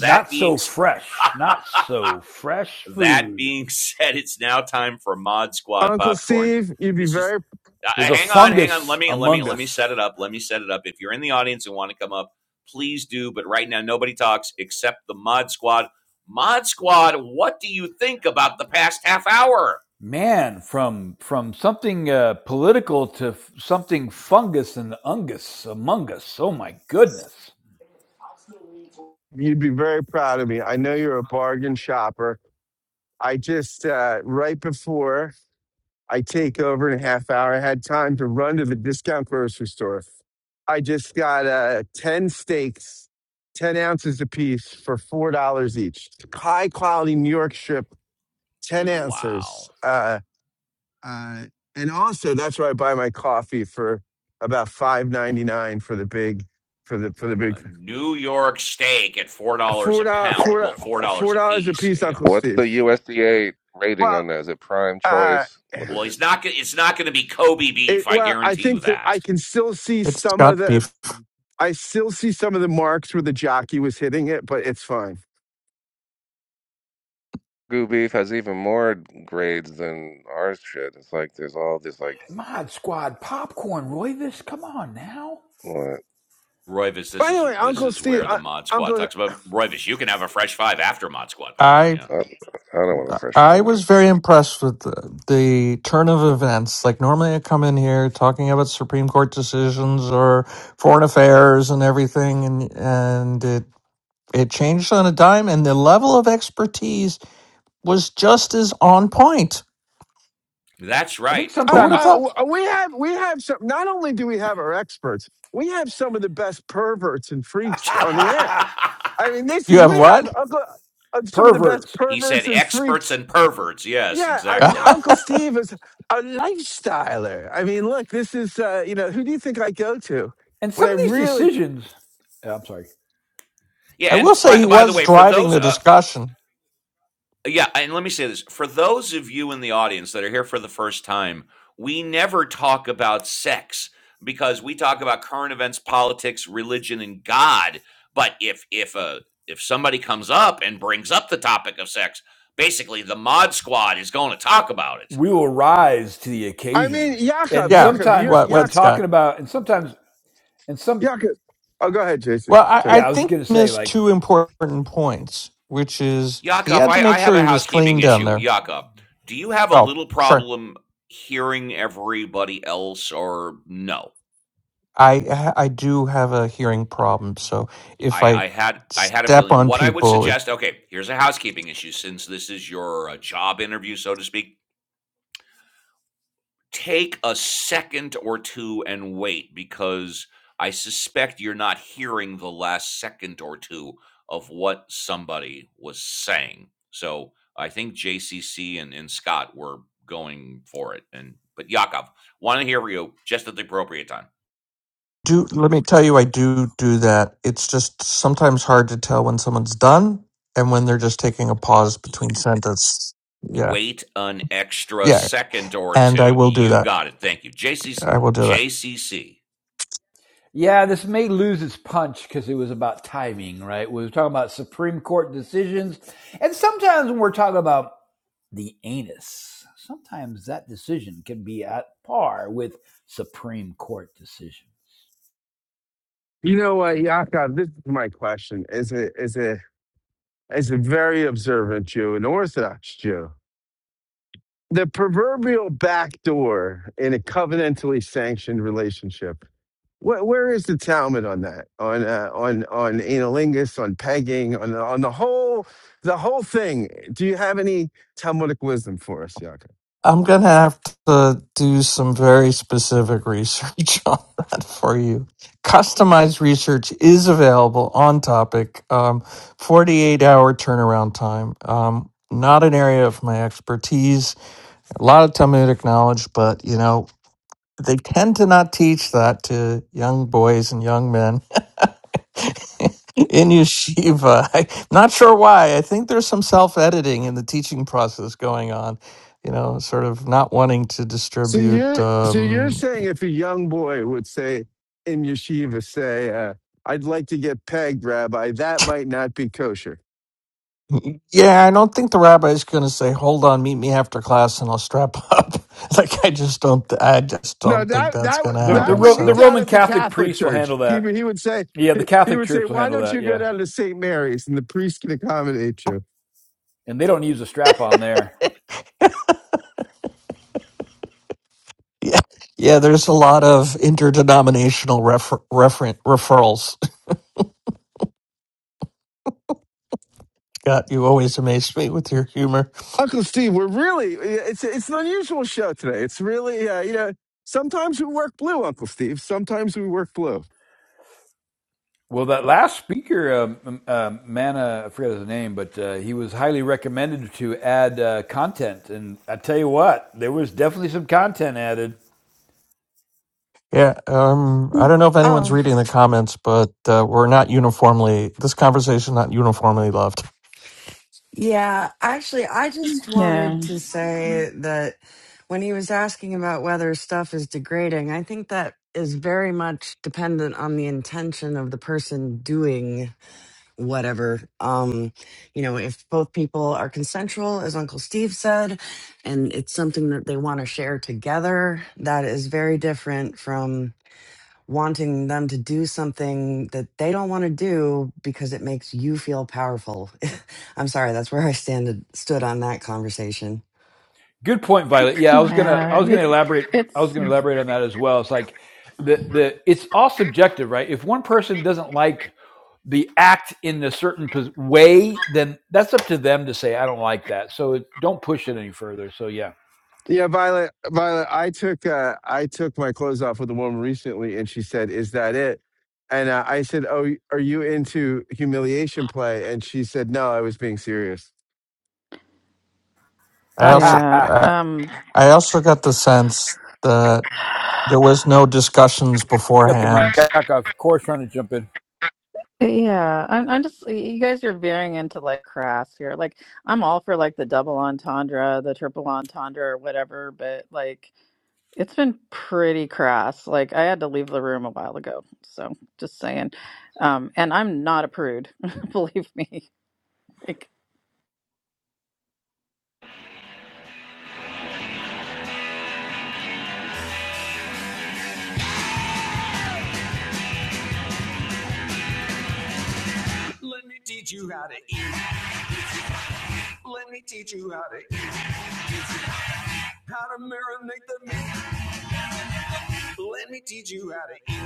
[SPEAKER 1] That being
[SPEAKER 4] so
[SPEAKER 1] said,
[SPEAKER 4] fresh, not so fresh
[SPEAKER 1] That
[SPEAKER 4] food.
[SPEAKER 1] being said, it's now time for Mod Squad
[SPEAKER 3] Uncle
[SPEAKER 1] popcorn.
[SPEAKER 3] Steve, you'd be
[SPEAKER 1] This is
[SPEAKER 3] very,
[SPEAKER 1] uh,
[SPEAKER 4] There's
[SPEAKER 1] uh,
[SPEAKER 4] a
[SPEAKER 1] hang on, hang on. Let
[SPEAKER 4] fungus
[SPEAKER 1] me let me
[SPEAKER 4] among
[SPEAKER 1] let me set it
[SPEAKER 4] us,
[SPEAKER 1] up. Let me set it up. If you're in the audience and want to come up, please do. But right now, nobody talks except the Mod Squad. Mod Squad, what do you think about the past half hour?
[SPEAKER 4] man. From from something uh, political to f- something fungus and ungus among us. Oh my goodness.
[SPEAKER 3] you'd be very proud of me. I know you're a bargain shopper. I just uh, right before I take over in a half hour, I had time to run to the discount grocery store. I just got uh, ten steaks, ten ounces apiece for four dollars each. High quality New York strip, ten ounces.
[SPEAKER 1] Wow.
[SPEAKER 3] Uh, Uh, and also, that's where I buy my coffee for about five ninety nine for the big, for the for the big
[SPEAKER 1] A New York steak at four dollars
[SPEAKER 3] four
[SPEAKER 1] a
[SPEAKER 3] dollars
[SPEAKER 1] pound.
[SPEAKER 3] four
[SPEAKER 1] Well, four
[SPEAKER 3] four
[SPEAKER 1] dollars a
[SPEAKER 3] dollars a
[SPEAKER 1] piece.
[SPEAKER 3] piece,
[SPEAKER 1] Yeah,
[SPEAKER 3] Uncle
[SPEAKER 11] What's the
[SPEAKER 3] Steve.
[SPEAKER 11] USDA rating
[SPEAKER 3] Well,
[SPEAKER 11] on that? Is it prime
[SPEAKER 3] uh,
[SPEAKER 11] choice? What
[SPEAKER 1] Well,
[SPEAKER 11] is it?
[SPEAKER 1] he's not. It's not going to be Kobe
[SPEAKER 3] it,
[SPEAKER 1] beef. I
[SPEAKER 3] well, I
[SPEAKER 1] guarantee you
[SPEAKER 3] think that I
[SPEAKER 1] that.
[SPEAKER 3] can still see
[SPEAKER 10] It's
[SPEAKER 3] some of
[SPEAKER 10] got
[SPEAKER 3] the
[SPEAKER 10] beef.
[SPEAKER 3] I still see some of the marks where the jockey was hitting it, but it's fine.
[SPEAKER 11] Goo beef has even more grades than our shit. It's like there's all this like
[SPEAKER 4] Mod Squad popcorn, Roy. This, come on now.
[SPEAKER 11] what?
[SPEAKER 1] Royvis, this
[SPEAKER 3] By the
[SPEAKER 1] is
[SPEAKER 3] way,
[SPEAKER 4] It's
[SPEAKER 1] this
[SPEAKER 3] Uncle
[SPEAKER 1] is
[SPEAKER 4] okay.
[SPEAKER 3] Steve,
[SPEAKER 1] where the
[SPEAKER 3] uh,
[SPEAKER 1] Mod Squad
[SPEAKER 3] Uncle
[SPEAKER 1] talks about Royvis. You can have a fresh five after Mod Squad popcorn.
[SPEAKER 10] I
[SPEAKER 1] Yeah,
[SPEAKER 11] I, I don't want to fresh.
[SPEAKER 10] I
[SPEAKER 11] I'm good.
[SPEAKER 10] was very impressed with the, the turn of events. Like normally, I come in here talking about Supreme Court decisions or foreign affairs and everything, and and it It changed on a dime, and the level of expertise was just as on point.
[SPEAKER 1] that's
[SPEAKER 4] I think
[SPEAKER 1] right.
[SPEAKER 10] Who
[SPEAKER 3] Uh,
[SPEAKER 10] would have
[SPEAKER 4] sometimes
[SPEAKER 3] uh,
[SPEAKER 10] thought?
[SPEAKER 3] we have we have some. Not only do we have our experts, we have some of the best perverts and freaks on the app. I mean, this
[SPEAKER 10] You
[SPEAKER 3] is
[SPEAKER 10] have
[SPEAKER 3] we have
[SPEAKER 10] what?
[SPEAKER 3] Uncle uh, some of the best
[SPEAKER 4] Perverts.
[SPEAKER 1] he said
[SPEAKER 3] perverts and
[SPEAKER 1] experts
[SPEAKER 3] freaks.
[SPEAKER 1] and perverts. Yes,
[SPEAKER 3] Yeah, I mean,
[SPEAKER 1] exactly.
[SPEAKER 10] I
[SPEAKER 3] Uncle Steve is a lifestyler. I mean, look, this is uh, you know who do you think I go to
[SPEAKER 4] And
[SPEAKER 3] when
[SPEAKER 4] some
[SPEAKER 3] I
[SPEAKER 4] of these
[SPEAKER 3] really?
[SPEAKER 4] decisions, uh, I'm sorry,
[SPEAKER 1] Yeah, and
[SPEAKER 10] will say
[SPEAKER 1] by
[SPEAKER 10] he
[SPEAKER 1] by the
[SPEAKER 10] was
[SPEAKER 1] way, for
[SPEAKER 10] driving
[SPEAKER 1] those
[SPEAKER 10] the
[SPEAKER 1] uh,
[SPEAKER 10] discussion.
[SPEAKER 1] Yeah, and let me say this. For those of you in the audience that are here for the first time, we never talk about sex because we talk about current events, politics, religion, and God. But if if a if somebody comes up and brings up the topic of sex, basically the mod squad is going to talk about it.
[SPEAKER 4] we will rise to the
[SPEAKER 3] I mean,
[SPEAKER 4] occasion.
[SPEAKER 3] Jakob,
[SPEAKER 4] And
[SPEAKER 10] Yeah.
[SPEAKER 3] Jakob, you're
[SPEAKER 4] sometimes
[SPEAKER 10] What?
[SPEAKER 4] when
[SPEAKER 10] What,
[SPEAKER 3] Jak,
[SPEAKER 10] Scott?
[SPEAKER 4] talking about, and sometimes, and some,
[SPEAKER 3] Jakob. Oh, go ahead, Jason.
[SPEAKER 10] Well, I,
[SPEAKER 3] Sorry.
[SPEAKER 10] I
[SPEAKER 4] yeah, I was
[SPEAKER 10] think
[SPEAKER 4] going to
[SPEAKER 10] he
[SPEAKER 4] say,
[SPEAKER 10] missed
[SPEAKER 4] like,
[SPEAKER 10] two important points, which is he
[SPEAKER 1] Yakov,
[SPEAKER 10] had to
[SPEAKER 1] I,
[SPEAKER 10] make
[SPEAKER 1] I have
[SPEAKER 10] sure
[SPEAKER 1] a
[SPEAKER 10] he was clean
[SPEAKER 1] housekeeping
[SPEAKER 10] down
[SPEAKER 1] issue.
[SPEAKER 10] there.
[SPEAKER 1] Yakov, do you have a
[SPEAKER 10] Oh,
[SPEAKER 1] little
[SPEAKER 10] sure.
[SPEAKER 1] problem hearing everybody else or no?
[SPEAKER 10] I I do have a hearing problem, so if
[SPEAKER 1] I,
[SPEAKER 10] I
[SPEAKER 1] I had I had a
[SPEAKER 10] step
[SPEAKER 1] feeling.
[SPEAKER 10] on
[SPEAKER 1] What I would
[SPEAKER 10] people,
[SPEAKER 1] suggest, okay, here's a housekeeping issue. Since this is your uh, job interview, so to speak, take a second or two and wait because I suspect you're not hearing the last second or two of what somebody was saying. So I think JCC and, and Scott were going for it, and but Yakov, want to hear from you just at the appropriate time.
[SPEAKER 10] do let me tell you i do do that it's just sometimes hard to tell when someone's done and when they're just taking a pause between sentences yeah
[SPEAKER 1] Wait an extra
[SPEAKER 10] yeah
[SPEAKER 1] second or
[SPEAKER 10] and i
[SPEAKER 1] two.
[SPEAKER 10] will do
[SPEAKER 1] You
[SPEAKER 10] that
[SPEAKER 1] got it. Thank you. JC's
[SPEAKER 10] i will do that
[SPEAKER 1] JCC.
[SPEAKER 4] yeah, this may lose its punch because it was about timing, right? We were talking about Supreme Court decisions. And sometimes when we're talking about the anus, sometimes that decision can be at par with Supreme Court decision.
[SPEAKER 3] You know what, Jakob? This is my question. Is a is a is a very observant Jew, an Orthodox Jew the proverbial back door in a covenantally sanctioned relationship. Where, where is the Talmud on that? On uh, on on analingus, on pegging, on on the whole the whole thing. Do you have any Talmudic wisdom for us, Yaakov?
[SPEAKER 10] i'm gonna have to do some very specific research on that for you customized research is available on topic um, 48 hour turnaround time um, not an area of my expertise a lot of talmudic knowledge but you know They tend to not teach that to young boys and young men in yeshiva. I'm not sure why. I think there's some self editing in the teaching process going on, you know, sort of not wanting to
[SPEAKER 3] So
[SPEAKER 10] distribute.
[SPEAKER 3] you're so you're
[SPEAKER 10] Um,
[SPEAKER 3] saying if a young boy would say in yeshiva, say, uh, "I'd like to get pegged, Rabbi," that might not be kosher.
[SPEAKER 10] yeah, I don't think the rabbi is going to say, "Hold on, meet me after class, and I'll strap up." like I just don't, I just
[SPEAKER 3] No,
[SPEAKER 10] don't think
[SPEAKER 3] that
[SPEAKER 10] that's
[SPEAKER 3] that
[SPEAKER 10] going
[SPEAKER 3] would-
[SPEAKER 10] to
[SPEAKER 4] The, the,
[SPEAKER 3] that
[SPEAKER 10] happen.
[SPEAKER 3] would
[SPEAKER 4] Ro-
[SPEAKER 3] be
[SPEAKER 4] the
[SPEAKER 10] So
[SPEAKER 3] down
[SPEAKER 4] Roman
[SPEAKER 3] at the
[SPEAKER 4] Catholic
[SPEAKER 3] Catholic
[SPEAKER 4] priest will
[SPEAKER 3] Church.
[SPEAKER 4] handle
[SPEAKER 3] He
[SPEAKER 4] that.
[SPEAKER 3] would- he would say
[SPEAKER 4] Yeah, the
[SPEAKER 3] he he
[SPEAKER 4] Catholic
[SPEAKER 3] would say,
[SPEAKER 4] Church will
[SPEAKER 3] "Why
[SPEAKER 4] handle
[SPEAKER 3] don't
[SPEAKER 4] that.
[SPEAKER 3] you go
[SPEAKER 4] Yeah,
[SPEAKER 3] down to St. Mary's and the priest can accommodate you?"
[SPEAKER 4] and they don't use a strap on there.
[SPEAKER 10] yeah, yeah, there's a lot of interdenominational refer, referen referrals God, you always amaze me with your humor.
[SPEAKER 3] Uncle Steve, we're really it's it's an unusual show today. It's really uh, you know sometimes we work blue, Uncle Steve. Sometimes we work blue.
[SPEAKER 4] Well, that last speaker, um, um, uh, Mana, I forget his name, but uh, he was highly recommended to add uh, content, and I tell you what, there was definitely some content added.
[SPEAKER 10] Yeah, um, I
[SPEAKER 2] Mm.
[SPEAKER 10] don't know if anyone's
[SPEAKER 2] Oh,
[SPEAKER 10] reading the comments, but uh, we're not uniformly. This conversation not uniformly loved.
[SPEAKER 2] yeah. Actually, I just wanted
[SPEAKER 14] yeah.
[SPEAKER 2] to say that when he was asking about whether stuff is degrading, I think that is very much dependent on the intention of the person doing whatever. Um, you know, if both people are consensual, as Uncle Steve said, and it's something that they want to share together, that is very different from wanting them to do something that they don't want to do because it makes you feel powerful. I'm sorry, that's where I stand stood on that conversation.
[SPEAKER 4] Good point, Violet. Yeah, I was gonna,
[SPEAKER 14] Yeah.
[SPEAKER 4] I was
[SPEAKER 14] It,
[SPEAKER 4] gonna elaborate, I was
[SPEAKER 14] it's
[SPEAKER 4] gonna elaborate on that as well. It's like the the it's all subjective, right? If one person doesn't like the act in a certain pos- way, then that's up to them to say, I don't like that. So it, don't push it any further. So
[SPEAKER 3] Yeah, Violet, Violet, I took uh, I took my clothes off with a woman recently, and she said, "Is that it?" And uh, I said, "Oh, are you into humiliation play?" And she said, "No, I was being serious."
[SPEAKER 10] I also,
[SPEAKER 4] yeah.
[SPEAKER 14] yeah.
[SPEAKER 10] I,
[SPEAKER 14] Um
[SPEAKER 10] I also got the sense that there was no discussions
[SPEAKER 4] got the mic
[SPEAKER 10] beforehand.
[SPEAKER 4] back. off. Of course, trying to jump in.
[SPEAKER 14] yeah. I'm I'm just you guys are veering into like crass here. Like I'm all for like the double entendre, the triple entendre or whatever, but like it's been pretty crass. Like I had to leave the room a while ago. So just saying. Um and I'm not a prude, believe me.
[SPEAKER 1] Let me teach you how to eat. Let me teach you how to eat. How to marinate the meat. Let me teach you how to eat.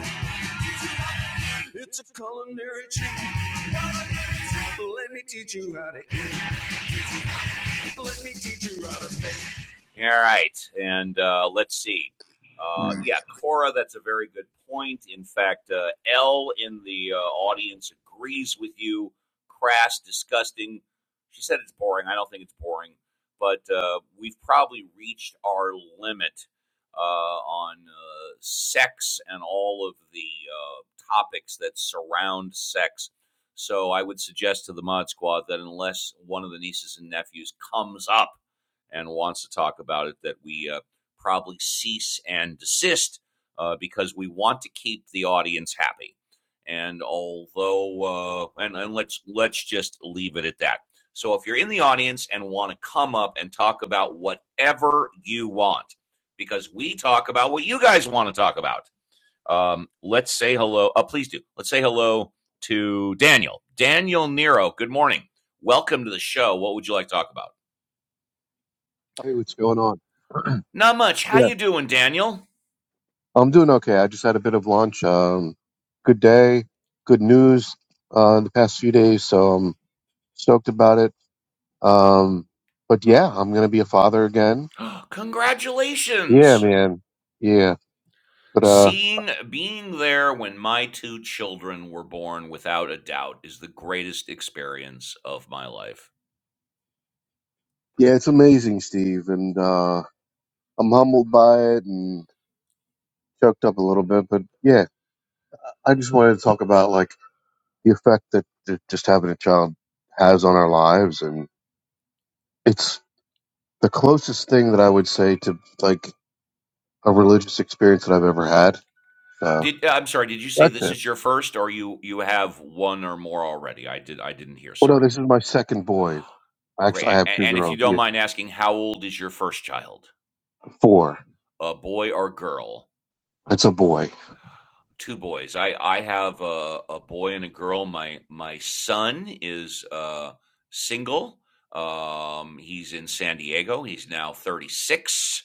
[SPEAKER 1] It's a culinary treat. Let me teach you how to eat. Let me teach you how to make. All right, and uh, let's see. Uh,
[SPEAKER 8] Mm.
[SPEAKER 1] yeah, Cora, that's a very good point. In fact, uh, L in the uh, audience agrees with you. Crass, disgusting. She said it's boring. I don't think it's boring, but uh, we've probably reached our limit uh, on uh, sex and all of the uh, topics that surround sex. So I would suggest to the Mod Squad that unless one of the nieces and nephews comes up and wants to talk about it, that we uh, probably cease and desist uh, because we want to keep the audience happy. And although, uh, and, and let's let's just leave it at that. So if you're in the audience and want to come up and talk about whatever you want, because we talk about what you guys want to talk about. Um, let's say hello. Uh, please do. Let's say hello to Daniel. Daniel Nero. Good morning. Welcome to the show. What would you like to talk about?
[SPEAKER 15] Hey, what's going on?
[SPEAKER 1] Not much. How
[SPEAKER 15] Yeah,
[SPEAKER 1] you doing, Daniel?
[SPEAKER 15] I'm doing okay. I just had a bit of lunch. Um, good day, good news uh, the past few days, so I'm stoked about it. Um, but yeah, I'm gonna be a father again. Yeah,
[SPEAKER 1] Congratulations.
[SPEAKER 15] man. Yeah, but uh,
[SPEAKER 1] Seeing being there when my two children were born without a doubt is the greatest experience of my life.
[SPEAKER 15] yeah, it's amazing, Steve, and uh, I'm humbled by it and choked up a little bit. But yeah, I just wanted to talk about like the effect that that just having a child has on our lives, and it's the closest thing that I would say to like. a religious experience that I've ever had. So
[SPEAKER 1] Did uh, I'm sorry, did you say
[SPEAKER 15] that's
[SPEAKER 1] this
[SPEAKER 15] it.
[SPEAKER 1] is your first or you you have one or more already? I did I didn't hear.
[SPEAKER 15] Well, no,
[SPEAKER 1] Sorry.
[SPEAKER 15] this is my second boy.
[SPEAKER 1] Great.
[SPEAKER 15] Actually, I have
[SPEAKER 1] A-
[SPEAKER 15] two
[SPEAKER 1] And if you
[SPEAKER 15] girls.
[SPEAKER 1] don't
[SPEAKER 15] Yeah,
[SPEAKER 1] mind asking, how old is your first child?
[SPEAKER 15] four.
[SPEAKER 1] A boy or girl?
[SPEAKER 15] It's a boy.
[SPEAKER 1] two boys. I I have a, a boy and a girl. My my son is uh, single. Um, he's in San Diego. He's now 36.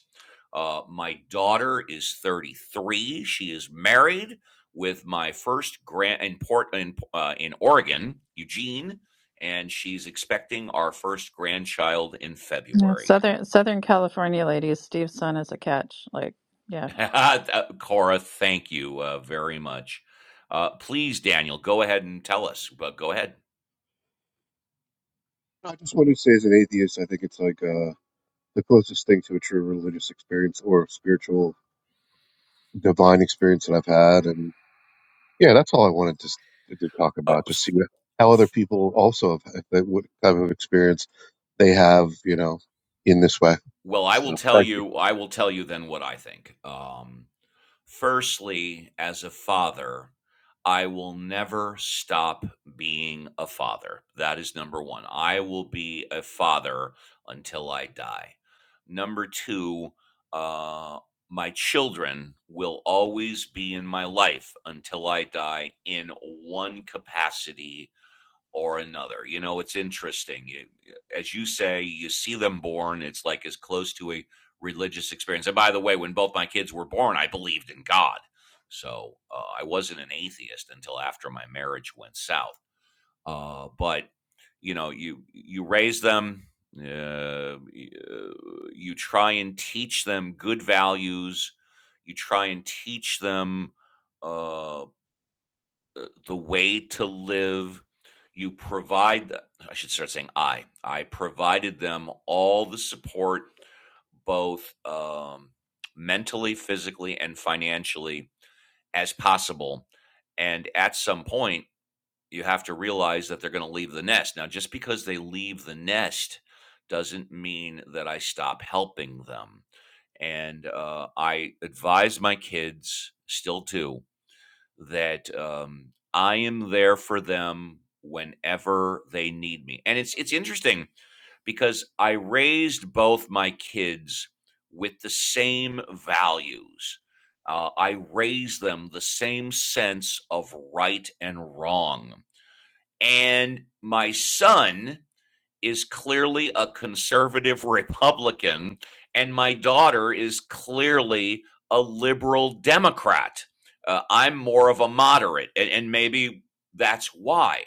[SPEAKER 1] Uh, my daughter is 33. She is married with my first grand in Port in, uh, in Oregon, Eugene, and she's expecting our first grandchild in
[SPEAKER 14] Yeah,
[SPEAKER 1] February.
[SPEAKER 14] Southern Southern California ladies, Steve's son is a catch. Like, yeah.
[SPEAKER 1] Cora, thank you uh, very much. Uh, please, Daniel, go ahead and tell us. But go ahead.
[SPEAKER 15] I just want to say, as an atheist, I think it's like uh, the closest thing to a true religious experience or spiritual Divine experience that I've had, and yeah, that's all I wanted to to talk
[SPEAKER 1] Uh,
[SPEAKER 15] about. Just see
[SPEAKER 1] f-
[SPEAKER 15] how other people also have that what kind of experience they have, you know, in this way.
[SPEAKER 1] well, I will
[SPEAKER 15] So
[SPEAKER 1] tell
[SPEAKER 15] thank you.
[SPEAKER 1] you. I will tell you then what I think. Um, Firstly, as a father, I will never stop being a father. That is number one. I will be a father until I die. Number two, uh, my children will always be in my life until I die in one capacity or another. You know, it's interesting. You, as you say, you see them born. It's like as close to a religious experience. And by the way, when both my kids were born, I believed in God. So uh, I wasn't an atheist until after my marriage went south. Uh, but you know, you you raise them. Uh, uh, you try and teach them good values. You try and teach them uh, the way to live. You provide, I should start saying I. I provided them all the support, both um, mentally, physically, and financially as possible. And at some point, you have to realize that they're going to leave the nest. Now, just because they leave the nest doesn't mean that I stop helping them. And uh, I advise my kids, still too that um, I am there for them whenever they need me. And it's it's interesting because I raised both my kids with the same values. Uh, I raised them the same sense of right and wrong. And my son is clearly a conservative Republican, and my daughter is clearly a liberal Democrat. Uh, I'm more of a moderate, and, and maybe that's why.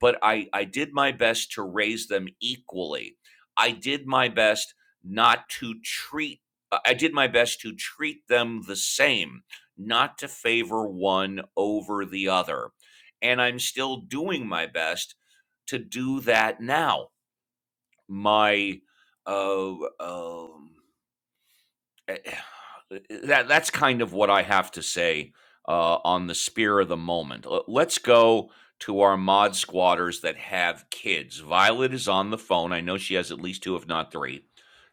[SPEAKER 1] But I, I did my best to raise them equally. I did my best not to treat. I I did my best to treat them the same, not to favor one over the other. And I'm still doing my best to do that now my uh, um, eh, eh, that that's kind of what I have to say uh, on the spear of the moment. L- Let's go to our mod squatters that have kids. Violet is on the phone. I know she has at least two, if not three.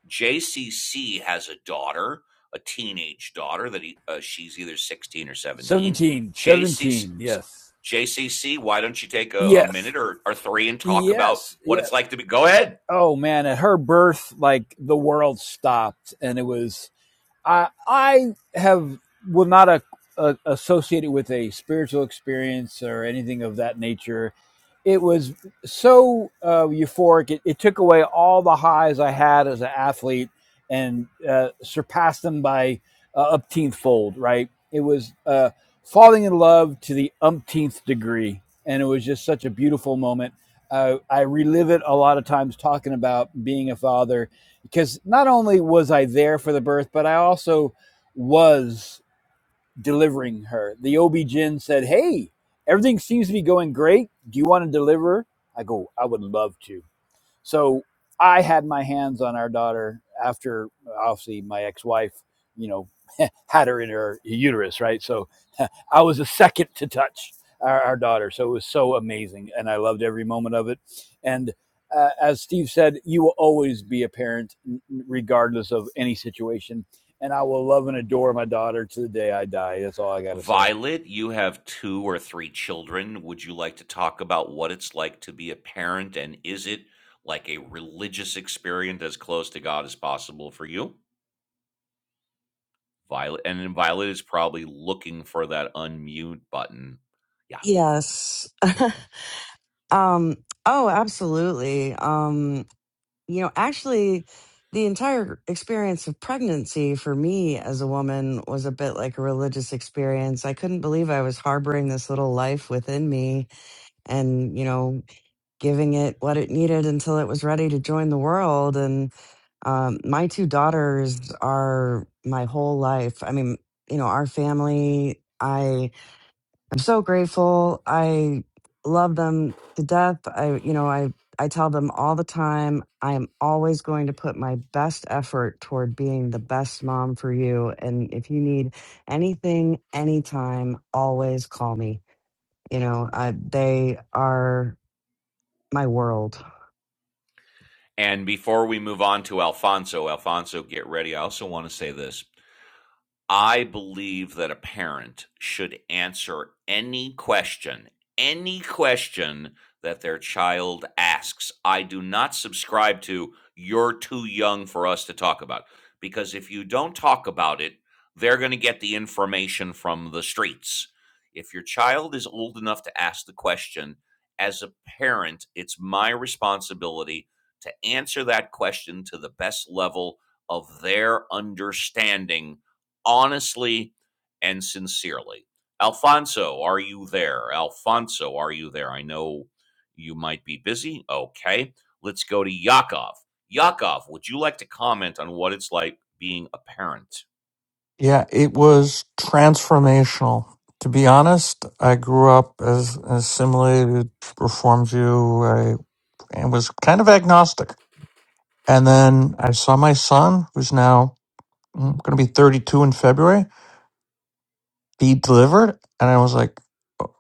[SPEAKER 1] JCC has a daughter, a teenage daughter that he, uh, she's either sixteen or seventeen.
[SPEAKER 4] 17,
[SPEAKER 1] JCC,
[SPEAKER 4] 17. yes.
[SPEAKER 1] why don't you take a, a
[SPEAKER 4] Yes,
[SPEAKER 1] minute or, or three and talk about
[SPEAKER 4] yes,
[SPEAKER 1] what
[SPEAKER 4] yes.
[SPEAKER 1] it's like to be? Go ahead.
[SPEAKER 4] Oh man, at her birth, like the world stopped and it was I I have will not a, a, associate it with a spiritual experience or anything of that nature. It was so uh, euphoric. It, it took away all the highs I had as an athlete and uh, surpassed them by uh, umpteenth fold. Right? It was uh, falling in love to the umpteenth degree, and it was just such a beautiful moment. Uh, I relive it a lot of times talking about being a father because not only was I there for the birth, but I also was delivering her. The OB-GYN said, Hey, everything seems to be going great. Do you want to deliver? I go, I would love to. So I had my hands on our daughter after obviously my ex-wife, you know, had her in her uterus, right? So I was a second to touch our, our daughter. So it was so amazing. And I loved every moment of it. And uh, as Steve said, you will always be a parent, regardless of any situation. And I will love and adore my daughter to the day I die. That's all I got to say.
[SPEAKER 1] Violet, you have two or three children. Would you like to talk about what it's like to be a parent? And is it like a religious experience as close to God as possible for you? Violet, and then Violet is probably looking for that unmute button. Yeah.
[SPEAKER 2] Yes. um oh, absolutely. Um you know, actually, the entire experience of pregnancy for me as a woman was a bit like a religious experience. I couldn't believe I was harboring this little life within me and, you know, giving it what it needed until it was ready to join the world. And um, my two daughters are my whole life. I mean, you know, our family. I. I'm so grateful. I love them to death. I, you know, I, I tell them all the time, I am always going to put my best effort toward being the best mom for you. And if you need anything, anytime, always call me. You know, I, they are my world.
[SPEAKER 1] And before we move on to Alfonso, Alfonso, get ready. I also want to say this I believe that a parent should answer any question, any question that their child asks. I do not subscribe to you're too young for us to talk about because if you don't talk about it, they're going to get the information from the streets. If your child is old enough to ask the question, as a parent, it's my responsibility to answer that question to the best level of their understanding honestly and sincerely. Alfonso, are you there? Alfonso, are you there? I know you might be busy. Okay. Let's go to Yakov. Yakov, would you like to comment on what it's like being a parent?
[SPEAKER 10] Yeah, it was transformational. To be honest, I grew up as an assimilated Reformed Jew I, and was kind of agnostic. And then I saw my son, who's now going to be 32 in February be delivered? And I was like, "Oh,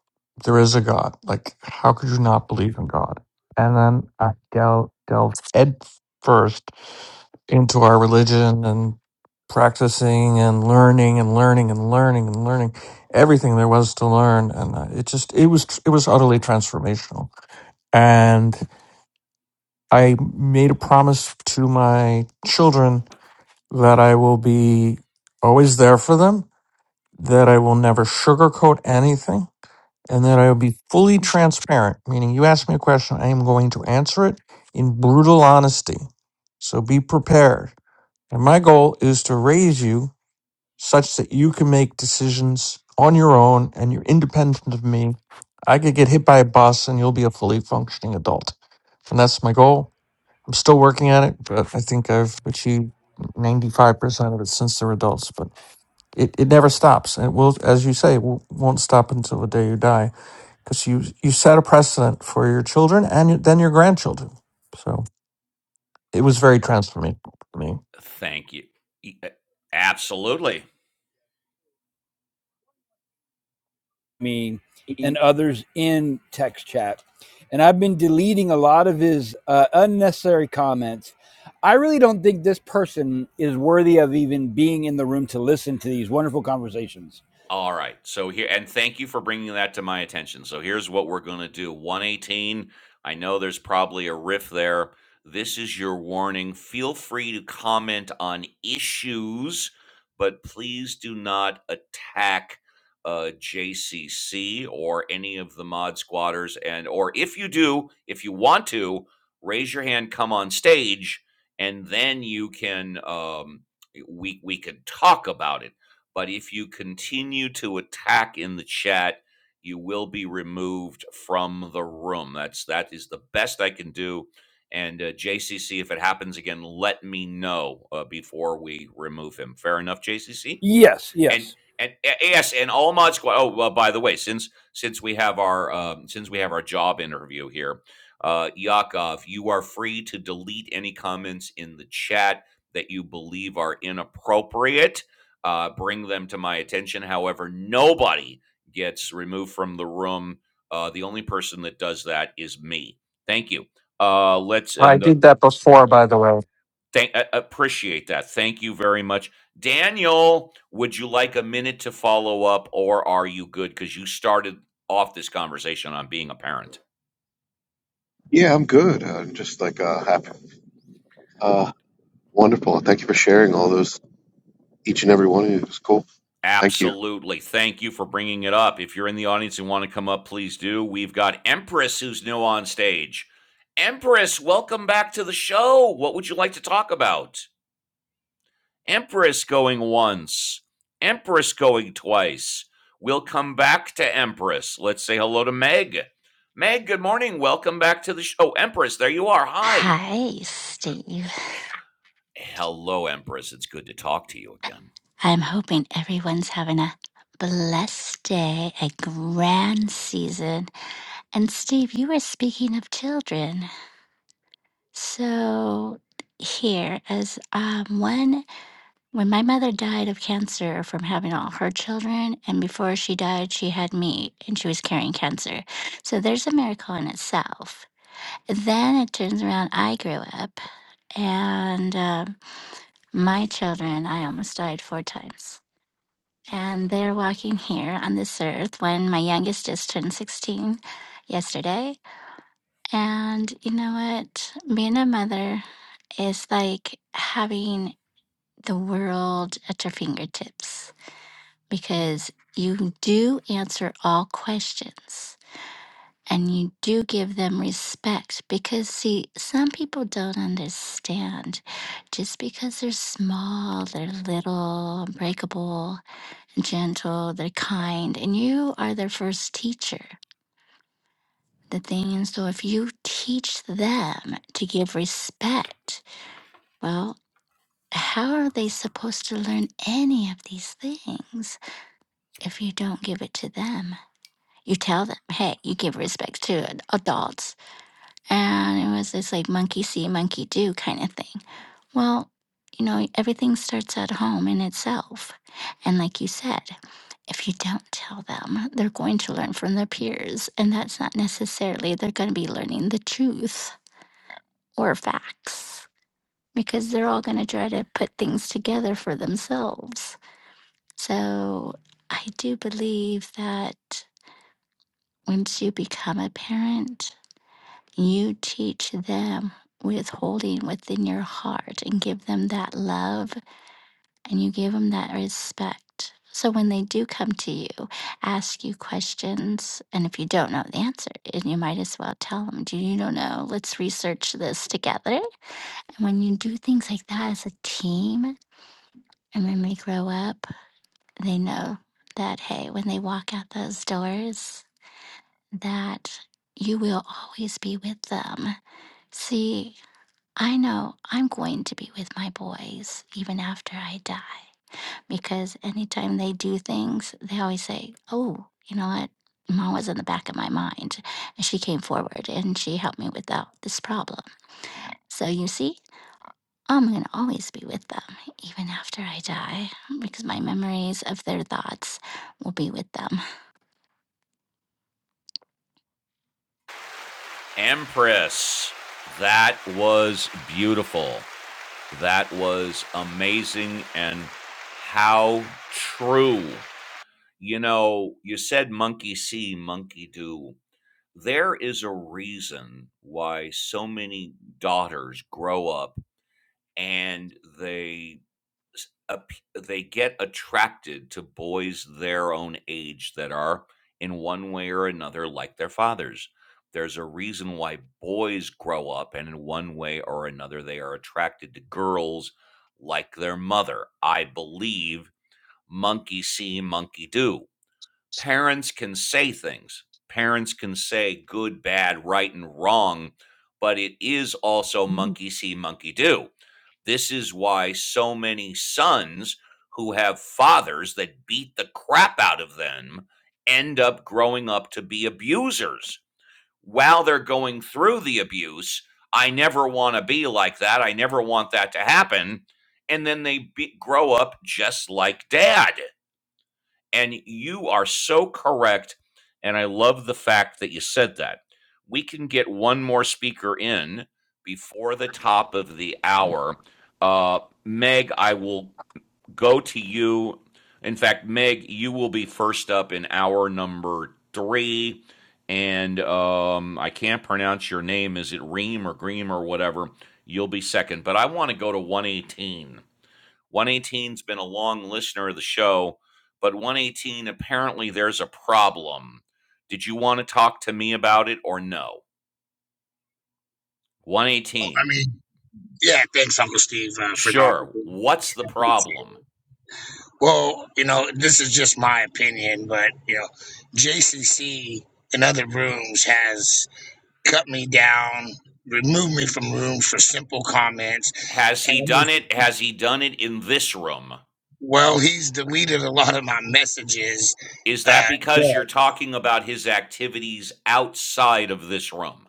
[SPEAKER 10] there is a God. Like, how could you not believe in God? And then I del- delved head first into our religion and practicing and learning and learning and learning and learning everything there was to learn. And uh, it just, it was, it was utterly transformational. And I made a promise to my children that I will be always there for them, that I will never sugarcoat anything and that I will be fully transparent, meaning you ask me a question, I am going to answer it in brutal honesty. So be prepared. And my goal is to raise you such that you can make decisions on your own and you're independent of me. I could get hit by a bus and you'll be a fully functioning adult. And that's my goal. I'm still working at it, but I think I've achieved 95% of it since they're adults. But it, it never stops. And it will, as you say, it won't won't stop until the day you die because you you set a precedent for your children and then your grandchildren. So it was very transformative for me.
[SPEAKER 1] Thank you. E- eh, Absolutely.
[SPEAKER 4] Me and others in text chat. And I've been deleting a lot of his uh, unnecessary comments. I really don't think this person is worthy of even being in the room to listen to these wonderful conversations.
[SPEAKER 1] All right. So here, and thank you for bringing that to my attention. So here's what we're going to do 118. I know there's probably a riff there. This is your warning. Feel free to comment on issues, but please do not attack uh, JCC or any of the mod squatters. And, or if you do, if you want to, raise your hand, come on stage, and then you can, um, we, we can talk about it but if you continue to attack in the chat, you will be removed from the room. That's that is the best I can do. And uh, JCC, if it happens again, let me know uh, before we remove him. Fair enough, JCC.
[SPEAKER 4] Yes, yes.
[SPEAKER 1] And and yes, and all mods. Oh, well, by the way, since since we have our um, since we have our job interview here, uh, Yakov, you are free to delete any comments in the chat that you believe are inappropriate. Uh, bring them to my attention. However, nobody gets removed from the room. Uh, the only person that does that is me. Thank you. Uh, let's
[SPEAKER 10] I
[SPEAKER 1] and
[SPEAKER 10] did that before, by the way.
[SPEAKER 1] Thank, a- appreciate that. Thank you very much. Daniel, would you like a minute to follow up or are you good? Because you started off this conversation on being a parent.
[SPEAKER 15] Yeah, I'm good. I'm just like uh, happy. Uh, Wonderful. Thank you for sharing all those, each and every one of you. It was cool. Thank you.
[SPEAKER 1] Absolutely. Thank you for bringing it up. If you're in the audience and want to come up, please do. We've got Empress who's new on stage. Empress, welcome back to the show. What would you like to talk about? Empress going once, Empress going twice. We'll come back to Empress. Let's say hello to Meg. Meg, good morning. Welcome back to the show. Oh, Empress, there you are. Hi.
[SPEAKER 16] Hi, Steve.
[SPEAKER 1] Hello, Empress. It's good to talk to you again.
[SPEAKER 16] I'm hoping everyone's having a blessed day, a grand season. And Steve, you were speaking of children. So, here, as um, one, when my mother died of cancer from having all her children, and before she died, she had me and she was carrying cancer. So, there's a miracle in itself. Then it turns around, I grew up, and um my children, I almost died four times And they're walking here on this earth when my youngest just turned 16 yesterday. And you know what? Being a mother is like having the world at your fingertips because you do answer all questions and you do give them respect. Because, see, some people don't understand just because they're small, they're little, breakable gentle, they're kind, and you are their first teacher. The thing, and so if you teach them to give respect, well, how are they supposed to learn any of these things if you don't give it to them? You tell them, hey, you give respect to ad- adults. And it was this like monkey see, monkey do kind of thing. Well, you know, everything starts at home in itself. And like you said, if you don't tell them, they're going to learn from their peers. And that's not necessarily they're going to be learning the truth or facts because they're all going to try to put things together for themselves. So I do believe that once you become a parent, you teach them withholding within your heart and give them that love and you give them that respect. So when they do come to you, ask you questions, and if you don't know the answer, and you might as well tell them, "Do you don't know? no, Let's research this together." And when you do things like that as a team, and when they grow up, they know that hey, when they walk out those doors, that you will always be with them. See, I know I'm going to be with my boys even after I die. because anytime they do things, they always say, Oh, you know what? Mom was in the back of my mind. And she came forward and she helped me with that, this problem. So you see, I'm going to always be with them, even after I die, because my memories of their thoughts will be with them.
[SPEAKER 1] Empress. That was beautiful. That was amazing. And how true. You know, you said monkey see, monkey do. There is a reason why so many daughters grow up and they s- ap- they get attracted to boys their own age that are in one way or another like their fathers. There's a reason why boys grow up and in one way or another they are attracted to girls like their mother. I believe monkey see, monkey do parents can say things. Parents can say good, bad, right, and wrong, but it is also monkey see, monkey do. This is why so many sons who have fathers that beat the crap out of them end up growing up to be abusers. While they're going through the abuse, I never want to be like that. I never want that to happen. And then they be, grow up just like dad. And you are so correct. And I love the fact that you said that. We can get one more speaker in before the top of the hour. Uh, Meg, I will go to you. In fact, Meg, you will be first up in hour number three. And um, I can't pronounce your name. Is it Reem or Greem or whatever? You'll be second. But I want to go to 118. 118's been a long listener of the show, but 118 apparently there's a problem. Did you want to talk to me about it or no?
[SPEAKER 17] I
[SPEAKER 1] 118.
[SPEAKER 17] mean, yeah, thanks, Uncle Steve, uh, for the
[SPEAKER 1] Sure.
[SPEAKER 17] opportunity.
[SPEAKER 1] What's the
[SPEAKER 17] I appreciate it.
[SPEAKER 1] problem?
[SPEAKER 17] Well, you know, this is just my opinion, but, you know, JCC in other rooms has cut me down, removed me from rooms for simple comments.
[SPEAKER 1] Has he
[SPEAKER 17] And,
[SPEAKER 1] done it? Has he done it in this room?
[SPEAKER 17] well, he's deleted a lot of my messages.
[SPEAKER 1] Is that
[SPEAKER 17] Uh,
[SPEAKER 1] because you're talking about his activities outside of this room?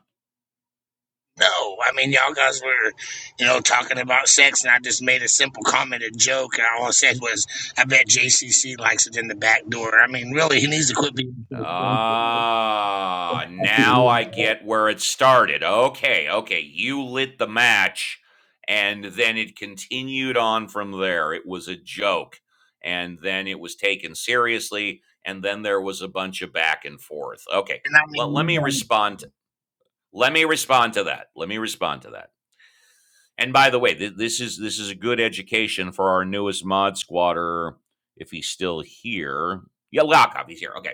[SPEAKER 17] No, I mean y'all guys were, you know, talking about sex, and I just made a simple comment, a joke, and all I said was, "I bet JCC likes it in the back door." I mean, really, he needs to quit being so sensitive.
[SPEAKER 1] Ah, now I get where it started. Okay, okay. You lit the match and then it continued on from there. It was a joke and then it was taken seriously and then there was a bunch of back and forth. Okay.
[SPEAKER 17] And I
[SPEAKER 1] Well, let
[SPEAKER 17] mean,
[SPEAKER 1] me
[SPEAKER 17] you
[SPEAKER 1] respond let me respond to that. Let me respond to that. And by the way, th- this is this is a good education for our newest mod squatter if he's still here. Yeah, Lakov, he's here. Okay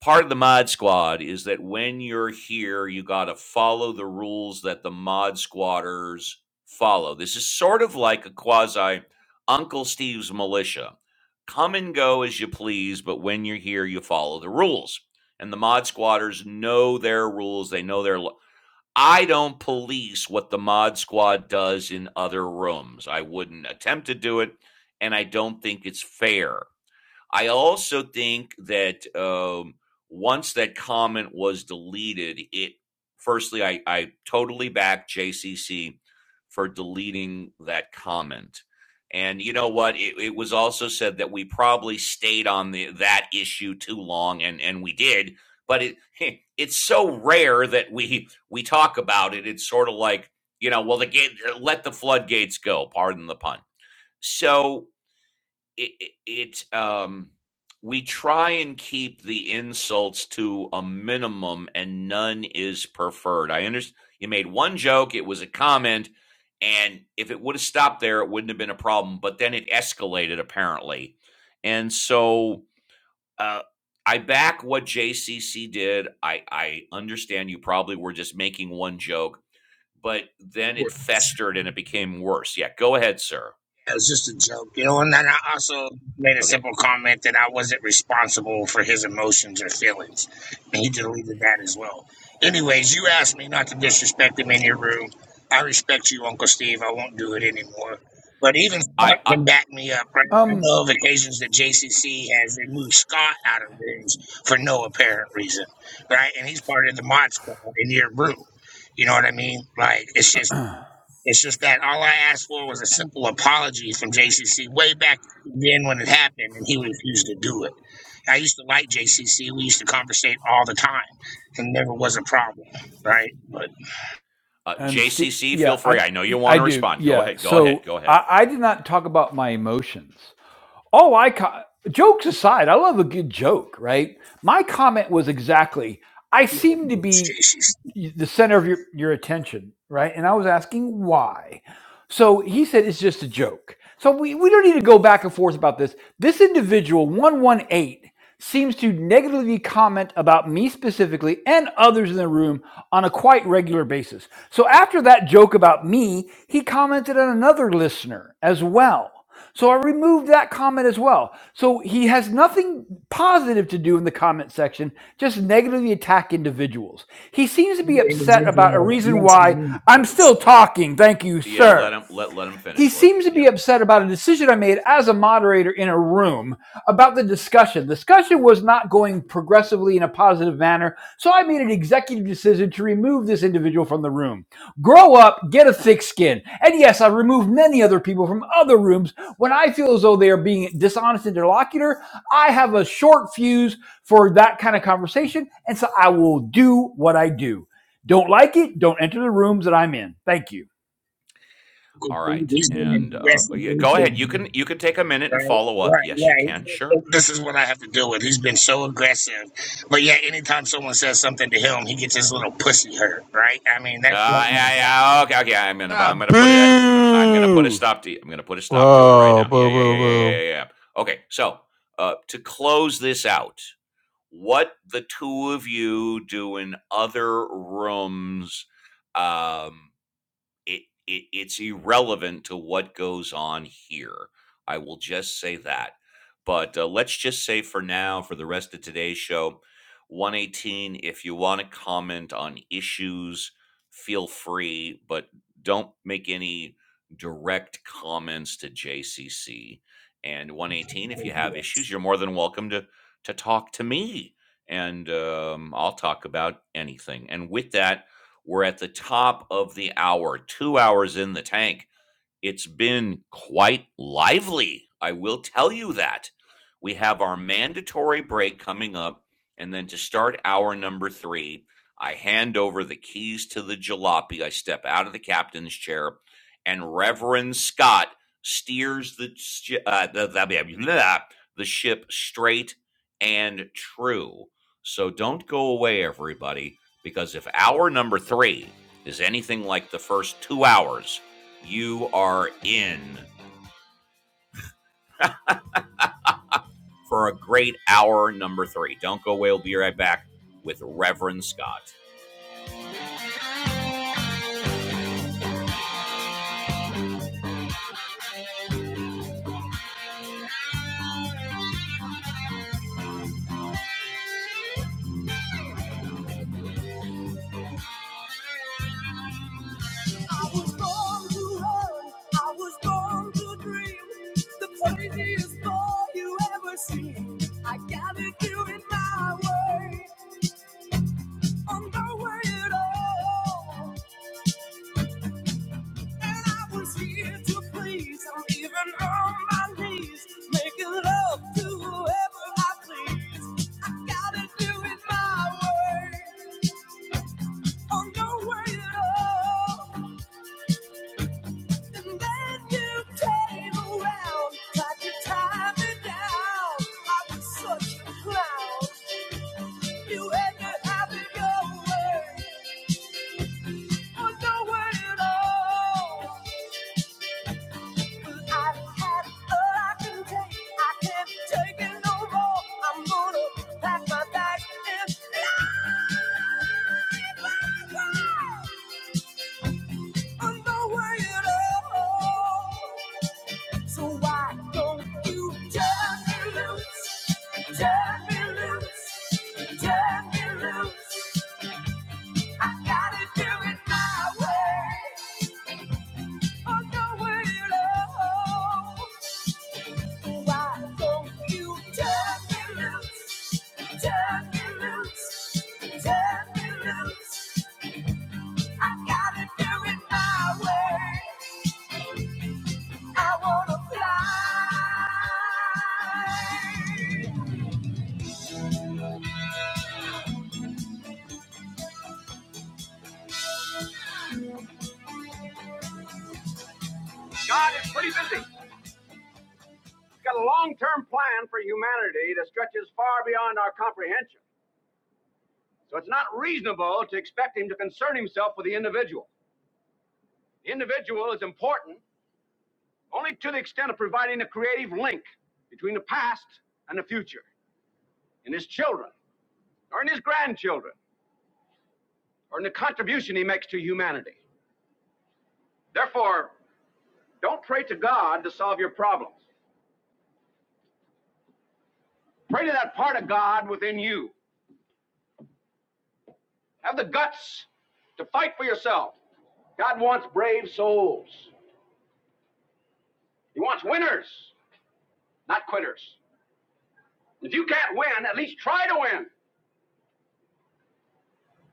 [SPEAKER 1] part of the mod squad is that when you're here, you got to follow the rules that the mod squatters follow. This is sort of like a quasi Uncle Steve's militia. Come and go as you please, but when you're here, you follow the rules. And the mod squatters know their rules, they know their. Lo- I don't police what the mod squad does in other rooms. I wouldn't attempt to do it, and I don't think it's fair I also think that um, once that comment was deleted, it firstly, I, I totally back JCC for deleting that comment. And you know what? It, it was also said that we probably stayed on the, that issue too long, and, and we did. But it it's so rare that we we talk about it. It's sort of like you know, well, the gate, let the floodgates go. Pardon the pun. So it, it, um we try and keep the insults to a minimum and none is preferred. I understand you made one joke, it was a comment, and if it would have stopped there, it wouldn't have been a problem. But then it escalated apparently. And so uh, I back what JCC did. I, I understand you probably were just making one joke, but then
[SPEAKER 17] know.
[SPEAKER 1] it festered and it became worse. Yeah, go ahead, sir.
[SPEAKER 17] It was just a joke, you know. And then I also made a
[SPEAKER 1] Okay.
[SPEAKER 17] simple comment that I wasn't responsible for his emotions or feelings, and he deleted that as well. Anyways, you asked me not to disrespect him in your room. I respect you, Uncle Steve. I won't do it anymore. But even Scott
[SPEAKER 1] I, I
[SPEAKER 17] can back me up, right? I
[SPEAKER 4] Um,
[SPEAKER 17] know of occasions that JCC has removed Scott out of rooms for no apparent reason, right? And he's part of the mod squad in your room. You know what I mean? Like it's just it's just that all I asked for was a simple apology from JCC way back then when it happened, and he refused to do it. I used to like JCC. We used to conversate all the time, and never was a problem, right? But
[SPEAKER 1] Uh,
[SPEAKER 4] and Steve,
[SPEAKER 1] JCC, feel
[SPEAKER 4] yeah,
[SPEAKER 1] free.
[SPEAKER 4] I
[SPEAKER 1] I know you want
[SPEAKER 4] I
[SPEAKER 1] to
[SPEAKER 4] do,
[SPEAKER 1] respond. Go
[SPEAKER 4] yeah.
[SPEAKER 1] ahead. Go ahead.
[SPEAKER 4] So
[SPEAKER 1] Go ahead.
[SPEAKER 4] I, I did not talk about my emotions. Oh, I co- jokes aside, I love a good joke, right? My comment was exactly, I seem to
[SPEAKER 17] it's
[SPEAKER 4] be
[SPEAKER 17] JCC.
[SPEAKER 4] the center of your, your attention, right? And I was asking why. So he said it's just a joke. So we, we don't need to go back and forth about this. This individual, 118, seems to negatively comment about me specifically and others in the room on a quite regular basis. So after that joke about me, he commented on another listener as well. So I removed that comment as well. So he has nothing positive to do in the comment section, just negatively attack individuals. He seems to be
[SPEAKER 17] The
[SPEAKER 4] upset about a
[SPEAKER 17] individual
[SPEAKER 4] reason
[SPEAKER 17] mentioned
[SPEAKER 4] why
[SPEAKER 17] me
[SPEAKER 4] I'm
[SPEAKER 17] first.
[SPEAKER 4] still talking. Thank you,
[SPEAKER 1] Yeah, let
[SPEAKER 4] sir.
[SPEAKER 1] him let let him
[SPEAKER 4] He
[SPEAKER 1] finish. Let,
[SPEAKER 4] seems to be
[SPEAKER 1] yeah.
[SPEAKER 4] upset about a decision I made as a moderator in a room about the discussion. The discussion was not going progressively in a positive manner, so I made an executive decision to remove this individual from the room. Grow up, get a thick skin. And yes, I removed many other people from other rooms when I feel as though they are being dishonest interlocutor. I have a short fuse for that kind of conversation, and so I will do what I do. Don't like it, don't enter the rooms that I'm in. Thank you.
[SPEAKER 1] All right.
[SPEAKER 17] He's been
[SPEAKER 1] And uh, yeah,
[SPEAKER 17] aggressively
[SPEAKER 1] go ahead.
[SPEAKER 17] towards
[SPEAKER 1] You
[SPEAKER 17] me,
[SPEAKER 1] can you can take a minute
[SPEAKER 17] right?
[SPEAKER 1] and follow up.
[SPEAKER 17] Right,
[SPEAKER 1] Yes,
[SPEAKER 17] yeah.
[SPEAKER 1] you can. Sure.
[SPEAKER 17] he's- This is what I have to deal with. He's been so aggressive. But yeah, anytime someone says something to him, he gets his little pussy hurt, right? I mean,
[SPEAKER 1] Uh, yeah,
[SPEAKER 17] that's
[SPEAKER 1] yeah. Okay. Okay. I'm gonna I'm
[SPEAKER 3] Ah,
[SPEAKER 1] gonna put it. I'm gonna put a
[SPEAKER 3] boo!
[SPEAKER 1] stop to. I'm gonna put a stop to it right
[SPEAKER 10] Whoa,
[SPEAKER 1] now. Yeah.
[SPEAKER 10] boo,
[SPEAKER 1] Yeah.
[SPEAKER 10] boo,
[SPEAKER 1] Yeah. Yeah. Yeah. Yeah.
[SPEAKER 10] boo!
[SPEAKER 1] yeah. Okay. So uh, to close this out, what the two of you do in other rooms? Um, it, it it's irrelevant to what goes on here. I will just say that. But uh, let's just say for now, for the rest of today's show, 118. If you want to comment on issues, feel free, but don't make any direct comments to JCC. And 118, if you have issues, you're more than welcome to to talk to me, and um, I'll talk about anything. And with that. We're at the top of the hour, two hours in the tank. It's been quite lively. I will tell you that. We have our mandatory break coming up. And then to start hour number three, I hand over the keys to the jalopy. I step out of the captain's chair, and Reverend Scott steers the, uh, the, the, the ship straight and true. So don't go away, everybody, because if hour number three is anything like the first two hours, you are in for a great hour number three. Don't go away. We'll be right back with Reverend Scott. I was born to run. I was born to dream. The craziest boy you ever seen. I gotta do it my way. I'm no way at all. And I was here to please. I'm even on my knees, making love to whoever I please. I gotta do it my way, or no way at all. And then you came around, tried to tie me down. I was such a clown. You had to have it your way, or no way at all. I've had all I can take. I can't take it no more. I'm gonna pack my bags and I'm not worried at all. So why don't you turn me loose? Turn me loose. Turn me loose. I gotta do it my way. I'm not worried at all. God is pretty busy. He's got a long term plan for humanity that stretches far beyond our comprehension. So it's not reasonable to expect him to concern himself with the individual. The individual is important only to the extent of providing a creative link between the past and the future. in his children, or in his grandchildren, or in the contribution he makes to humanity. Therefore, don't pray to God to solve your problems. Pray to that part of God within you. Have the guts to fight for yourself. God wants brave souls. He wants winners, not quitters. If you can't win, at least try to win.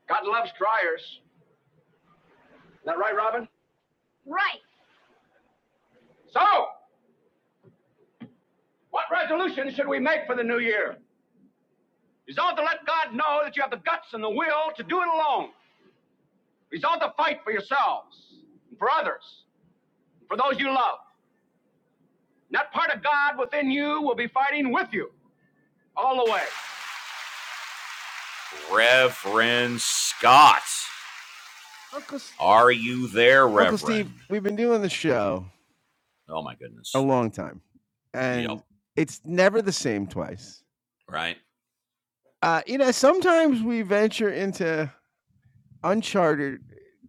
[SPEAKER 1] God loves triers. Is that right, Robin? Right. So, what resolution should we make for the new year? Resolve to let God know that you have the guts and the will to do it alone. Resolve to fight for yourselves, for others, for those you love. And that part of God within you will be fighting with you all the way. Reverend Scott.
[SPEAKER 3] Uncle S-
[SPEAKER 1] Are you there,
[SPEAKER 3] Uncle Steve,
[SPEAKER 1] Reverend?
[SPEAKER 3] we've been doing the show
[SPEAKER 1] Oh my
[SPEAKER 3] a
[SPEAKER 1] goodness.
[SPEAKER 3] long time,
[SPEAKER 1] Yep.
[SPEAKER 3] and it's never the same twice.
[SPEAKER 1] Right.
[SPEAKER 3] Uh, you know, sometimes we venture into uncharted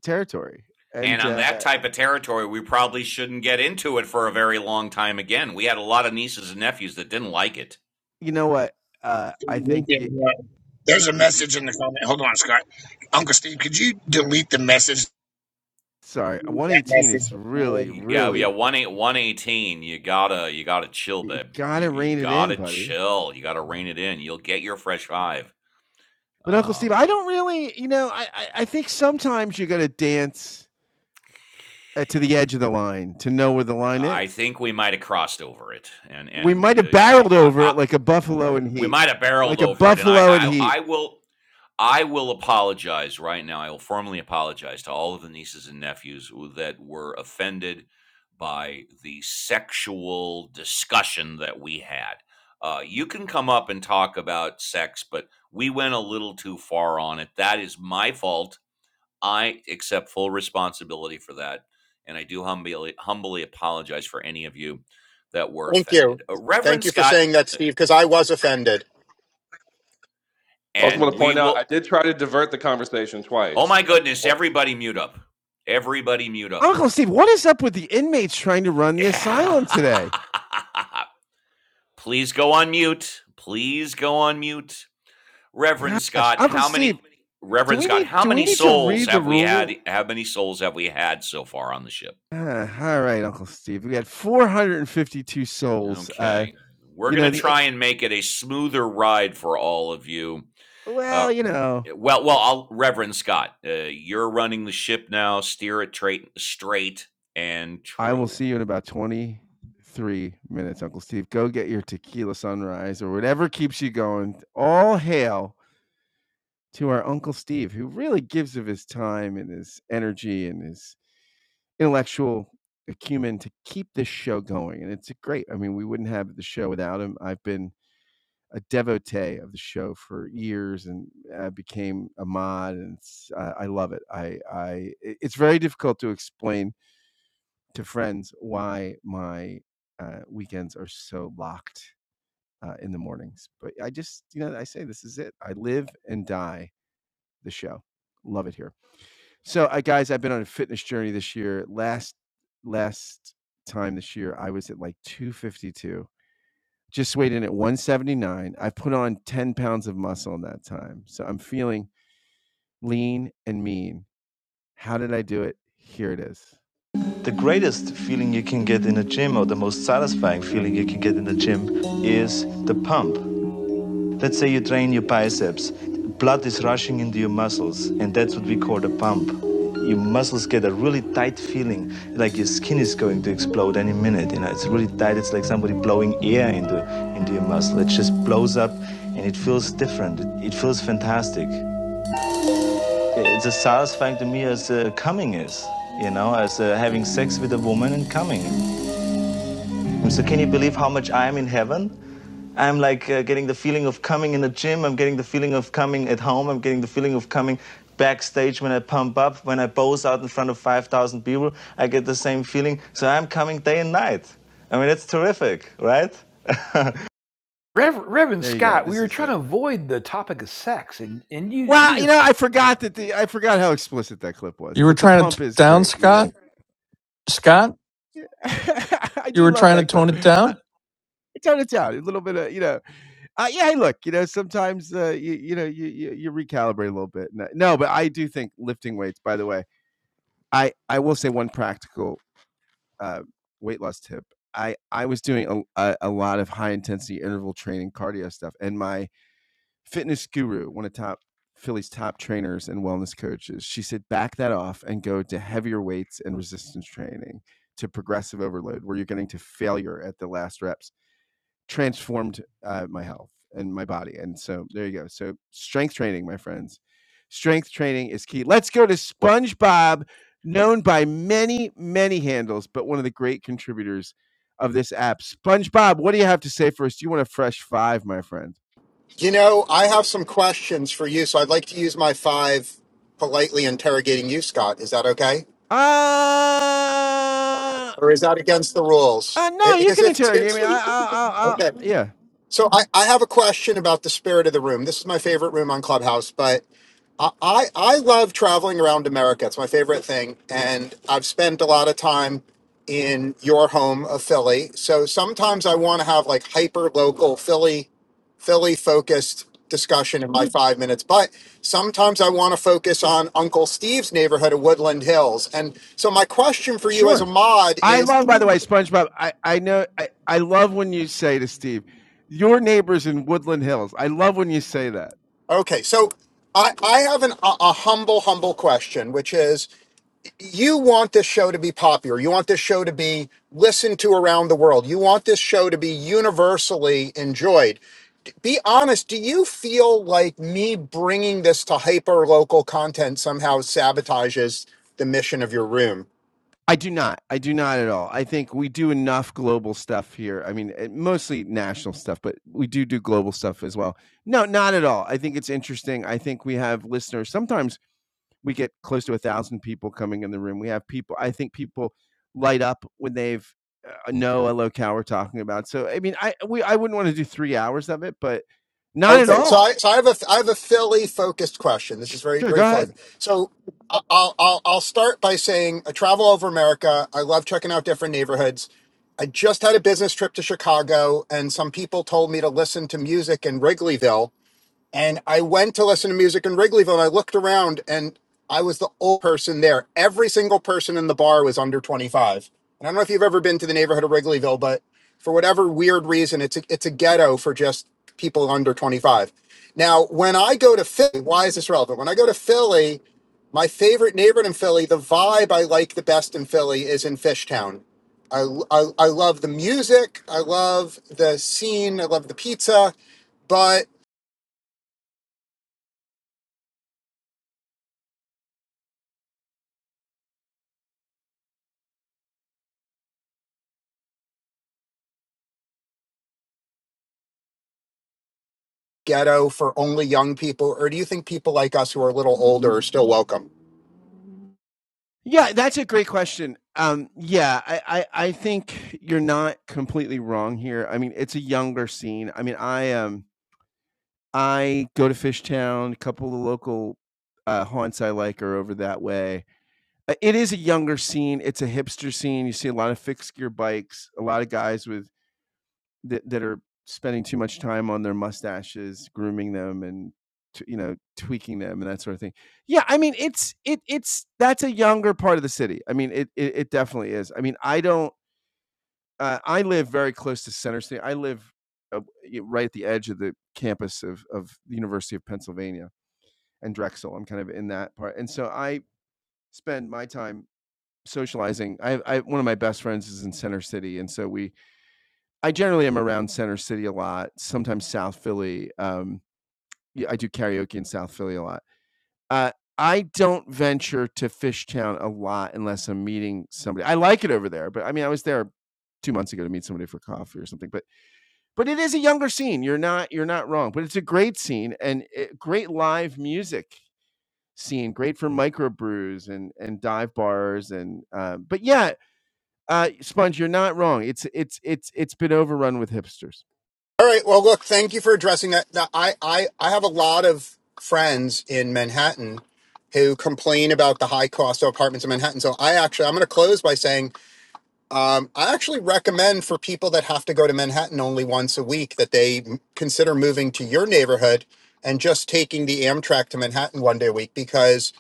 [SPEAKER 3] territory,
[SPEAKER 1] And
[SPEAKER 3] and
[SPEAKER 1] on
[SPEAKER 3] uh,
[SPEAKER 1] that type of territory, we probably shouldn't get into it for a very long time again. We had a lot of nieces and nephews that didn't like it.
[SPEAKER 3] you know what? Uh, I
[SPEAKER 17] We
[SPEAKER 3] think. You,
[SPEAKER 17] can, uh, There's a message in the comment. Hold on, Scott. Uncle Steve, could you delete the message?
[SPEAKER 3] sorry,
[SPEAKER 17] Delete
[SPEAKER 3] one
[SPEAKER 17] That
[SPEAKER 3] eighteen is really,
[SPEAKER 1] Y- Yeah,
[SPEAKER 17] message.
[SPEAKER 1] yeah,
[SPEAKER 3] really
[SPEAKER 1] one eight, one eighteen. You gotta, you gotta chill,
[SPEAKER 3] you
[SPEAKER 1] babe. You,
[SPEAKER 3] gotta
[SPEAKER 1] you
[SPEAKER 3] rein it in,
[SPEAKER 1] gotta
[SPEAKER 3] buddy.
[SPEAKER 1] chill. You gotta rein it in. You'll get your fresh five.
[SPEAKER 3] But Uncle
[SPEAKER 1] Uh,
[SPEAKER 3] Steve, I don't really, you know, I I, I think sometimes you gotta dance uh, to the edge of the line to know where the line
[SPEAKER 1] I
[SPEAKER 3] is.
[SPEAKER 1] think we might have crossed over it, and
[SPEAKER 3] we
[SPEAKER 1] and
[SPEAKER 3] might have
[SPEAKER 1] uh, I,
[SPEAKER 3] barreled
[SPEAKER 1] I
[SPEAKER 3] over it like a buffalo in
[SPEAKER 1] We
[SPEAKER 3] heat,
[SPEAKER 1] might have barreled
[SPEAKER 3] like a
[SPEAKER 1] over it, and I,
[SPEAKER 3] buffalo in
[SPEAKER 1] I,
[SPEAKER 3] heat.
[SPEAKER 1] I will, I will apologize right now. I will formally apologize to all of the nieces and nephews that were offended by the sexual discussion that we had. Uh, you can come up and talk about sex, but we went a little too far on it. That is my fault. I accept full responsibility for that, and I do humbly humbly apologize for any of you that were
[SPEAKER 18] Thank you.
[SPEAKER 1] offended. Uh,
[SPEAKER 18] Thank
[SPEAKER 1] Reverend
[SPEAKER 18] you for
[SPEAKER 1] Scott,
[SPEAKER 18] saying that, Steve, because I was offended.
[SPEAKER 11] I also want
[SPEAKER 1] and
[SPEAKER 11] to
[SPEAKER 1] we
[SPEAKER 11] point out I
[SPEAKER 1] will
[SPEAKER 11] did try to divert the conversation
[SPEAKER 1] Oh
[SPEAKER 11] twice.
[SPEAKER 1] my
[SPEAKER 11] I
[SPEAKER 1] goodness,
[SPEAKER 11] was
[SPEAKER 1] everybody mute up. Everybody mute up,
[SPEAKER 3] Uncle
[SPEAKER 1] please.
[SPEAKER 3] Steve, what is up with the inmates trying to run the
[SPEAKER 1] Yeah.
[SPEAKER 3] asylum today?
[SPEAKER 1] please go on mute. Please go on mute. Reverend
[SPEAKER 3] Gosh,
[SPEAKER 1] Scott,
[SPEAKER 3] Uncle
[SPEAKER 1] how
[SPEAKER 3] Steve,
[SPEAKER 1] many
[SPEAKER 3] do
[SPEAKER 1] Reverend
[SPEAKER 3] we
[SPEAKER 1] Scott,
[SPEAKER 3] need
[SPEAKER 1] how
[SPEAKER 3] do we
[SPEAKER 1] many
[SPEAKER 3] need to
[SPEAKER 1] souls
[SPEAKER 3] read the
[SPEAKER 1] have we had
[SPEAKER 3] rule?
[SPEAKER 1] how many souls have we had so far on the ship?
[SPEAKER 3] Ah, all right, Uncle Steve, we got 452 souls. Uh,
[SPEAKER 1] Okay. We're
[SPEAKER 3] you
[SPEAKER 1] going
[SPEAKER 3] know
[SPEAKER 1] to
[SPEAKER 3] the
[SPEAKER 1] try and make it a smoother ride for all of you. Uh
[SPEAKER 3] well, you know,
[SPEAKER 1] well, well, I'll, Reverend Scott, uh, you're running the ship now. Steer it tra- straight and
[SPEAKER 3] I will
[SPEAKER 1] true.
[SPEAKER 3] see you in about 23 minutes, Uncle Steve. Go get your tequila sunrise or whatever keeps you going. All hail to our Uncle Steve, who really gives of his time and his energy and his intellectual acumen to keep this show going. And it's great. I mean, we wouldn't have the show without him. I've been a devotee of the show for years and I became a mod and it's, I I love it. I, I, it's very difficult to explain to friends why my uh, weekends are so locked uh, in the mornings, but I just, you know, I say this is it. I live and die the show. Love it here. So, I guys, I've been on a fitness journey this year. Last last time this year, I was at like 252. Just weighed in at 179. I put on 10 pounds of muscle in that time. So I'm feeling lean and mean. How did I do it? Here it is. The greatest feeling you can get in a gym, or the most satisfying feeling you can get in the gym, is the pump. Let's say you train your biceps. Blood is rushing into your muscles, and that's what we call a pump. Your muscles get a really tight feeling, like your skin is going to explode any minute. You know, it's really tight. It's like somebody blowing air into into your muscle. It just blows up, and it feels different. It it feels fantastic. It's as satisfying to me as uh, coming is. You know, as uh, having sex with a woman and coming. So can you believe how much I am in heaven? I'm like uh, getting the feeling of coming in the gym. I'm getting the feeling of coming at home. I'm getting the feeling of coming backstage when I pump up, when I pose out in front of 5,000 people. I get the same feeling. So I'm coming day and night. I mean, it's terrific, right?
[SPEAKER 4] Rev, Reverend
[SPEAKER 3] There you go.
[SPEAKER 4] Scott, we
[SPEAKER 3] This
[SPEAKER 4] were
[SPEAKER 3] is
[SPEAKER 4] trying
[SPEAKER 3] it.
[SPEAKER 4] to avoid the topic of sex, and, and you,
[SPEAKER 3] Wow,
[SPEAKER 4] you
[SPEAKER 3] you
[SPEAKER 4] just
[SPEAKER 3] know, I forgot that the I forgot how explicit that clip was,
[SPEAKER 10] You were
[SPEAKER 3] but the
[SPEAKER 10] trying to
[SPEAKER 3] pump
[SPEAKER 10] t-
[SPEAKER 3] is
[SPEAKER 10] down
[SPEAKER 3] great. You
[SPEAKER 10] Scott. Scott,
[SPEAKER 3] know, I
[SPEAKER 10] you
[SPEAKER 3] do
[SPEAKER 10] were
[SPEAKER 3] love
[SPEAKER 10] trying to
[SPEAKER 3] that clip.
[SPEAKER 10] tone it
[SPEAKER 3] Uh,
[SPEAKER 10] down.
[SPEAKER 3] Tone it down. A little bit of, you know, uh, yeah. Hey, look, you know, sometimes uh, you you know you, you you recalibrate a little bit. No, no, but I do think lifting weights. By the way, I I will say one practical uh, weight loss tip. I I was doing a, a, a lot of high intensity interval training, cardio stuff, and my fitness guru, one of top Philly's top trainers and wellness coaches, she said back that off and go to heavier weights and resistance training to progressive overload, where you're getting to failure at the last reps transformed uh, my health and my body. And so there you go. So strength training, my friends. Strength training is key. Let's go to SpongeBob, known by many, many handles, but one of the great contributors of this app. SpongeBob, what do you have to say first? You want a fresh five, my friend?
[SPEAKER 18] You know, I have some questions for you, so I'd like to use my five politely interrogating you, Scott. Is that okay?
[SPEAKER 3] Uh,
[SPEAKER 18] Or is that against the rules?
[SPEAKER 3] uh no,
[SPEAKER 18] I-
[SPEAKER 3] you
[SPEAKER 18] Because
[SPEAKER 3] can
[SPEAKER 18] if it's
[SPEAKER 3] interrogate
[SPEAKER 18] against
[SPEAKER 3] me. I, I,
[SPEAKER 18] the
[SPEAKER 3] I, I
[SPEAKER 18] okay.
[SPEAKER 3] yeah,
[SPEAKER 18] So I, I have a question about the spirit of the room. This is my favorite room on Clubhouse, but I, I I love traveling around America. It's my favorite thing. And I've spent a lot of time in your home of Philly. So sometimes I want to have like hyper local Philly, Philly focused discussion in my five minutes. But sometimes I want to focus on Uncle Steve's neighborhood of Woodland Hills. And so my question for you
[SPEAKER 3] sure.
[SPEAKER 18] as a mod
[SPEAKER 3] I
[SPEAKER 18] is
[SPEAKER 3] love, by the way, SpongeBob. I, I know, I, I love when you say to Steve, your neighbors in Woodland Hills. I love when you say that.
[SPEAKER 18] okay, so I, I have an, a, a humble, humble question, which is you want this show to be popular. You want this show to be listened to around the world. You want this show to be universally enjoyed. D- Be honest, do you feel like me bringing this to hyper local content somehow sabotages the mission of your room?
[SPEAKER 3] I do not. I do not at all. I think we do enough global stuff here. I mean, eh, mostly national stuff, but we do do global stuff as well. No, not at all. I think it's interesting. I think we have listeners sometimes we get close to a thousand people coming in the room. We have people. I think people light up when they've uh, know a locale we're talking about. So I mean, I we I wouldn't want to do three hours of it, but not at
[SPEAKER 18] Okay, so
[SPEAKER 3] all.
[SPEAKER 18] I so I have a I have a Philly focused question. This is very
[SPEAKER 3] Sure, go
[SPEAKER 18] very Philly.
[SPEAKER 3] ahead.
[SPEAKER 18] So I- I'll I'll I'll start by saying I travel over America. I love checking out different neighborhoods. I just had a business trip to Chicago, and some people told me to listen to music in Wrigleyville, and I went to listen to music in Wrigleyville and I looked around and I was the old person there. Every single person in the bar was under 25. And I don't know if you've ever been to the neighborhood of Wrigleyville, but for whatever weird reason, it's a, it's a ghetto for just people under 25. Now, when I go to Philly, why is this relevant? When I go to Philly, my favorite neighborhood in Philly, the vibe I like the best in Philly is in Fishtown. I, I, I love the music. I love the scene. I love the pizza. but. ghetto for only young people, or do you think people like us who are a little older are still welcome?
[SPEAKER 3] Yeah, that's a great question. Um, yeah, I, I I think you're not completely wrong here. I mean, it's a younger scene. I mean, I um I go to Fishtown. A couple of the local uh, haunts I like are over that way. Uh, It is a younger scene. It's a hipster scene. You see a lot of fixed gear bikes, a lot of guys with that, that are spending too much time on their mustaches, grooming them, and t- you know tweaking them and that sort of thing. Yeah, I mean it's it it's that's a younger part of the city. I mean it it, it definitely is. I mean I don't. Uh, I live very close to Center City. I live uh, y- right at the edge of the campus of of the University of Pennsylvania and Drexel. I'm kind of in that part, and so I spend my time socializing. I, I one of my best friends is in Center City, and so we. I generally am around Center City a lot. Sometimes South Philly. Um, yeah, I do karaoke in South Philly a lot. Uh, I don't venture to Fishtown a lot unless I'm meeting somebody. I like it over there, but I mean, I was there two months ago to meet somebody for coffee or something. But but it is a younger scene. You're not you're not wrong. But it's a great scene and it, great live music scene. Great for microbrews and and dive bars and. Uh, but yeah, Uh, Sponge, you're not wrong. It's it's it's it's been overrun with hipsters.
[SPEAKER 18] All right. Well, look, thank you for addressing that. Now, I, I, I have a lot of friends in Manhattan who complain about the high cost of apartments in Manhattan. So I actually, I'm going to close by saying, um, I actually recommend for people that have to go to Manhattan only once a week that they consider moving to your neighborhood and just taking the Amtrak to Manhattan one day a week because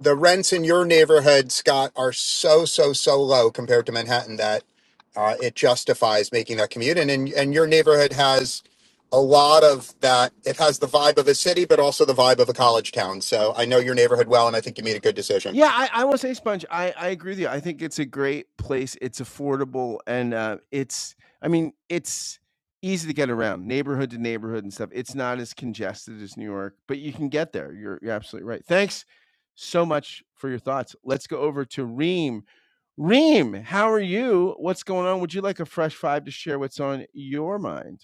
[SPEAKER 18] the rents in your neighborhood, Scott, are so so so low compared to Manhattan that uh, it justifies making that commute. And and and your neighborhood has a lot of that. It has the vibe of a city, but also the vibe of a college town. So I know your neighborhood well, and I think you made a good decision.
[SPEAKER 3] Yeah, I, I will say, Sponge, I, I agree with you. I think it's a great place. It's affordable and uh, it's, I mean, it's easy to get around neighborhood to neighborhood and stuff. It's not as congested as New York, but you can get there. You're, you're absolutely right. Thanks so much for your thoughts. Let's go over to Reem. Reem, how are you? What's going on? Would you like a fresh five to share what's on your mind?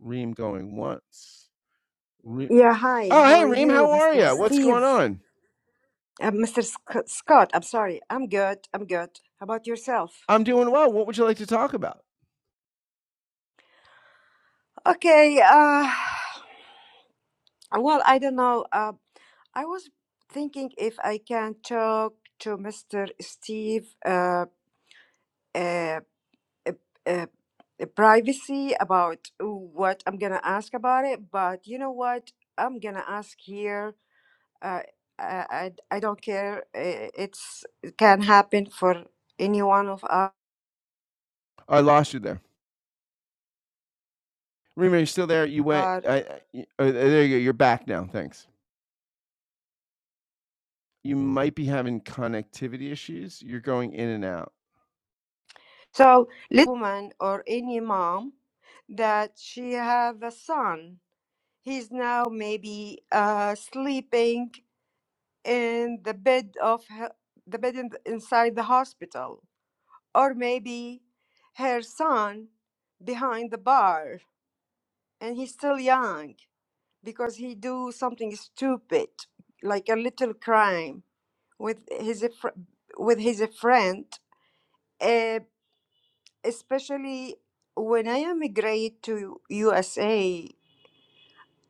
[SPEAKER 3] Reem going once. Reem.
[SPEAKER 19] Yeah, hi.
[SPEAKER 3] Oh,
[SPEAKER 19] How
[SPEAKER 3] hey,
[SPEAKER 19] are
[SPEAKER 3] Reem,
[SPEAKER 19] you,
[SPEAKER 3] how are
[SPEAKER 19] Mr.
[SPEAKER 3] you? What's going
[SPEAKER 19] Steve?
[SPEAKER 3] on?
[SPEAKER 19] Uh, Mr. Sc- Scott, I'm sorry. I'm good. I'm good. How about yourself?
[SPEAKER 3] I'm doing well. What would you like to talk about?
[SPEAKER 19] Okay. Uh, well, I don't know. Uh, I was thinking if I can talk to Mr. Steve uh, uh, uh, uh, uh, privacy about what I'm gonna ask about it, but you know what? I'm gonna ask here. Uh, I, I I don't care. Uh, It's it can happen for any one of us.
[SPEAKER 3] I lost you there. Reem, are you still there? You went.
[SPEAKER 19] are
[SPEAKER 3] I, I, y- oh, there you go. You're back now. Thanks. you Mhm. might be having connectivity issues. You're going in and out.
[SPEAKER 19] so little woman or any mom that she have a son he's now maybe uh, sleeping in the bed of her, the bed in, inside the hospital or maybe her son behind the bar and he's still young because he do something stupid like a little crime with his fr- with his friend uh, especially when I immigrated to USA,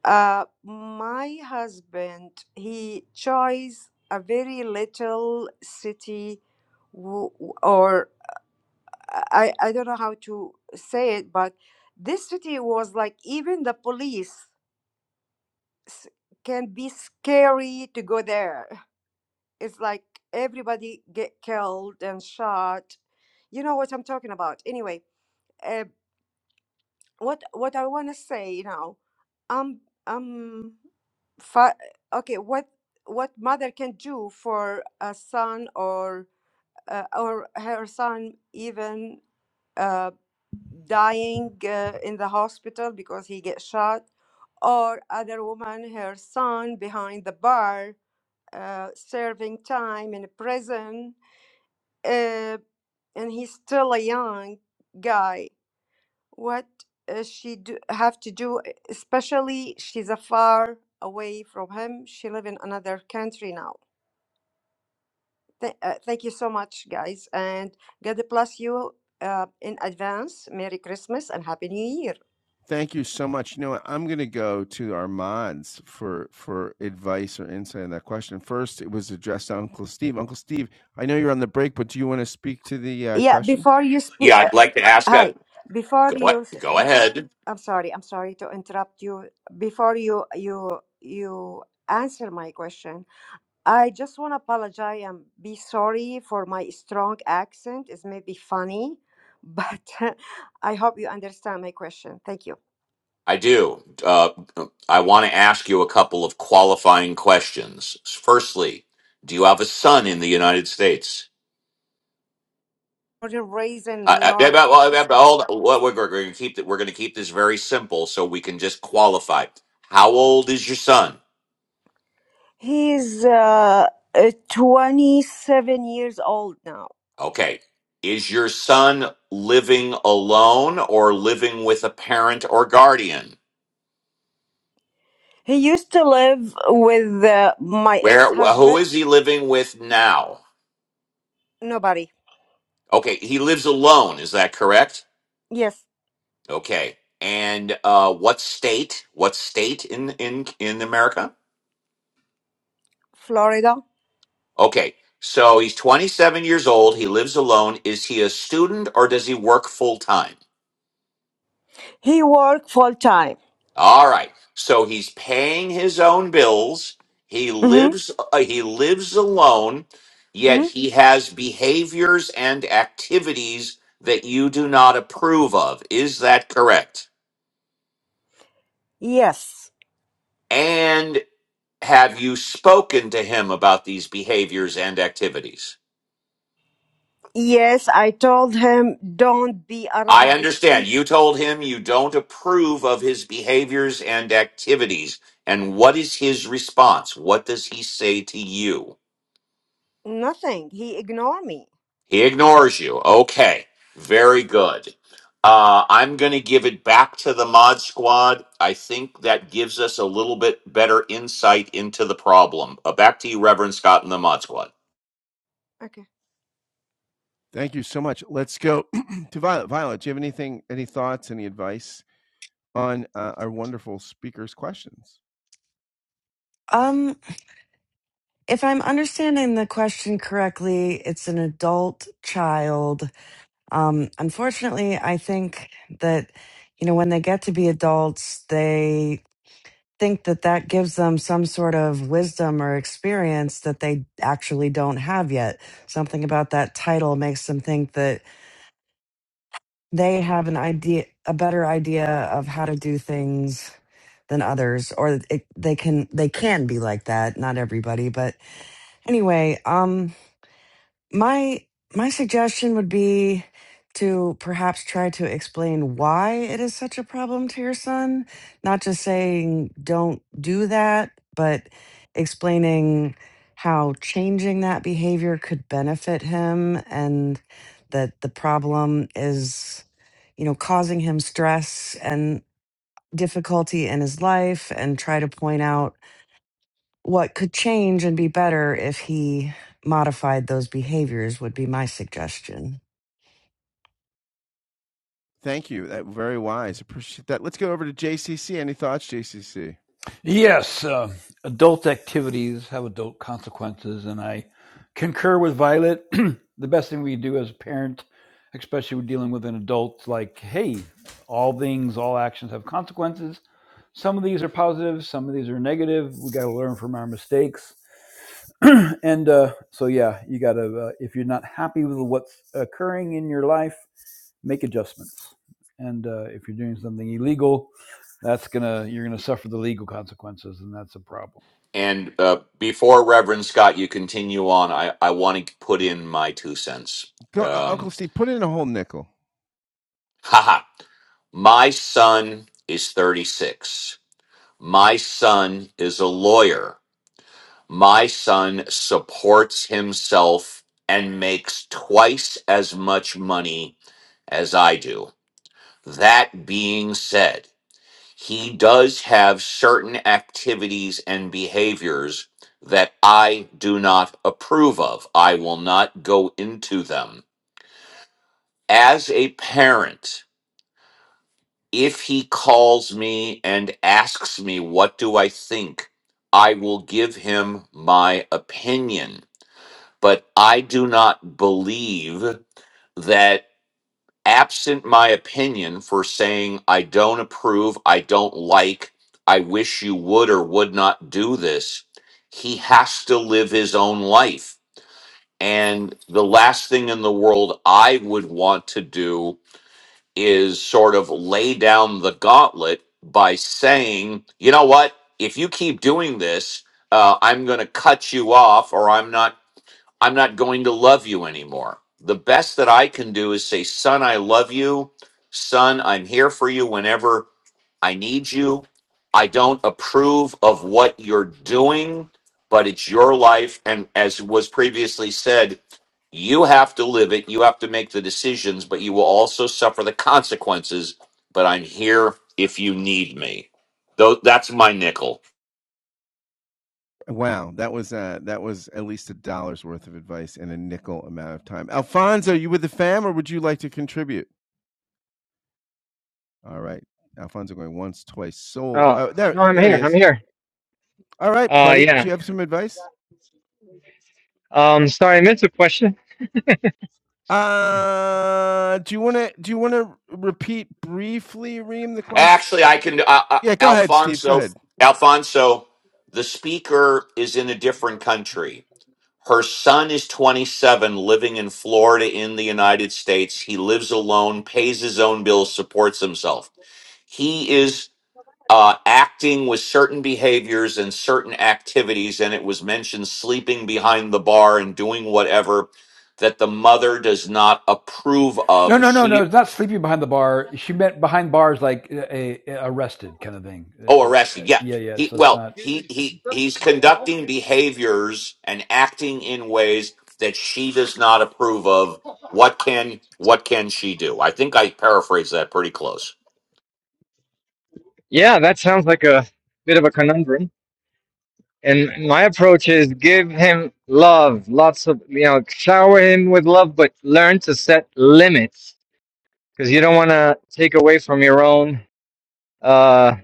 [SPEAKER 19] uh, my husband he chose a very little city, w- or I I don't know how to say it, but this city was like even the police s- can be scary to go there. It's like everybody get killed and shot. You know what I'm talking about. Anyway, eh, what what I want to say, now, um um fa- okay, what what mother can do for a son or uh, or her son even uh, dying uh, in the hospital because he gets shot, or other woman her son behind the bar uh, serving time in a prison, uh, and he's still a young guy what uh, she do, have to do e, especially she's a far away from him she live in another country now Th- uh, thank you so much guys and god bless you uh, in advance merry christmas and happy new year
[SPEAKER 3] Thank you so much. You know what? I'm going to go to our mods for for advice or insight on that question. First, it was addressed to Uncle Steve. Uncle Steve, I know you're on the break, but do you want to speak to the uh,
[SPEAKER 19] yeah
[SPEAKER 3] question?
[SPEAKER 19] before you speak
[SPEAKER 1] Yeah,
[SPEAKER 19] uh,
[SPEAKER 1] I'd like to ask that.
[SPEAKER 19] hi before
[SPEAKER 1] Go,
[SPEAKER 19] you s-
[SPEAKER 1] go ahead.
[SPEAKER 19] i'm sorry i'm sorry to interrupt you before you you you answer my question I just want to apologize and be sorry for my strong accent. It's maybe funny, but I hope you understand my question. Thank you.
[SPEAKER 1] I do. Uh, I want to ask you a couple of qualifying questions. Firstly, do you have a son in the United States?
[SPEAKER 19] Born raised in
[SPEAKER 1] I,
[SPEAKER 19] New
[SPEAKER 1] I, yeah,
[SPEAKER 19] York.
[SPEAKER 1] but- well, I- but hold on. What- We're, going to keep th- we're going to keep this very simple so we can just qualify. How old is your son?
[SPEAKER 19] He's uh, uh, 27 years old now.
[SPEAKER 1] Okay. Is your son living alone or living with a parent or guardian?
[SPEAKER 19] He used to live with uh, my ex
[SPEAKER 1] Where? Who
[SPEAKER 19] husband.
[SPEAKER 1] is he living with now?
[SPEAKER 19] Nobody.
[SPEAKER 1] Okay, he lives alone. Is that correct?
[SPEAKER 19] Yes,
[SPEAKER 1] Okay. And uh, what state? What state in in in America?
[SPEAKER 19] Florida.
[SPEAKER 1] Okay. So he's 27 years old. He lives alone. Is he a student or does he work full time?
[SPEAKER 19] He worked full time.
[SPEAKER 1] All right. So he's paying his own bills. He
[SPEAKER 19] hmm
[SPEAKER 1] lives uh, he lives alone, yet
[SPEAKER 19] hmm
[SPEAKER 1] he has behaviors and activities that you do not approve of. Is that correct?
[SPEAKER 19] Yes.
[SPEAKER 1] And have you spoken to him about these behaviors and activities?
[SPEAKER 19] Yes, I told him don't be
[SPEAKER 1] I
[SPEAKER 19] around this
[SPEAKER 1] understand
[SPEAKER 19] pe-
[SPEAKER 1] you told him you don't approve of his behaviors and activities. And what is his response? What does he say to you?
[SPEAKER 19] Nothing. He ignored me.
[SPEAKER 1] He ignores you. Okay, very good. Uh, I'm going to give it back to the mod squad. I think that gives us a little bit better insight into the problem. Uh, back to you, Reverend Scott, and the mod squad.
[SPEAKER 19] Okay.
[SPEAKER 3] Thank you so much. Let's go to Violet. Violet, do you have anything, any thoughts, any advice on uh, our wonderful speaker's questions?
[SPEAKER 2] Um, if I'm understanding the question correctly, it's an adult child Um, unfortunately, I think that, you know, when they get to be adults, they think that that gives them some sort of wisdom or experience that they actually don't have yet. Something about that title makes them think that they have an idea, a better idea of how to do things than others or it, they can they can be like that not everybody but anyway um my my suggestion would be to perhaps try to explain why it is such a problem to your son not just saying don't do that but explaining how changing that behavior could benefit him and that the problem is you know causing him stress and difficulty in his life and try to point out what could change and be better if he modified those behaviors would be my suggestion.
[SPEAKER 3] Thank you. That very wise. Appreciate that. Let's go over to JCC. Any thoughts, JCC?
[SPEAKER 4] Yes, uh, adult activities have adult consequences, and I concur with Violet. the best thing we do as a parent, especially when dealing with an adult, like, hey, all things, all actions have consequences. Some of these are positive, some of these are negative. We got to learn from our mistakes. and uh, so, yeah, you got to, uh, if you're not happy with what's occurring in your life, make adjustments. And uh, if you're doing something illegal, that's gonna you're gonna suffer the legal consequences, and that's a problem.
[SPEAKER 1] And uh, before Reverend Scott, you continue on. I, I want to put in my two cents.
[SPEAKER 3] Go, uh, Uncle
[SPEAKER 1] Um,
[SPEAKER 3] Steve. Put in a whole nickel.
[SPEAKER 1] haha. My son is 36. My son is a lawyer. My son supports himself and makes twice as much money as I do. That being said, he does have certain activities and behaviors that I do not approve of. I will not go into them. As a parent, if he calls me and asks me, What do I think? I will give him my opinion. But I do not believe that. absent my opinion for saying I don't approve, I don't like, I wish you would or would not do this, he has to live his own life. And the last thing in the world I would want to do is sort of lay down the gauntlet by saying, you know what, if you keep doing this, uh, I'm going to cut you off, or I'm not I'm not going to love you anymore. The best that I can do is say, Son, I love you. Son, I'm here for you whenever I need you. I don't approve of what you're doing, but it's your life. And as was previously said, you have to live it. You have to make the decisions, but you will also suffer the consequences. But I'm here if you need me. Though that's my nickel.
[SPEAKER 3] Wow, that was uh, that was at least a dollar's worth of advice in a nickel amount of time. Alfonso, are you with the fam, or would you like to contribute? All right, Alfonso going once, twice. Soul.
[SPEAKER 5] Oh,
[SPEAKER 3] Oh, there,
[SPEAKER 5] no, I'm
[SPEAKER 3] there he
[SPEAKER 5] here. I'm
[SPEAKER 3] is.
[SPEAKER 5] here.
[SPEAKER 3] All right,
[SPEAKER 5] Uh,
[SPEAKER 3] buddy. Do
[SPEAKER 5] yeah.
[SPEAKER 3] you have some advice?
[SPEAKER 5] Uh,
[SPEAKER 3] Uh, do you want to do you want to repeat briefly, Reem, the question?
[SPEAKER 1] Actually, I can. Uh, uh,
[SPEAKER 3] Yeah, go ahead, Steve. Go
[SPEAKER 1] Alfonso,
[SPEAKER 3] ahead.
[SPEAKER 1] Alfonso, the speaker is in a different country. Her son is 27, living in Florida in the United States. He lives alone, pays his own bills, supports himself. He is uh, acting with certain behaviors and certain activities, and it was mentioned sleeping behind the bar and doing whatever that the mother does not approve
[SPEAKER 4] No,
[SPEAKER 1] of.
[SPEAKER 4] no, no, no.
[SPEAKER 1] She
[SPEAKER 4] It's not sleeping behind the bar. She meant behind bars, like a, a arrested kind of thing.
[SPEAKER 1] Oh,
[SPEAKER 4] It's, uh,
[SPEAKER 1] arrested. Yeah.
[SPEAKER 4] yeah, yeah.
[SPEAKER 1] He
[SPEAKER 4] So it's
[SPEAKER 1] well,
[SPEAKER 4] not
[SPEAKER 1] he he he's conducting behaviors and acting in ways that she does not approve of. What can what can she do? I think I paraphrased that pretty close.
[SPEAKER 5] yeah, that sounds like a bit of a conundrum. And my approach is give him love, lots of, you know, shower him with love, but learn to set limits because you don't want to take away from your own uh,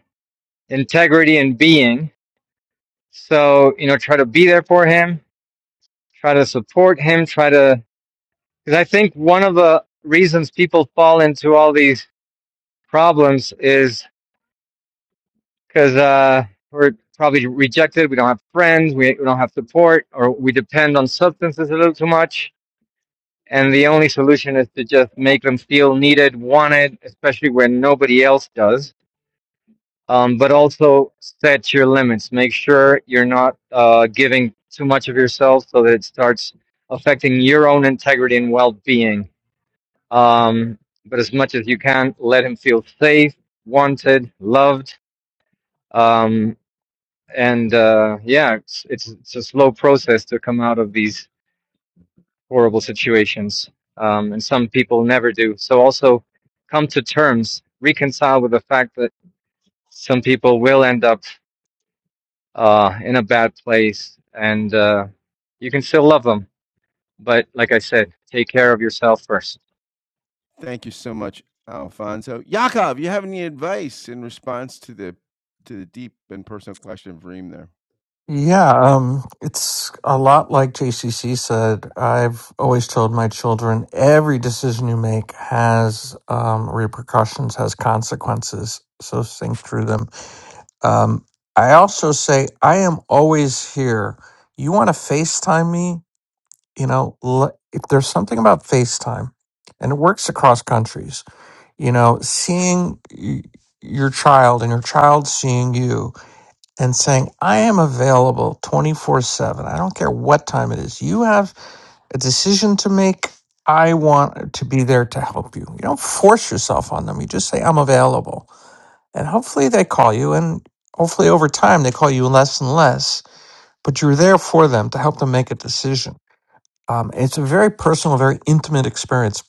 [SPEAKER 5] integrity and being. So, you know, try to be there for him, try to support him, try to Because I think one of the reasons people fall into all these problems is because uh, we're probably rejected. We don't have friends. We, we don't have support, or we depend on substances a little too much. And the only solution is to just make them feel needed, wanted, especially when nobody else does. Um, but also set your limits. Make sure you're not uh, giving too much of yourself so that it starts affecting your own integrity and well being Um, but as much as you can, let him feel safe, wanted, loved. Um, and uh, yeah, it's, it's it's a slow process to come out of these horrible situations, um, and some people never do. So also come to terms, reconcile with the fact that some people will end up uh, in a bad place, and uh, you can still love them. But like I said, take care of yourself first.
[SPEAKER 3] Thank you so much, Alfonso. Yaakov, you have any advice in response to the to the deep and personal question of Reem there?
[SPEAKER 10] Yeah, um, it's a lot like JCC said. I've always told my children every decision you make has um, repercussions, has consequences. So think through them. Um, I also say I am always here. You want to FaceTime me? You know, l- if there's something about FaceTime, and it works across countries. You know, seeing y- your child and your child seeing you and saying, I am available 24 7. I don't care what time it is. You have a decision to make. I want to be there to help you. You don't force yourself on them. You just say, I'm available. And hopefully they call you. And hopefully over time they call you less and less, but you're there for them to help them make a decision. Um, it's a very personal, very intimate experience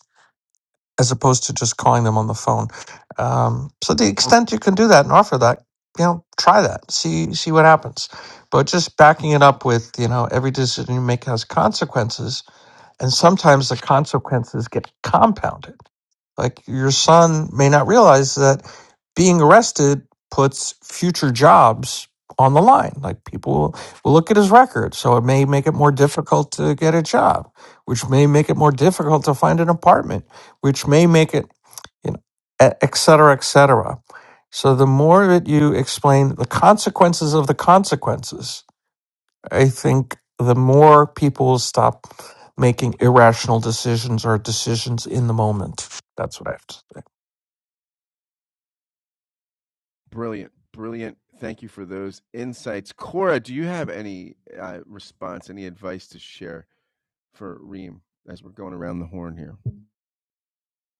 [SPEAKER 10] as opposed to just calling them on the phone. Um, so the extent you can do that and offer that, you know, try that. See see what happens. But just backing it up with, you know, every decision you make has consequences, and sometimes the consequences get compounded. Like your son may not realize that being arrested puts future jobs on the line. Like people will, will look at his record. So it may make it more difficult to get a job, which may make it more difficult to find an apartment, which may make it, you know, e- et cetera, et cetera. So the more that you explain the consequences of the consequences, I think the more people stop making irrational decisions or decisions in the moment, that's what I have to say.
[SPEAKER 3] Brilliant, brilliant. Thank you for those insights. Cora, do you have any uh, response, any advice to share for Reem as we're going around the horn here?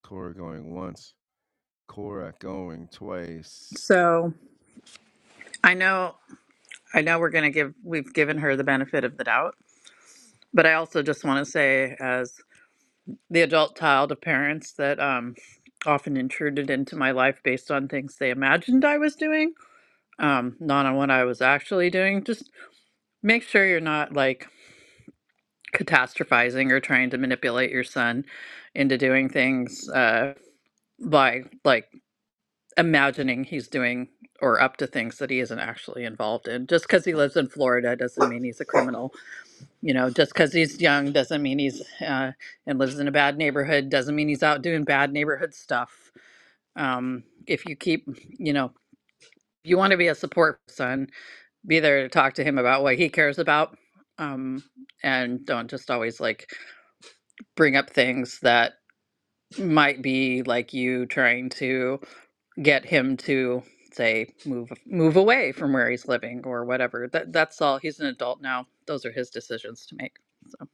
[SPEAKER 3] Cora going once, Cora going twice.
[SPEAKER 14] So I know I know we're gonna give we've given her the benefit of the doubt, but I also just want to say, as the adult child of parents that um often intruded into my life based on things they imagined I was doing, um, not on what I was actually doing. Just make sure you're not like catastrophizing or trying to manipulate your son into doing things uh by like imagining he's doing or up to things that he isn't actually involved in. Just because he lives in Florida doesn't mean he's a criminal. You know, just because he's young doesn't mean he's uh, and lives in a bad neighborhood doesn't mean he's out doing bad neighborhood stuff. Um, if you keep, you know, if you want to be a support son, be there to talk to him about what he cares about. Um, and don't just always like bring up things that might be like you trying to get him to say move move away from where he's living or whatever. That that's all. He's an adult now. Those are his decisions to make. So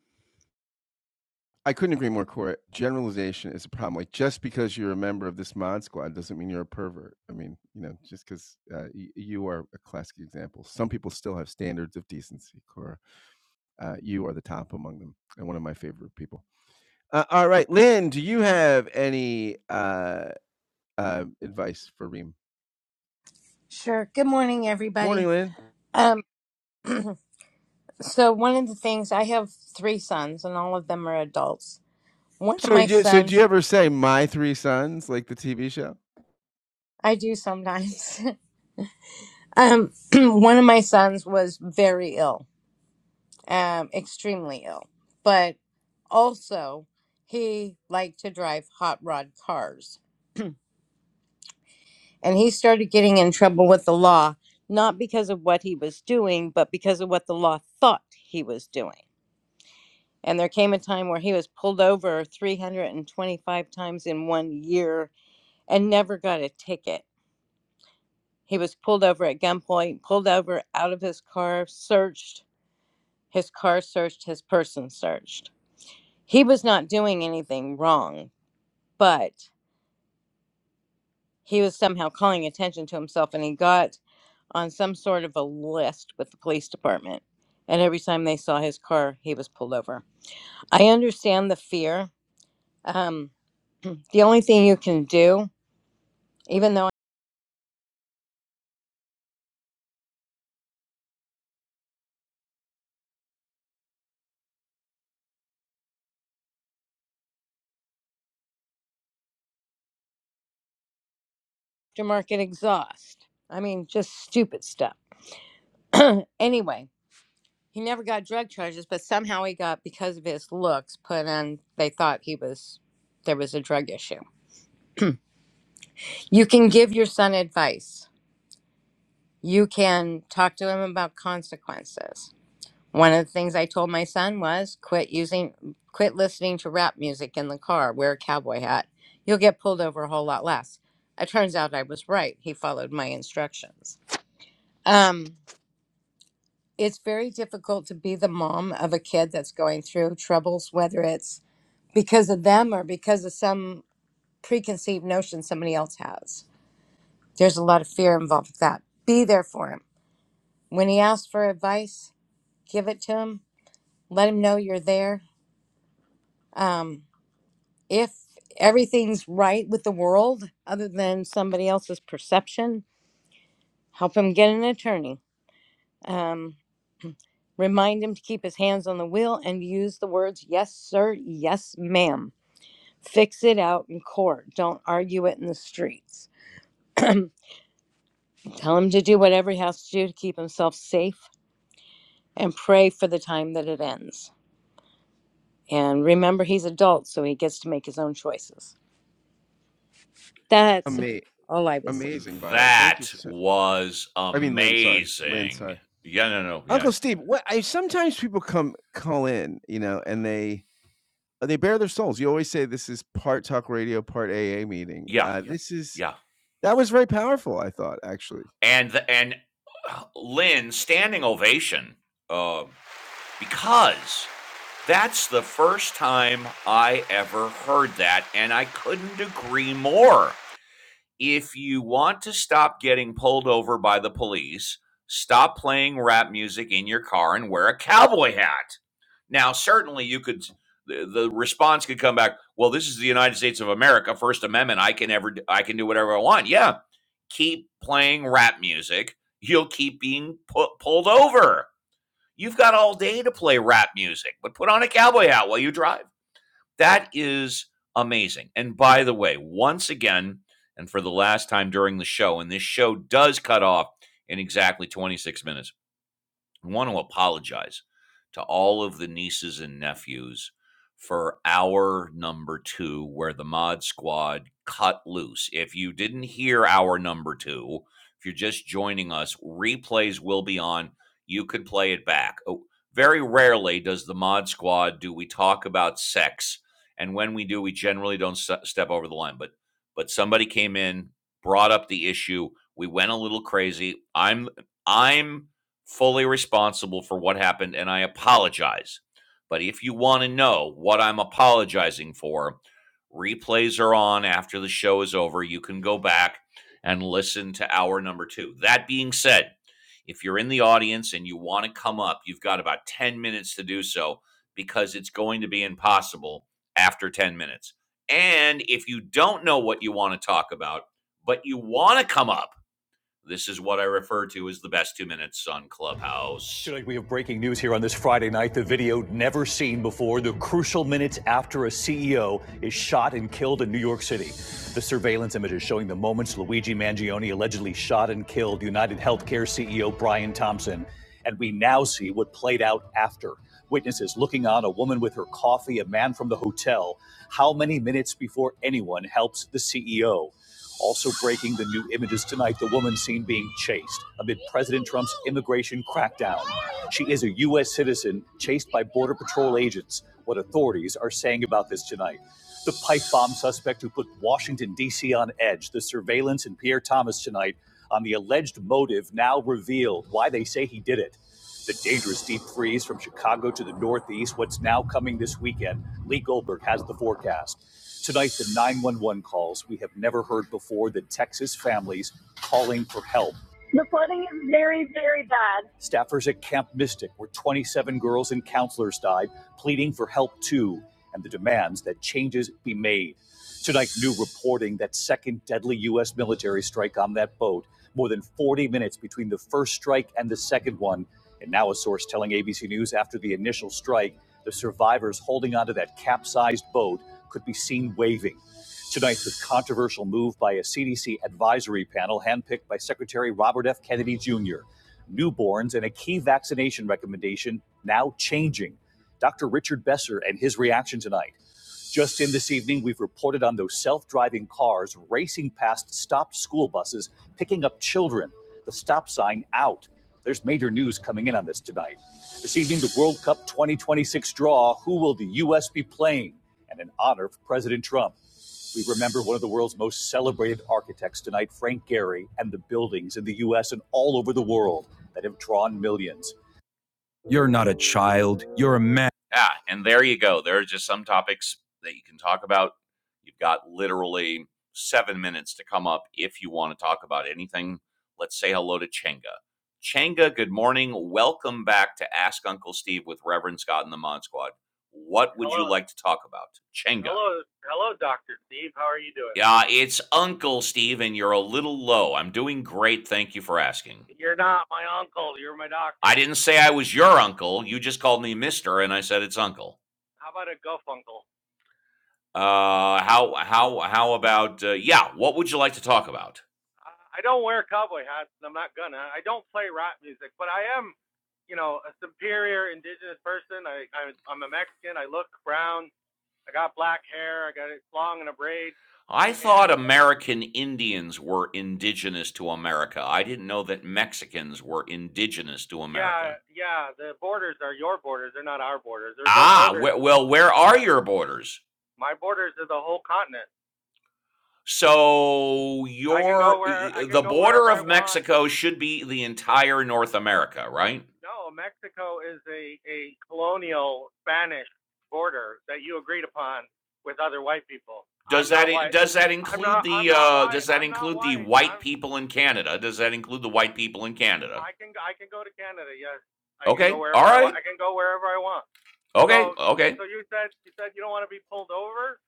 [SPEAKER 3] I couldn't agree more, Corey. Generalization is a problem. Like just because you're a member of this mod squad doesn't mean you're a pervert. I mean, you know, just because uh, y- you are a classic example. Some people still have standards of decency, Cora. Uh, you are the top among them, and one of my favorite people. Uh, all right, Lynn, do you have any uh, uh, advice for Reem?
[SPEAKER 20] Sure. Good morning,
[SPEAKER 3] Morning,
[SPEAKER 20] everybody.
[SPEAKER 3] Lynn.
[SPEAKER 20] Um, so one of the things I have three sons, and all of them are adults. One of
[SPEAKER 3] So
[SPEAKER 20] my
[SPEAKER 3] you so do you
[SPEAKER 20] sons,
[SPEAKER 3] ever say "My Three Sons" like the TV show?
[SPEAKER 20] I do sometimes. um, one of my sons was very ill, um, extremely ill, but also he liked to drive hot rod cars, and he started getting in trouble with the law, not because of what he was doing, but because of what the law thought he was doing And there came a time where he was pulled over 325 times in one year and never got a ticket. He was pulled over at gunpoint, pulled over out of his car, searched, his car searched, his person searched. He was not doing anything wrong, but he was somehow calling attention to himself and he got on some sort of a list with the police department. And every time they saw his car, he was pulled over. I understand the fear. Um, the only thing you can do even though aftermarket exhaust. I mean, just stupid stuff. Anyway, he never got drug charges, but somehow he got, because of his looks, put on, they thought he was, there was a drug issue. You can give your son advice, you can talk to him about consequences. One of the things I told my son was quit using, quit listening to rap music in the car, wear a cowboy hat. You'll get pulled over a whole lot less. It turns out I was right. He followed my instructions. Um, it's very difficult to be the mom of a kid that's going through troubles, whether it's because of them or because of some preconceived notion somebody else has. There's a lot of fear involved with that. Be there for him. When he asks for advice, give it to him. Let him know you're there. Um, if everything's right with the world, other than somebody else's perception, help him get an attorney. Um, remind him to keep his hands on the wheel and use the words, yes, sir, yes, ma'am Fix it out in court. Don't argue it in the streets. Tell him to do whatever he has to do to keep himself safe and pray for the time that it ends. And remember, he's adult, so he gets to make his own choices. That's
[SPEAKER 3] Ama-
[SPEAKER 20] all I would say.
[SPEAKER 3] Amazing, Violet. Thank you
[SPEAKER 1] That
[SPEAKER 3] so.
[SPEAKER 1] was
[SPEAKER 3] I mean, Lynn. Sorry, Lynn.
[SPEAKER 1] amazing.
[SPEAKER 3] Sorry,
[SPEAKER 1] Yeah, no, no, yeah,
[SPEAKER 3] Uncle Steve. What I sometimes people come call in, you know, and they they bare their souls. You always say this is part talk radio, part AA meeting.
[SPEAKER 1] yeah,
[SPEAKER 3] Uh, Yep. This is
[SPEAKER 1] yeah.
[SPEAKER 3] that was very powerful. I thought actually,
[SPEAKER 1] And the, and uh, Lynn standing ovation uh, because that's the first time I ever heard that, and I couldn't agree more. if you want to stop getting pulled over by the police, stop playing rap music in your car and wear a cowboy hat. Now, certainly you could the, the response could come back, well, this is the United States of America, First Amendment, I can ever I can do whatever I want. Yeah, keep playing rap music. You'll keep being pu- pulled over. You've got all day to play rap music, but put on a cowboy hat while you drive. That is amazing. And by the way, once again, and for the last time during the show, and this show does cut off in exactly 26 minutes. I want to apologize to all of the nieces and nephews for hour number two, where the mod squad cut loose. If you didn't hear hour number two, if you're just joining us, replays will be on. You could play it back. Oh, Very rarely does the mod squad do we talk about sex, and when we do, we generally don't se- step over the line. But but somebody came in, brought up the issue. We went a little crazy. I'm I'm fully responsible for what happened, and I apologize. But if you want to know what I'm apologizing for, replays are on after the show is over. You can go back and listen to hour number two. That being said, if you're in the audience and you want to come up, you've got about 10 minutes to do so because it's going to be impossible after 10 minutes. And if you don't know what you want to talk about, but you want to come up, this is what I refer to as the best two minutes on Clubhouse. Tonight, we have breaking news here on this Friday night. The video never seen before, the crucial minutes after a CEO is shot and killed in New York City. The surveillance images showing the moments Luigi Mangione allegedly shot and killed United Healthcare CEO Brian Thompson. And we now see what played out after. Witnesses looking on a woman with her coffee, a man from the hotel, how many minutes before anyone helps the CEO? Also breaking the new images tonight, the woman seen being chased amid President Trump's immigration crackdown. She is a U.S. citizen chased by Border Patrol agents. What authorities are saying about this tonight. The pipe bomb suspect who put Washington, D.C. on edge, the surveillance in Pierre Thomas tonight on the alleged motive now revealed, why they say he did it. The dangerous deep freeze from Chicago to the Northeast, what's now coming this weekend. Lee Goldberg has the forecast. Tonight, the 911 calls we have never heard before, the Texas families calling for help. Staffers at Camp Mystic, where 27 girls and counselors died, pleading for help too, and the demands that changes be made. Tonight, new reporting that second deadly U.S. military strike on that boat, more than 40 minutes between the first strike and the second one. And now, a source telling ABC News after the initial strike, the survivors holding onto that capsized boat could be seen waving. Tonight, the controversial move by a CDC advisory panel handpicked by Secretary Robert F. Kennedy Jr newborns, and a key vaccination recommendation now changing. Dr. Richard Besser and his reaction tonight. Just in this evening, we've reported on those self driving cars racing past stopped school buses, picking up children, the stop sign out. There's major news coming in on this tonight. This evening, the World Cup 2026 draw who will the U.S. be playing? And an honor for President Trump. We remember one of the world's most celebrated architects tonight, Frank Gehry, and the buildings in the U.S. and all over the world that have drawn millions. Yeah, and there you go. There are just some topics that you can talk about. You've got literally seven minutes to come up if you want to talk about anything. Let's say hello to Chenga. Chenga, good morning. Welcome back to Ask Uncle Steve with Reverend Scott and the Mod Squad. What would you
[SPEAKER 21] Hello,
[SPEAKER 1] like to talk about? Chenga.
[SPEAKER 21] hello, hello, Doctor Steve. How are you doing?
[SPEAKER 1] Yeah, it's Uncle Steve, and you're a little low. I'm doing great. Thank you for asking.
[SPEAKER 21] You're not my uncle. You're my
[SPEAKER 1] I
[SPEAKER 21] doctor.
[SPEAKER 1] didn't say I was your uncle. You just called me Mister, and I said it's Uncle.
[SPEAKER 21] How about a gufuncle?
[SPEAKER 1] Uh, how how how about uh, yeah? What would you like to talk about?
[SPEAKER 21] I I don't wear cowboy hats, and I'm not gonna. I don't play rap music, but I am, you know, a superior indigenous person. I, I I'm a Mexican. I look brown. I got black hair. I got it long and a braid.
[SPEAKER 1] I thought
[SPEAKER 21] And
[SPEAKER 1] American Indians were indigenous to America. I didn't know that Mexicans were indigenous to
[SPEAKER 21] yeah,
[SPEAKER 1] America.
[SPEAKER 21] yeah, the borders are your borders. They're not our borders. There's no
[SPEAKER 1] Ah,
[SPEAKER 21] borders.
[SPEAKER 1] wh- well, where are
[SPEAKER 21] Yeah,
[SPEAKER 1] your borders?
[SPEAKER 21] my borders are the whole continent.
[SPEAKER 1] So
[SPEAKER 21] I can go
[SPEAKER 1] your
[SPEAKER 21] where I can
[SPEAKER 1] the
[SPEAKER 21] go wherever
[SPEAKER 1] border
[SPEAKER 21] I
[SPEAKER 1] of
[SPEAKER 21] want.
[SPEAKER 1] Mexico should be the entire North America, right?
[SPEAKER 21] No, Mexico is a, a colonial Spanish border that you agreed upon with other white people.
[SPEAKER 1] Does
[SPEAKER 21] I'm
[SPEAKER 1] that
[SPEAKER 21] not
[SPEAKER 1] in-
[SPEAKER 21] white.
[SPEAKER 1] does that
[SPEAKER 21] I'm
[SPEAKER 1] include
[SPEAKER 21] not. I'm
[SPEAKER 1] the
[SPEAKER 21] not
[SPEAKER 1] uh,
[SPEAKER 21] white.
[SPEAKER 1] does that
[SPEAKER 21] I'm not
[SPEAKER 1] include the
[SPEAKER 21] white.
[SPEAKER 1] white
[SPEAKER 21] I'm.
[SPEAKER 1] people in Canada? Does that include the white people in Canada?
[SPEAKER 21] I can I can go to Canada. Yes, I can go
[SPEAKER 1] Okay, all
[SPEAKER 21] wherever I
[SPEAKER 1] right.
[SPEAKER 21] want. I can go wherever I want.
[SPEAKER 1] Okay,
[SPEAKER 21] So
[SPEAKER 1] okay.
[SPEAKER 21] so you said you said you don't want to be pulled over.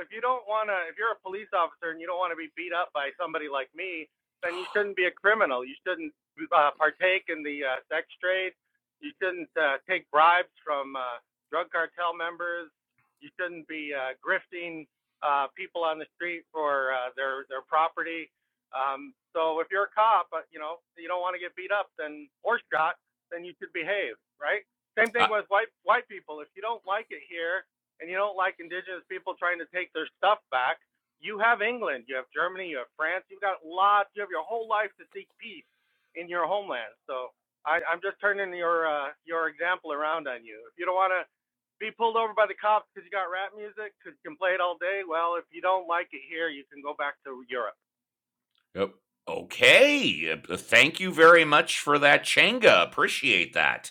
[SPEAKER 21] If you don't want to, if you're a police officer and you don't want to be beat up by somebody like me, then you shouldn't be a criminal. You shouldn't uh, partake in the uh, sex trade. You shouldn't uh, take bribes from uh, drug cartel members. You shouldn't be uh, grifting uh, people on the street for uh, their their property um, so if you're a cop, uh, you know you don't want to get beat up, then or shot, then you should behave, right? Same
[SPEAKER 1] Uh,
[SPEAKER 21] thing with white white people. If you don't like it here, and you don't like indigenous people trying to take their stuff back, you have England, you have Germany, you have France. You've got lots. You have your whole life to seek peace in your homeland. So I, I'm just turning your uh, your example around on you. If you don't want to be pulled over by the cops because you got rap music, because you can play it all day. Well, if you don't like it here, you can go back to Europe.
[SPEAKER 1] yep. Okay. Uh, thank you very much for that, Changa. Appreciate that.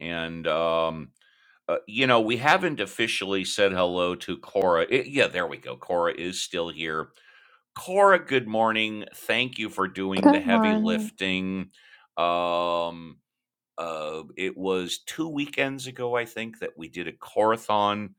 [SPEAKER 1] And um, uh, you know, we haven't officially said hello to Cora. I- yeah, there we go. Cora is still here. Cora, good morning. Thank you for doing the
[SPEAKER 14] Good
[SPEAKER 1] heavy
[SPEAKER 14] morning.
[SPEAKER 1] lifting. Um, Uh, it was two weekends ago, I think, that we did a corathon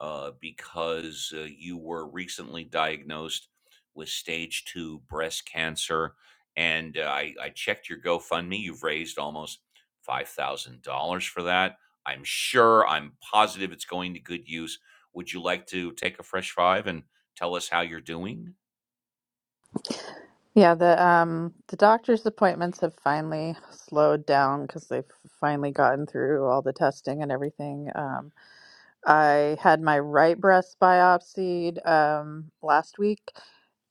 [SPEAKER 1] uh, because uh, you were recently diagnosed with stage two breast cancer, and uh, I, I checked your GoFundMe. You've raised almost five thousand dollars for that. I'm sure, I'm positive it's going to good use. Would you like to take a fresh five and tell us how you're doing?
[SPEAKER 14] Yeah, the um the doctor's appointments have finally slowed down because they've finally gotten through all the testing and everything. Um, I had my right breast biopsied um last week,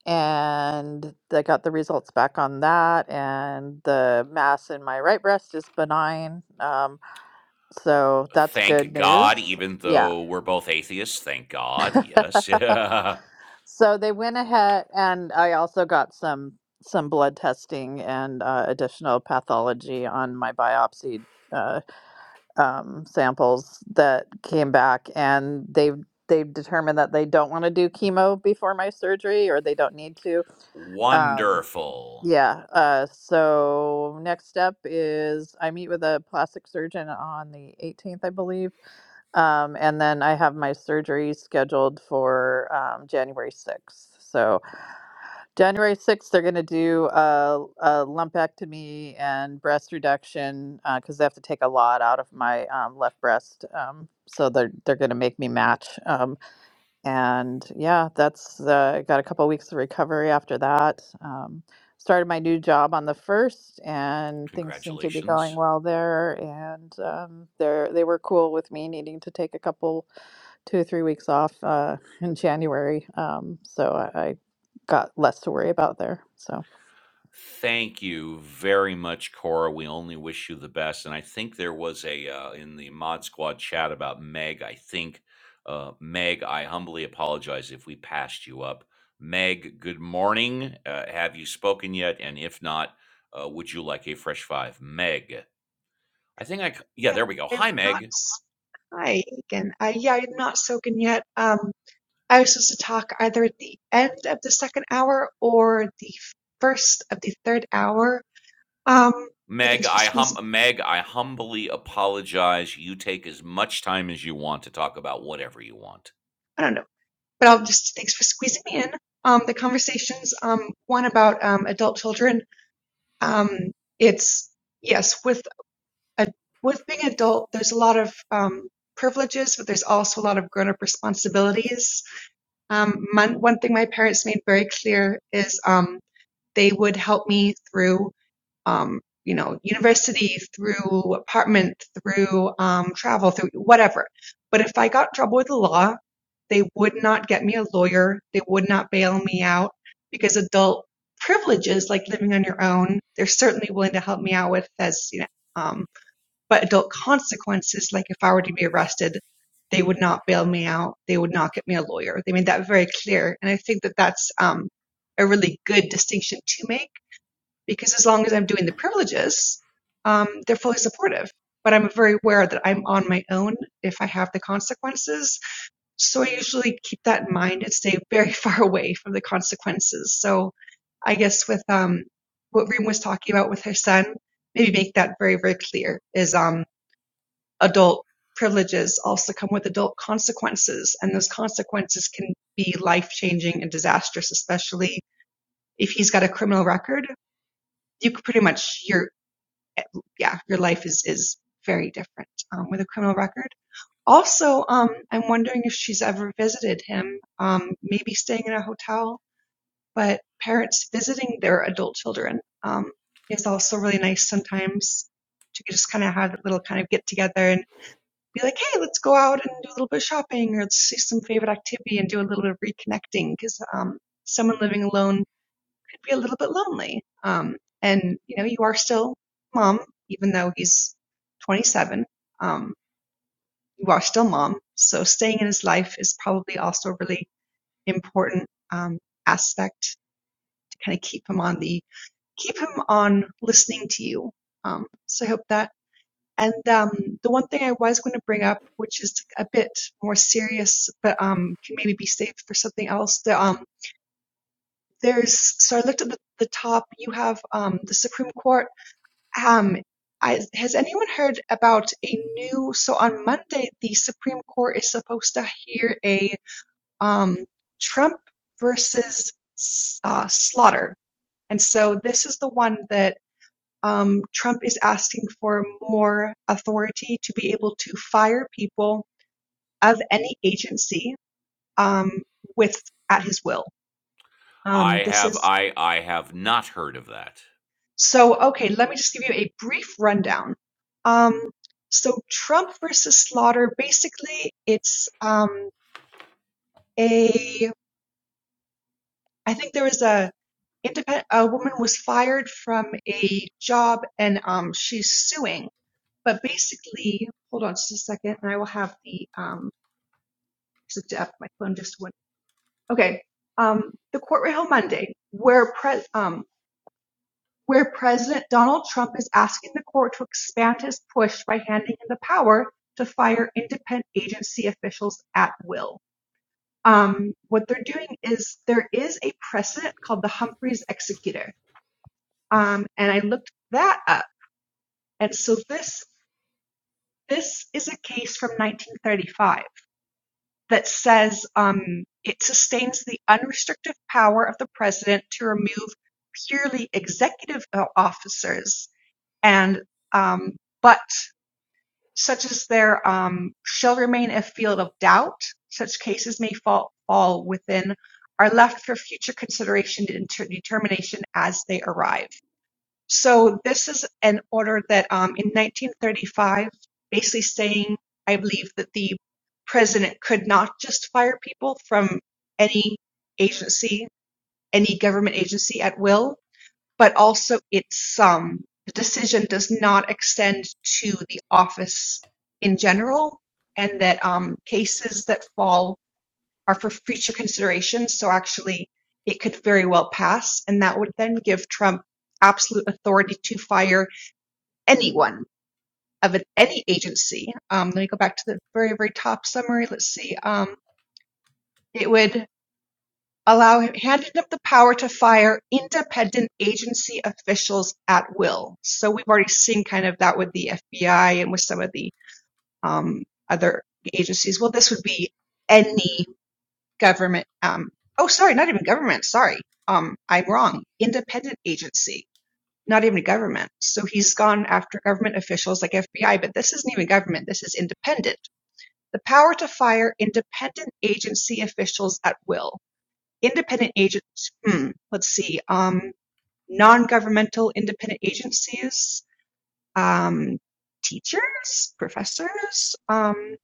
[SPEAKER 14] and I got the results back on that, and the mass in my right breast is benign. Um, So that's good
[SPEAKER 1] Thank God,
[SPEAKER 14] news.
[SPEAKER 1] even
[SPEAKER 14] Yeah.
[SPEAKER 1] though we're both atheists. Thank God, yes.
[SPEAKER 14] So they went ahead, and I also got some some blood testing and uh, additional pathology on my biopsy uh, um, samples that came back, and they've they've determined that they don't want to do chemo before my surgery, or they don't need to. Um,
[SPEAKER 1] Wonderful.
[SPEAKER 14] yeah. Uh, so next step is I meet with a plastic surgeon on the 18th, I believe Um, and then I have my surgery scheduled for um, January 6th. So, January 6th, they're going to do a, a lumpectomy and breast reduction because they have to take a lot out of my um, left breast. Um, so, they're, they're going to make me match. Um, and yeah, that's uh, got a couple weeks of recovery after that. Um, started my new job on the first and things seem to be going
[SPEAKER 1] Congratulations.
[SPEAKER 14] well there and um, they're they were cool with me needing to take a couple two or three weeks off uh, in January, um, so I, I got less to worry about there. So
[SPEAKER 1] Thank you very much, Cora. We only wish you the best. And I think there was a uh, in the Mod Squad chat about Meg. I think, uh, Meg, I humbly apologize if we passed you up. Meg, good morning. Uh, have you spoken yet? And if not, uh, would you like a fresh five? Meg. I think I, c- yeah,
[SPEAKER 22] Yeah,
[SPEAKER 1] there we go.
[SPEAKER 22] I've
[SPEAKER 1] Hi,
[SPEAKER 22] not.
[SPEAKER 1] Meg.
[SPEAKER 22] s- Hi again. Uh, yeah, I've not spoken yet. Um, I was supposed to talk either at the end of the second hour or the first of the third hour. Um, but
[SPEAKER 1] Meg,
[SPEAKER 22] thanks for
[SPEAKER 1] I
[SPEAKER 22] squeezing.
[SPEAKER 1] hum- Meg, I humbly apologize. You take as much time as you want to talk about whatever you want.
[SPEAKER 22] I don't know, but I'll just thanks for squeezing me in. Um, the conversations. Um, one about um adult children. Um, it's yes with a with being adult. There's a lot of um privileges, but there's also a lot of grown up responsibilities. Um, my, one thing my parents made very clear is um, they would help me through, um, you know, university, through apartment, through um, travel, through whatever. But if I got in trouble with the law, they would not get me a lawyer. They would not bail me out because adult privileges, like living on your own, they're certainly willing to help me out with as, you know, um, but adult consequences, like if I were to be arrested, they would not bail me out. They would not get me a lawyer. They made that very clear. And I think that that's um, a really good distinction to make because as long as I'm doing the privileges, um, they're fully supportive. But I'm very aware that I'm on my own if I have the consequences. So I usually keep that in mind and stay very far away from the consequences. So I guess with um, what Reem was talking about with her son, maybe make that very, very clear is um, adult privileges also come with adult consequences, and those consequences can be life changing and disastrous, especially if he's got a criminal record. You could pretty much your yeah your life is is very different um, with a criminal record. Also, um, I'm wondering if she's ever visited him, um, maybe staying in a hotel, but parents visiting their adult children um, is also really nice sometimes to just kind of have that little kind of get together and be like, hey, let's go out and do a little bit of shopping or let's see some favorite activity and do a little bit of reconnecting because um, someone living alone could be a little bit lonely. Um, and you know, you are still mom, even though he's 27. Um, you are still mom, so staying in his life is probably also a really important um, aspect to kind of keep him on the keep him on listening to you. Um, so I hope that and um, the one thing I was going to bring up, which is a bit more serious, but um, can maybe be saved for something else. The, um, there's so I looked at the, the top. You have um, the Supreme Court. Um, I, has anyone heard about a new? So on Monday, the Supreme Court is supposed to hear a um, Trump versus uh, Slaughter, and so this is the one that um, Trump is asking for more authority to be able to fire people of any agency um, with at his will. Um,
[SPEAKER 1] I
[SPEAKER 22] this
[SPEAKER 1] have
[SPEAKER 22] is
[SPEAKER 1] I I have not heard of that.
[SPEAKER 22] so okay. Let me just give you a brief rundown. Um, so Trump versus Slaughter, basically, it's um, a. I think there was a independent a woman was fired from a job and um, she's suing. But basically, hold on just a second, and I will have the um, This is Jeff. My phone just went. Okay. Um, the court will held Monday, where pres um, where President Donald Trump is asking the court to expand his push by handing him the power to fire independent agency officials at will. Um, what they're doing is there is a precedent called the Humphreys Executor, um, and I looked that up. And so this this is a case from 1935. that says um, it sustains the unrestricted power of the president to remove purely executive uh, officers and um, but such as there um, shall remain a field of doubt such cases may fall, fall within are left for future consideration and determination as they arrive so this is an order that um, in 1935, basically saying, I believe that the president could not just fire people from any agency, any government agency at will, but also its um, the decision does not extend to the office in general, and that um, cases that fall are for future consideration. So actually, it could very well pass, and that would then give Trump absolute authority to fire anyone of an, any agency. Um, let me go back to the very, very top summary. Let's see. Um, it would allow him, handed him the power to fire independent agency officials at will. So we've already seen kind of that with the FBI and with some of the um, other agencies. Well, this would be any government. Um, oh, sorry, not even government. Sorry. Um, I'm wrong. Independent agency. not even government. So he's gone after government officials like FBI, but this isn't even government. This is independent. The power to fire independent agency officials at will. Independent agents. Hmm, let's see. Um, non-governmental independent agencies. Um, teachers, professors. Um,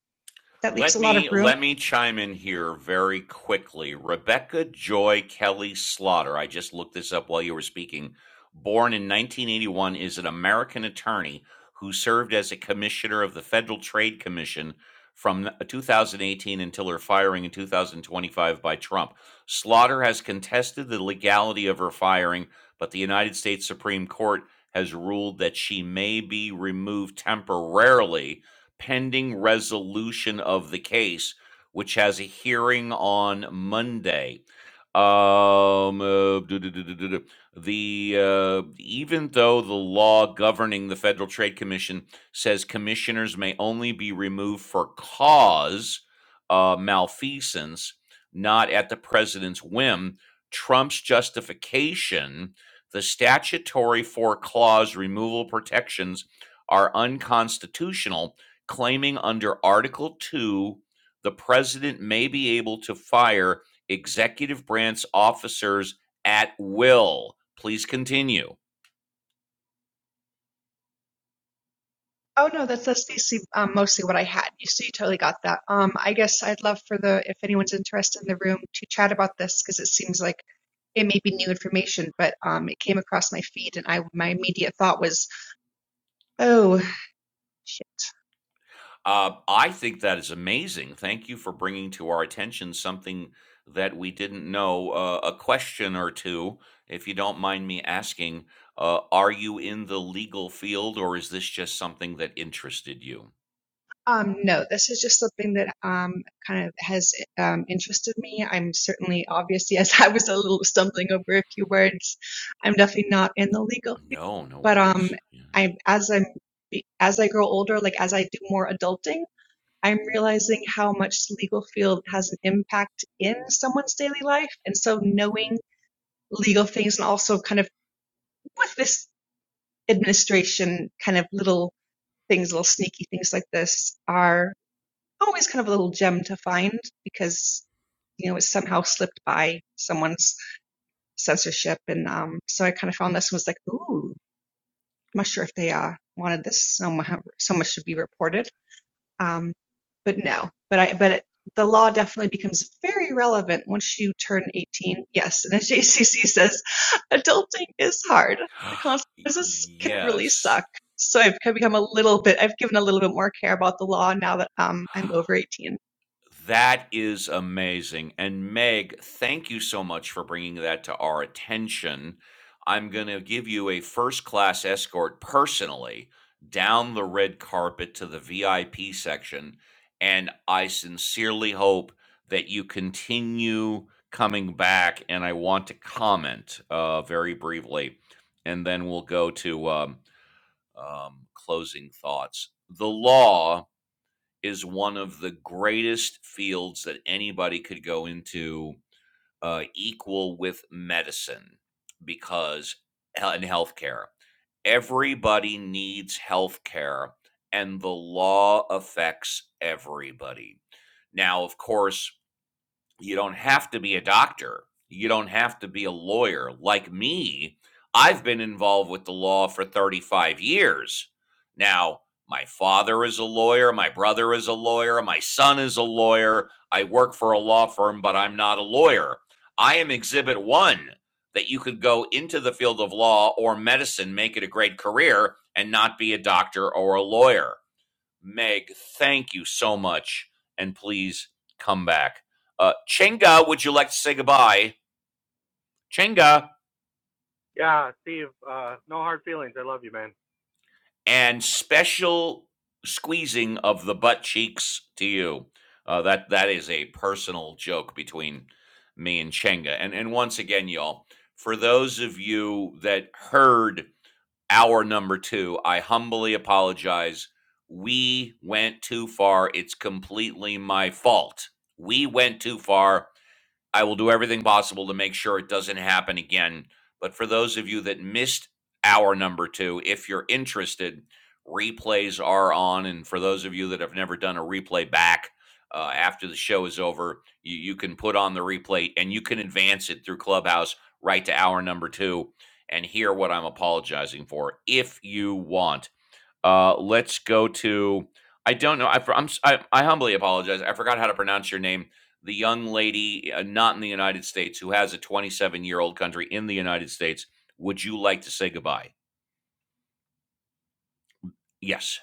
[SPEAKER 22] that leaves
[SPEAKER 1] Let
[SPEAKER 22] a lot of
[SPEAKER 1] me
[SPEAKER 22] room
[SPEAKER 1] let me chime in here very quickly. Rebecca Joy Kelly Slaughter, I just looked this up while you were speaking, born in 1981 is an American attorney who served as a commissioner of the Federal Trade Commission from 2018 until her firing in 2025 by Trump. Slaughter has contested the legality of her firing, but the United States Supreme Court has ruled that she may be removed temporarily pending resolution of the case, which has a hearing on Monday. Um, uh, duh, duh, duh, duh, duh, duh. the uh, even though the law governing the Federal Trade Commission says commissioners may only be removed for cause uh, malfeasance, not at the president's whim. Trump's justification the statutory four clause removal protections are unconstitutional claiming under Article 2 the president may be able to fire executive branch officers at will. Please continue.
[SPEAKER 22] Oh no, that's that's basically um, mostly what I had. You see, you totally got that. Um, I guess I'd love for the if anyone's interested in the room to chat about this because it seems like it may be new information, but um, it came across my feed and I my immediate thought was, oh shit.
[SPEAKER 1] Uh, I think that is amazing. Thank you for bringing to our attention something that we didn't know. Uh, a question or two, if you don't mind me asking. Uh, are you in the legal field or is this just something that interested you?
[SPEAKER 22] Um, no, this is just something that um kind of has um interested me. I'm certainly obviously as I was a little stumbling over a few words, I'm definitely not in the legal field,
[SPEAKER 1] No, no
[SPEAKER 22] but um,
[SPEAKER 1] worries. Yeah.
[SPEAKER 22] i as I'm as I grow older, like as I do more adulting. I'm realizing how much the legal field has an impact in someone's daily life. And so knowing legal things and also kind of with this administration, kind of little things, little sneaky things like this are always kind of a little gem to find because, you know, it somehow slipped by someone's censorship. And um, so I kind of found this and was like, ooh, I'm not sure if they uh, wanted this so much, so much to be reported. Um, but no, but I, but it, the law definitely becomes very relevant once you turn 18. Yes, and as JCC says, adulting is hard. The consequences can really
[SPEAKER 1] yes.
[SPEAKER 22] suck. So I've become a little bit, I've given a little bit more care about the law now that um, I'm over 18.
[SPEAKER 1] That is amazing. And Meg, thank you so much for bringing that to our attention. I'm going to give you a first class escort personally down the red carpet to the VIP section. And I sincerely hope that you continue coming back. And I want to comment uh, very briefly, and then we'll go to um, um, closing thoughts. The law is one of the greatest fields that anybody could go into, uh, equal with medicine because in healthcare. Everybody needs healthcare, and the law affects everybody. Now, of course, you don't have to be a doctor. You don't have to be a lawyer. Like me, I've been involved with the law for 35 years. Now, my father is a lawyer. My brother is a lawyer. My son is a lawyer. I work for a law firm, but I'm not a lawyer. I am exhibit one that you could go into the field of law or medicine, make it a great career, and not be a doctor or a lawyer. Meg, thank you so much, and please come back. Uh, Chenga, would you like to say goodbye? Chenga,
[SPEAKER 21] Yeah, Steve, uh, no hard feelings. I love you, man.
[SPEAKER 1] and special squeezing of the butt cheeks to you. Uh, that that is a personal joke between me and Chenga. And and once again, y'all, for those of you that heard our number two, I humbly apologize. We went too far. It's completely my fault. We went too far I will do everything possible to make sure it doesn't happen again. But for those of you that missed hour number two, if you're interested, replays are on. And for those of you that have never done a replay back uh, after the show is over, you, you can put on the replay and you can advance it through Clubhouse right to hour number two and hear what I'm apologizing for if you want. Uh, let's go to. I don't know. I, for- I'm. si humbly apologize. I forgot how to pronounce your name. The young lady, uh, not in the United States, who has a 27 year old country in the United States. Would you like to say goodbye? Yes.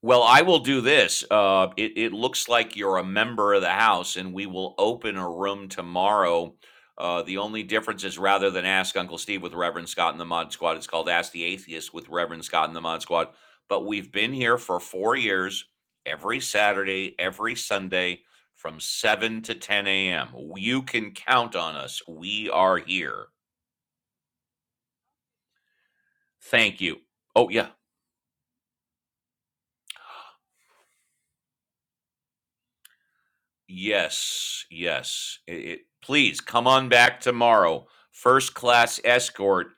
[SPEAKER 1] Well, I will do this. Uh, it, it looks like you're a member of the house, and we will open a room tomorrow. Uh, the only difference is rather than Ask Uncle Steve with Reverend Scott and the Mod Squad, it's called Ask the Atheist with Reverend Scott and the Mod Squad. But we've been here for four years, every Saturday, every Sunday from 7 to 10 a.m. You can count on us. We are here. Thank you. Oh, yeah. Yes, yes. It, it, please come on back tomorrow. First class escort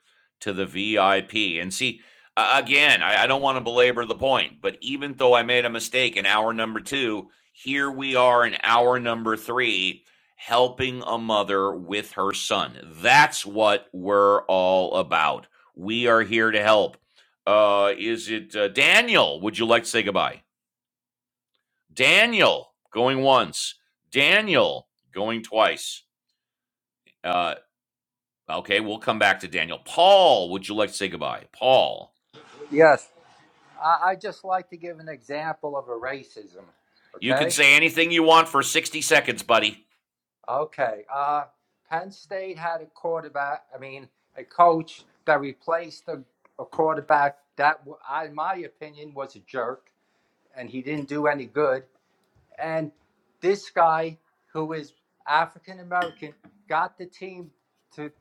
[SPEAKER 1] to the VIP. And see, uh, again, I, I don't want to belabor the point, but even though I made a mistake in hour number two, here we are in hour number three, helping a mother with her son. That's what we're all about. We are here to help. Uh, is it uh, Daniel? Would you like to say goodbye? Daniel going once. Daniel going twice. Uh, okay, we'll come back to Daniel. Paul, would you like to say goodbye? Paul,
[SPEAKER 12] Yes, I, I just like to give an example of a racism.
[SPEAKER 1] you can
[SPEAKER 12] Okay?
[SPEAKER 1] say anything you want for 60 seconds, buddy.
[SPEAKER 12] Okay. Uh, Penn State had a quarterback, I mean, a coach that replaced a, a quarterback that, w- I- in my opinion, was a jerk and he didn't do any good. And this guy, who is African American, got the team to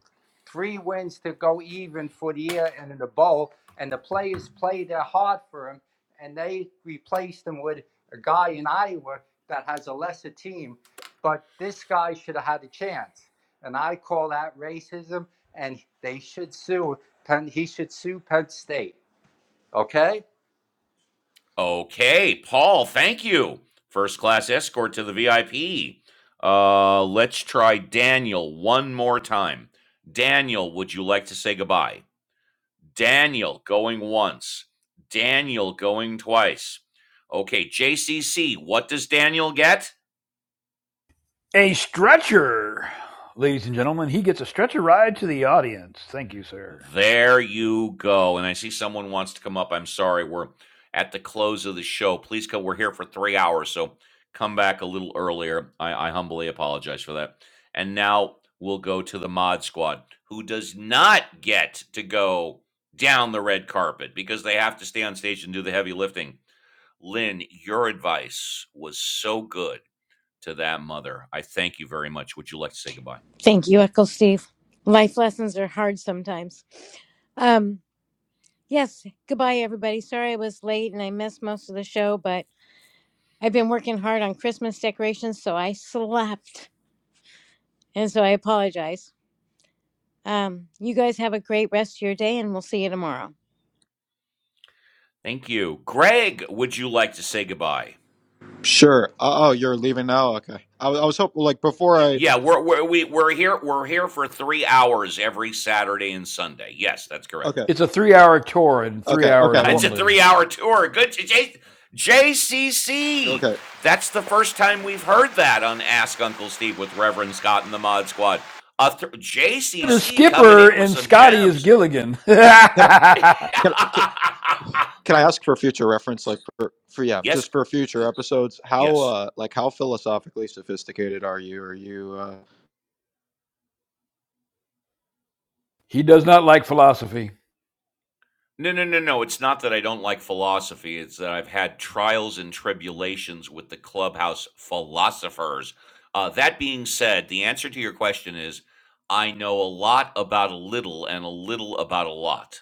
[SPEAKER 12] three wins to go even for the year and in the bowl. And the players played their hard for him, and they replaced him with a guy in Iowa that has a lesser team. But this guy should have had a chance. And I call that racism, and they should sue. Penn, he should sue Penn State. Okay?
[SPEAKER 1] Okay, Paul, thank you. First class escort to the VIP. Uh, let's try Daniel one more time. Daniel, would you like to say goodbye? Daniel going once. Daniel going twice. Okay, JCC, what does Daniel get?
[SPEAKER 4] a stretcher, ladies and gentlemen. He gets a stretcher ride to the audience. Thank you, sir.
[SPEAKER 1] There you go. And I see someone wants to come up. I'm sorry. We're at the close of the show. Please come. We're here for three hours. So come back a little earlier. I, I humbly apologize for that. And now we'll go to the mod squad, who does not get to go down the red carpet because they have to stay on stage and do the heavy lifting. Lynn, your advice was so good to that mother. I thank you very much. Would you like to say goodbye?
[SPEAKER 20] Thank you, Uncle Steve. Life lessons are hard sometimes. Um, yes, goodbye, everybody. Sorry I was late and I missed most of the show, but I've been working hard on Christmas decorations, so I slept. And so I apologize. Um, you guys have a great rest of your day, and we'll see you tomorrow.
[SPEAKER 1] Thank you. Greg, would you like to say goodbye?
[SPEAKER 8] Sure. Uh, oh, you're leaving now. Okay. I, was- I was hoping like before I.
[SPEAKER 1] Yeah, we're we're we, we're here we're here for three hours every Saturday and Sunday. Yes, that's correct.
[SPEAKER 8] Okay.
[SPEAKER 4] It's a three-hour tour and three
[SPEAKER 8] Okay.
[SPEAKER 4] hours
[SPEAKER 8] Okay.
[SPEAKER 1] It's
[SPEAKER 8] Well.
[SPEAKER 1] a
[SPEAKER 4] only.
[SPEAKER 1] three-hour tour. Good to J- JCC.
[SPEAKER 8] Okay.
[SPEAKER 1] That's the first time we've heard that on Ask Uncle Steve with Reverend Scott and the Mod Squad. A th-
[SPEAKER 4] The
[SPEAKER 1] JCC coming
[SPEAKER 4] skipper
[SPEAKER 1] in with
[SPEAKER 4] and
[SPEAKER 1] some
[SPEAKER 4] Scotty is
[SPEAKER 1] gems.
[SPEAKER 4] Gilligan.
[SPEAKER 8] Can I? Can I? Can I ask for future reference, like for, for yeah,
[SPEAKER 1] yes,
[SPEAKER 8] just for future episodes? How
[SPEAKER 1] yes.
[SPEAKER 8] uh, like how philosophically sophisticated are you? Are you uh,
[SPEAKER 4] he does not like philosophy.
[SPEAKER 1] No, no, no, no. It's not that I don't like philosophy. It's that I've had trials and tribulations with the clubhouse philosophers. Uh, that being said, the answer to your question is I know a lot about a little and a little about a lot.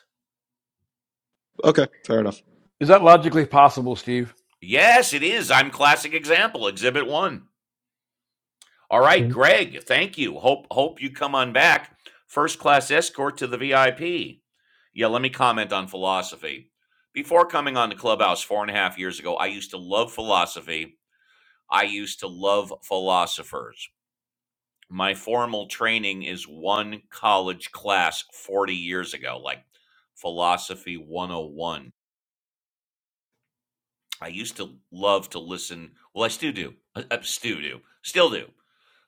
[SPEAKER 8] okay? Fair enough.
[SPEAKER 4] Is that logically possible, Steve?
[SPEAKER 1] Yes, it is. I'm classic example, exhibit one. All right,
[SPEAKER 10] Mm.
[SPEAKER 1] Greg, thank you. Hope hope you come on back. First class escort to the VIP. Yeah, let me comment on philosophy. Before coming on the clubhouse four and a half years ago, I used to love philosophy I used to love philosophers. My formal training is one college class 40 years ago, like Philosophy 101. I used to love to listen. Well, I still do. I, I still do. Still do.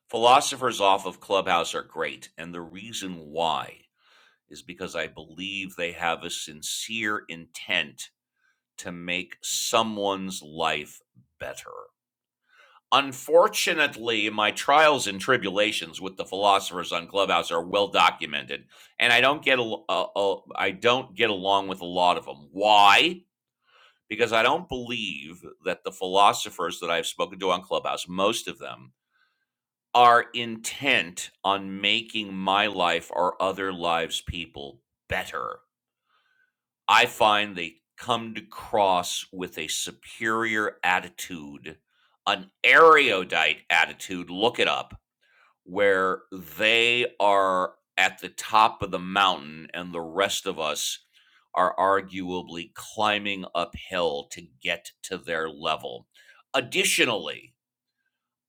[SPEAKER 1] Philosophers off of Clubhouse are great. And the reason why is because I believe they have a sincere intent to make someone's life better. Unfortunately, my trials and tribulations with the philosophers on Clubhouse are well documented, and I don't get al- uh, uh, don't get along with a lot of them. Why? Because I don't believe that the philosophers that I've spoken to on Clubhouse, most of them, are intent on making my life or other lives people better. I find they come to cross with a superior attitude, an erudite attitude. Look it up where they are at the top of the mountain and the rest of us are arguably climbing uphill to get to their level. Additionally,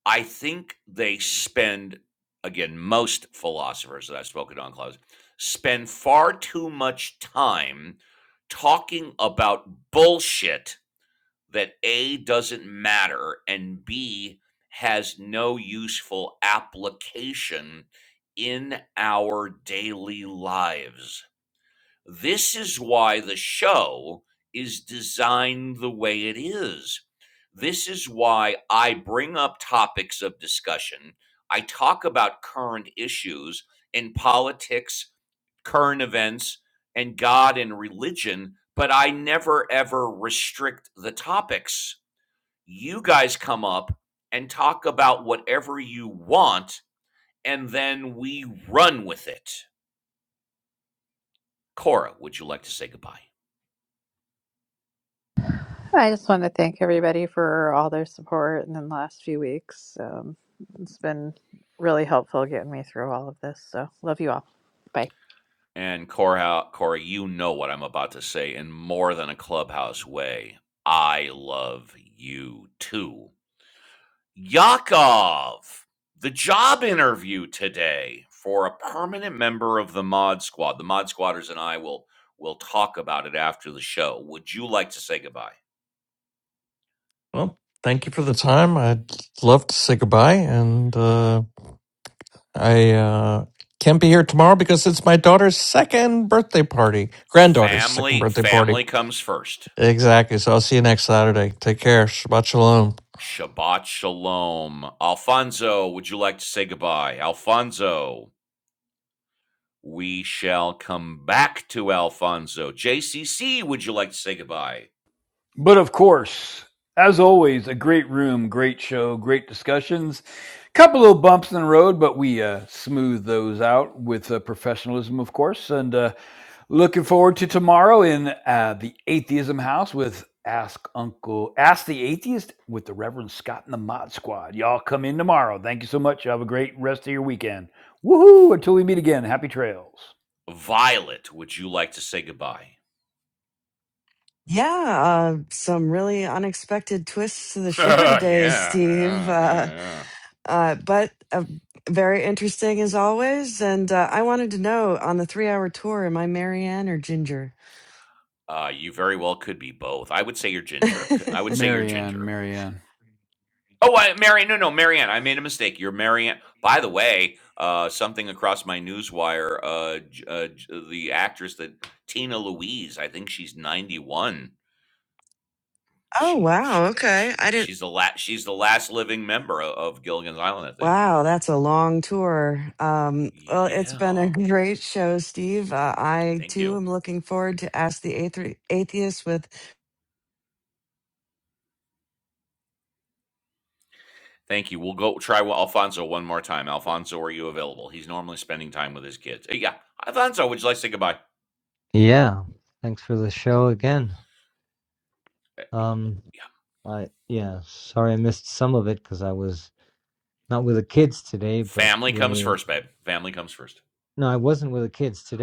[SPEAKER 1] I think they spend, again, most philosophers that I've spoken on, Klaus, spend far too much time talking about bullshit that A doesn't matter and B has no useful application in our daily lives. This is why the show is designed the way it is. This is why I bring up topics of discussion. I talk about current issues in politics, current events, and God and religion, but I never ever restrict the topics. You guys come up and talk about whatever you want, and then we run with it. Cora, would you like to say goodbye?
[SPEAKER 14] I just want to thank everybody for all their support in the last few weeks. Um, it's been really helpful getting me through all of this. So love you all. Bye.
[SPEAKER 1] And Cora, Cora, you know what I'm about to say in more than a clubhouse way. I love you too. Yakov, the job interview today for a permanent member of the Mod Squad. The Mod Squatters and I will will talk about it after the show. Would you like to say goodbye?
[SPEAKER 10] Well, thank you for the time. I'd love to say goodbye, and uh, I uh, can't be here tomorrow because it's my daughter's second birthday party, granddaughter's second
[SPEAKER 1] Family,
[SPEAKER 10] birthday party.
[SPEAKER 1] family comes first.
[SPEAKER 10] Exactly. So I'll see you next Saturday. Take care. Shabbat shalom.
[SPEAKER 1] Shabbat shalom. Alfonso, would you like to say goodbye? Alfonso. We shall come back to Alfonso. JCC, would you like to say goodbye?
[SPEAKER 4] But of course, as always, a great room, great show, great discussions. Couple little bumps in the road, but we uh, smooth those out with uh, professionalism, of course. And uh, looking forward to tomorrow in uh, the Atheism House with Ask Uncle, Ask the Atheist with the Reverend Scott and the Mod Squad. Y'all come in tomorrow. Thank you so much. Have a great rest of your weekend. Woohoo! Until we meet again, happy trails.
[SPEAKER 1] Violet, would you like to say goodbye?
[SPEAKER 2] Yeah, uh, some really unexpected twists to the show
[SPEAKER 1] yeah,
[SPEAKER 2] today, Steve.
[SPEAKER 1] yeah, yeah,
[SPEAKER 2] Uh,
[SPEAKER 1] yeah.
[SPEAKER 2] Uh, but uh, very interesting as always. And uh, I wanted to know on the three hour tour, am I Marianne or Ginger?
[SPEAKER 1] Uh, you very well could be both. I would say you're Ginger. I would say you're
[SPEAKER 4] Marianne,
[SPEAKER 1] Ginger.
[SPEAKER 4] Marianne.
[SPEAKER 1] Oh, I, Marianne. No, no, Marianne. I made a mistake. You're Marianne. By the way, uh, something across my newswire. Uh, J- uh, the actress that Tina Louise. I think she's 91.
[SPEAKER 2] oh,
[SPEAKER 1] she
[SPEAKER 2] wow.
[SPEAKER 1] she
[SPEAKER 2] Okay.
[SPEAKER 1] she
[SPEAKER 2] I didn't.
[SPEAKER 1] she's the last she's the last living member of Gilligan's Island, I think.
[SPEAKER 2] Wow, that's a long tour. Um, well, it's been a
[SPEAKER 1] Yeah.
[SPEAKER 2] great show, Steve. Uh, I
[SPEAKER 1] Thank
[SPEAKER 2] too
[SPEAKER 1] you.
[SPEAKER 2] am looking forward to Ask the Athe- Atheist with
[SPEAKER 1] Thank you. We'll go try Alfonso one more time. Alfonso, are you available? He's normally spending time with his kids. Uh, Yeah. Alfonso, would you like to say goodbye? Uh, Yeah. Family comes first, babe. Family comes first.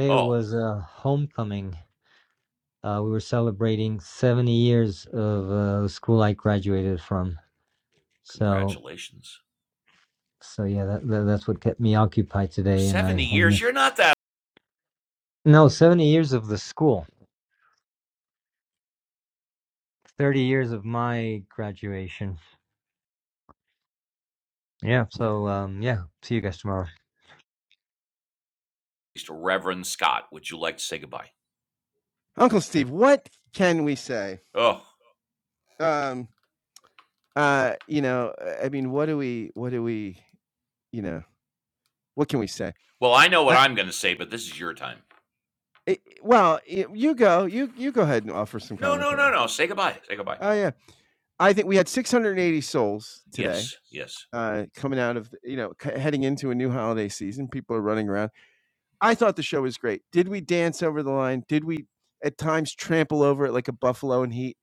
[SPEAKER 1] Oh, congratulations. 70 years. You're not that. Reverend Scott, would you like to say goodbye?
[SPEAKER 3] Uncle Steve. What can we say?
[SPEAKER 1] Oh,
[SPEAKER 3] Um, uh, you know, uh, I mean, what do we? What do we? You know, what can we say?
[SPEAKER 1] well, I know what
[SPEAKER 3] I,
[SPEAKER 1] I'm going to say, but this is your time.
[SPEAKER 3] it, well, y- you go. You you go ahead and offer some
[SPEAKER 1] No, no,
[SPEAKER 3] commentary.
[SPEAKER 1] no, no. Say goodbye. Say goodbye.
[SPEAKER 3] Oh yeah, I think we had 680 souls today
[SPEAKER 1] Yes, yes.
[SPEAKER 3] uh, coming out of you know heading into a new holiday season people are running around i thought the show was great did we dance over the line did we at times trample over it like a buffalo in heat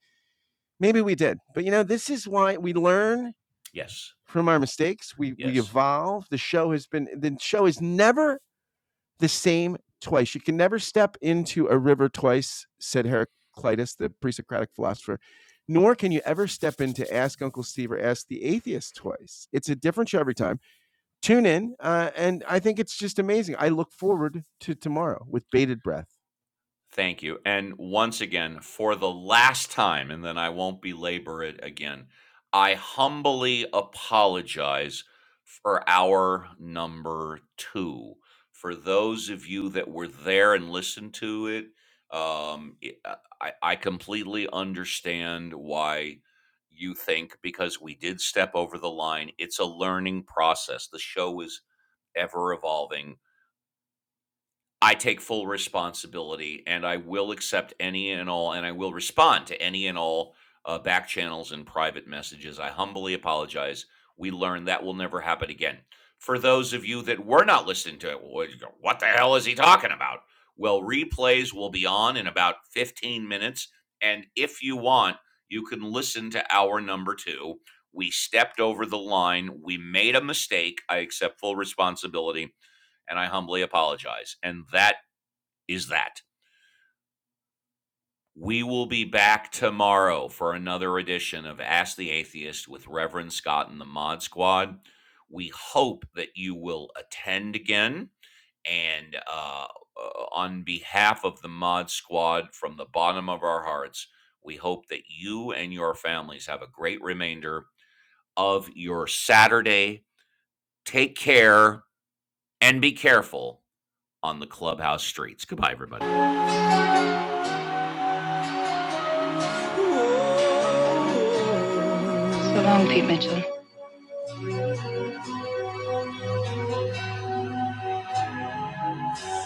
[SPEAKER 3] maybe we did but you know this is why we learn
[SPEAKER 1] Yes.
[SPEAKER 3] from our mistakes we we
[SPEAKER 1] Yes.
[SPEAKER 3] evolve the show has been the show is never the same twice you can never step into a river twice said heraclitus the pre-socratic philosopher nor can you ever step in to ask uncle steve or ask the atheist twice it's a different show every time Tune in, uh, and I think it's just amazing. I look forward to tomorrow with bated breath.
[SPEAKER 1] Thank you. And once again, for the last time, and then I won't belabor it again, I humbly apologize for our number two. For those of you that were there and listened to it, um, it- I, I I completely understand why you think because we did step over the line. It's a learning process. The show is ever evolving I take full responsibility and I will accept any and all, and I will respond to any and all uh, back channels and private messages. I humbly apologize. We learned that will never happen again. For those of you that were not listening to it, well, what the hell is he talking about? Well, replays will be on in about 15 minutes. And if you want, you can listen to hour number two. We stepped over the line. We made a mistake. I accept full responsibility and I humbly apologize. And that is that. We will be back tomorrow for another edition of Ask the Atheist with Reverend Scott and the Mod Squad. We hope that you will attend again. And uh, uh, on behalf of the Mod Squad, from the bottom of our hearts, we hope that you and your families have a great remainder of your Saturday. Take care and be careful on the clubhouse streets. Goodbye, everybody. So long, Pete Mitchell.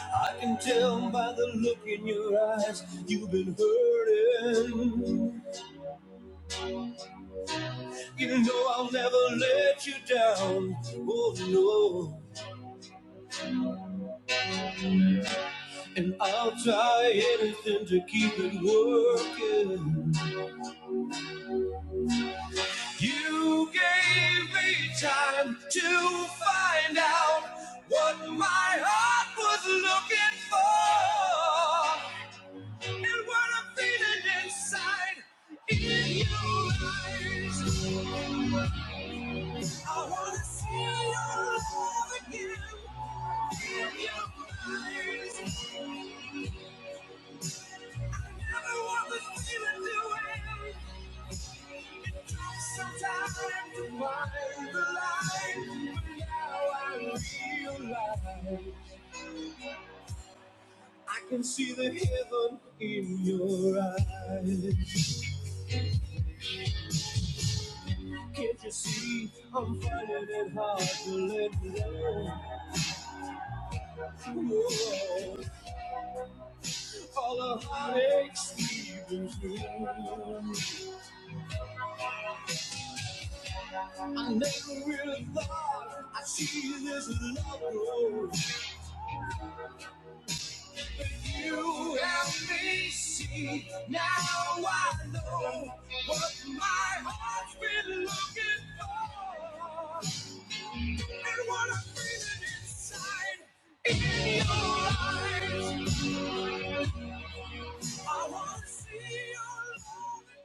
[SPEAKER 1] I can tell by the look in your eyes, you've been hurting. You know I'll never let you down. Oh no. And I'll try anything to keep it working. You gave me time to find out what my heart was looking for. And what I'm feeling inside in your eyes. I wanna see your love again in your eyes. I never want this feeling to end. It took some time to find the light, but now I realize I can see the heaven in your eyes. Can't you see I'm finding it hard to let go? Whoa, all the heartaches leaving through. I never really thought I'd see this love grow. But you helped me see. Now I know what my heart's been looking for. and what I'm feeling inside. In your eyes, I wanna see your love.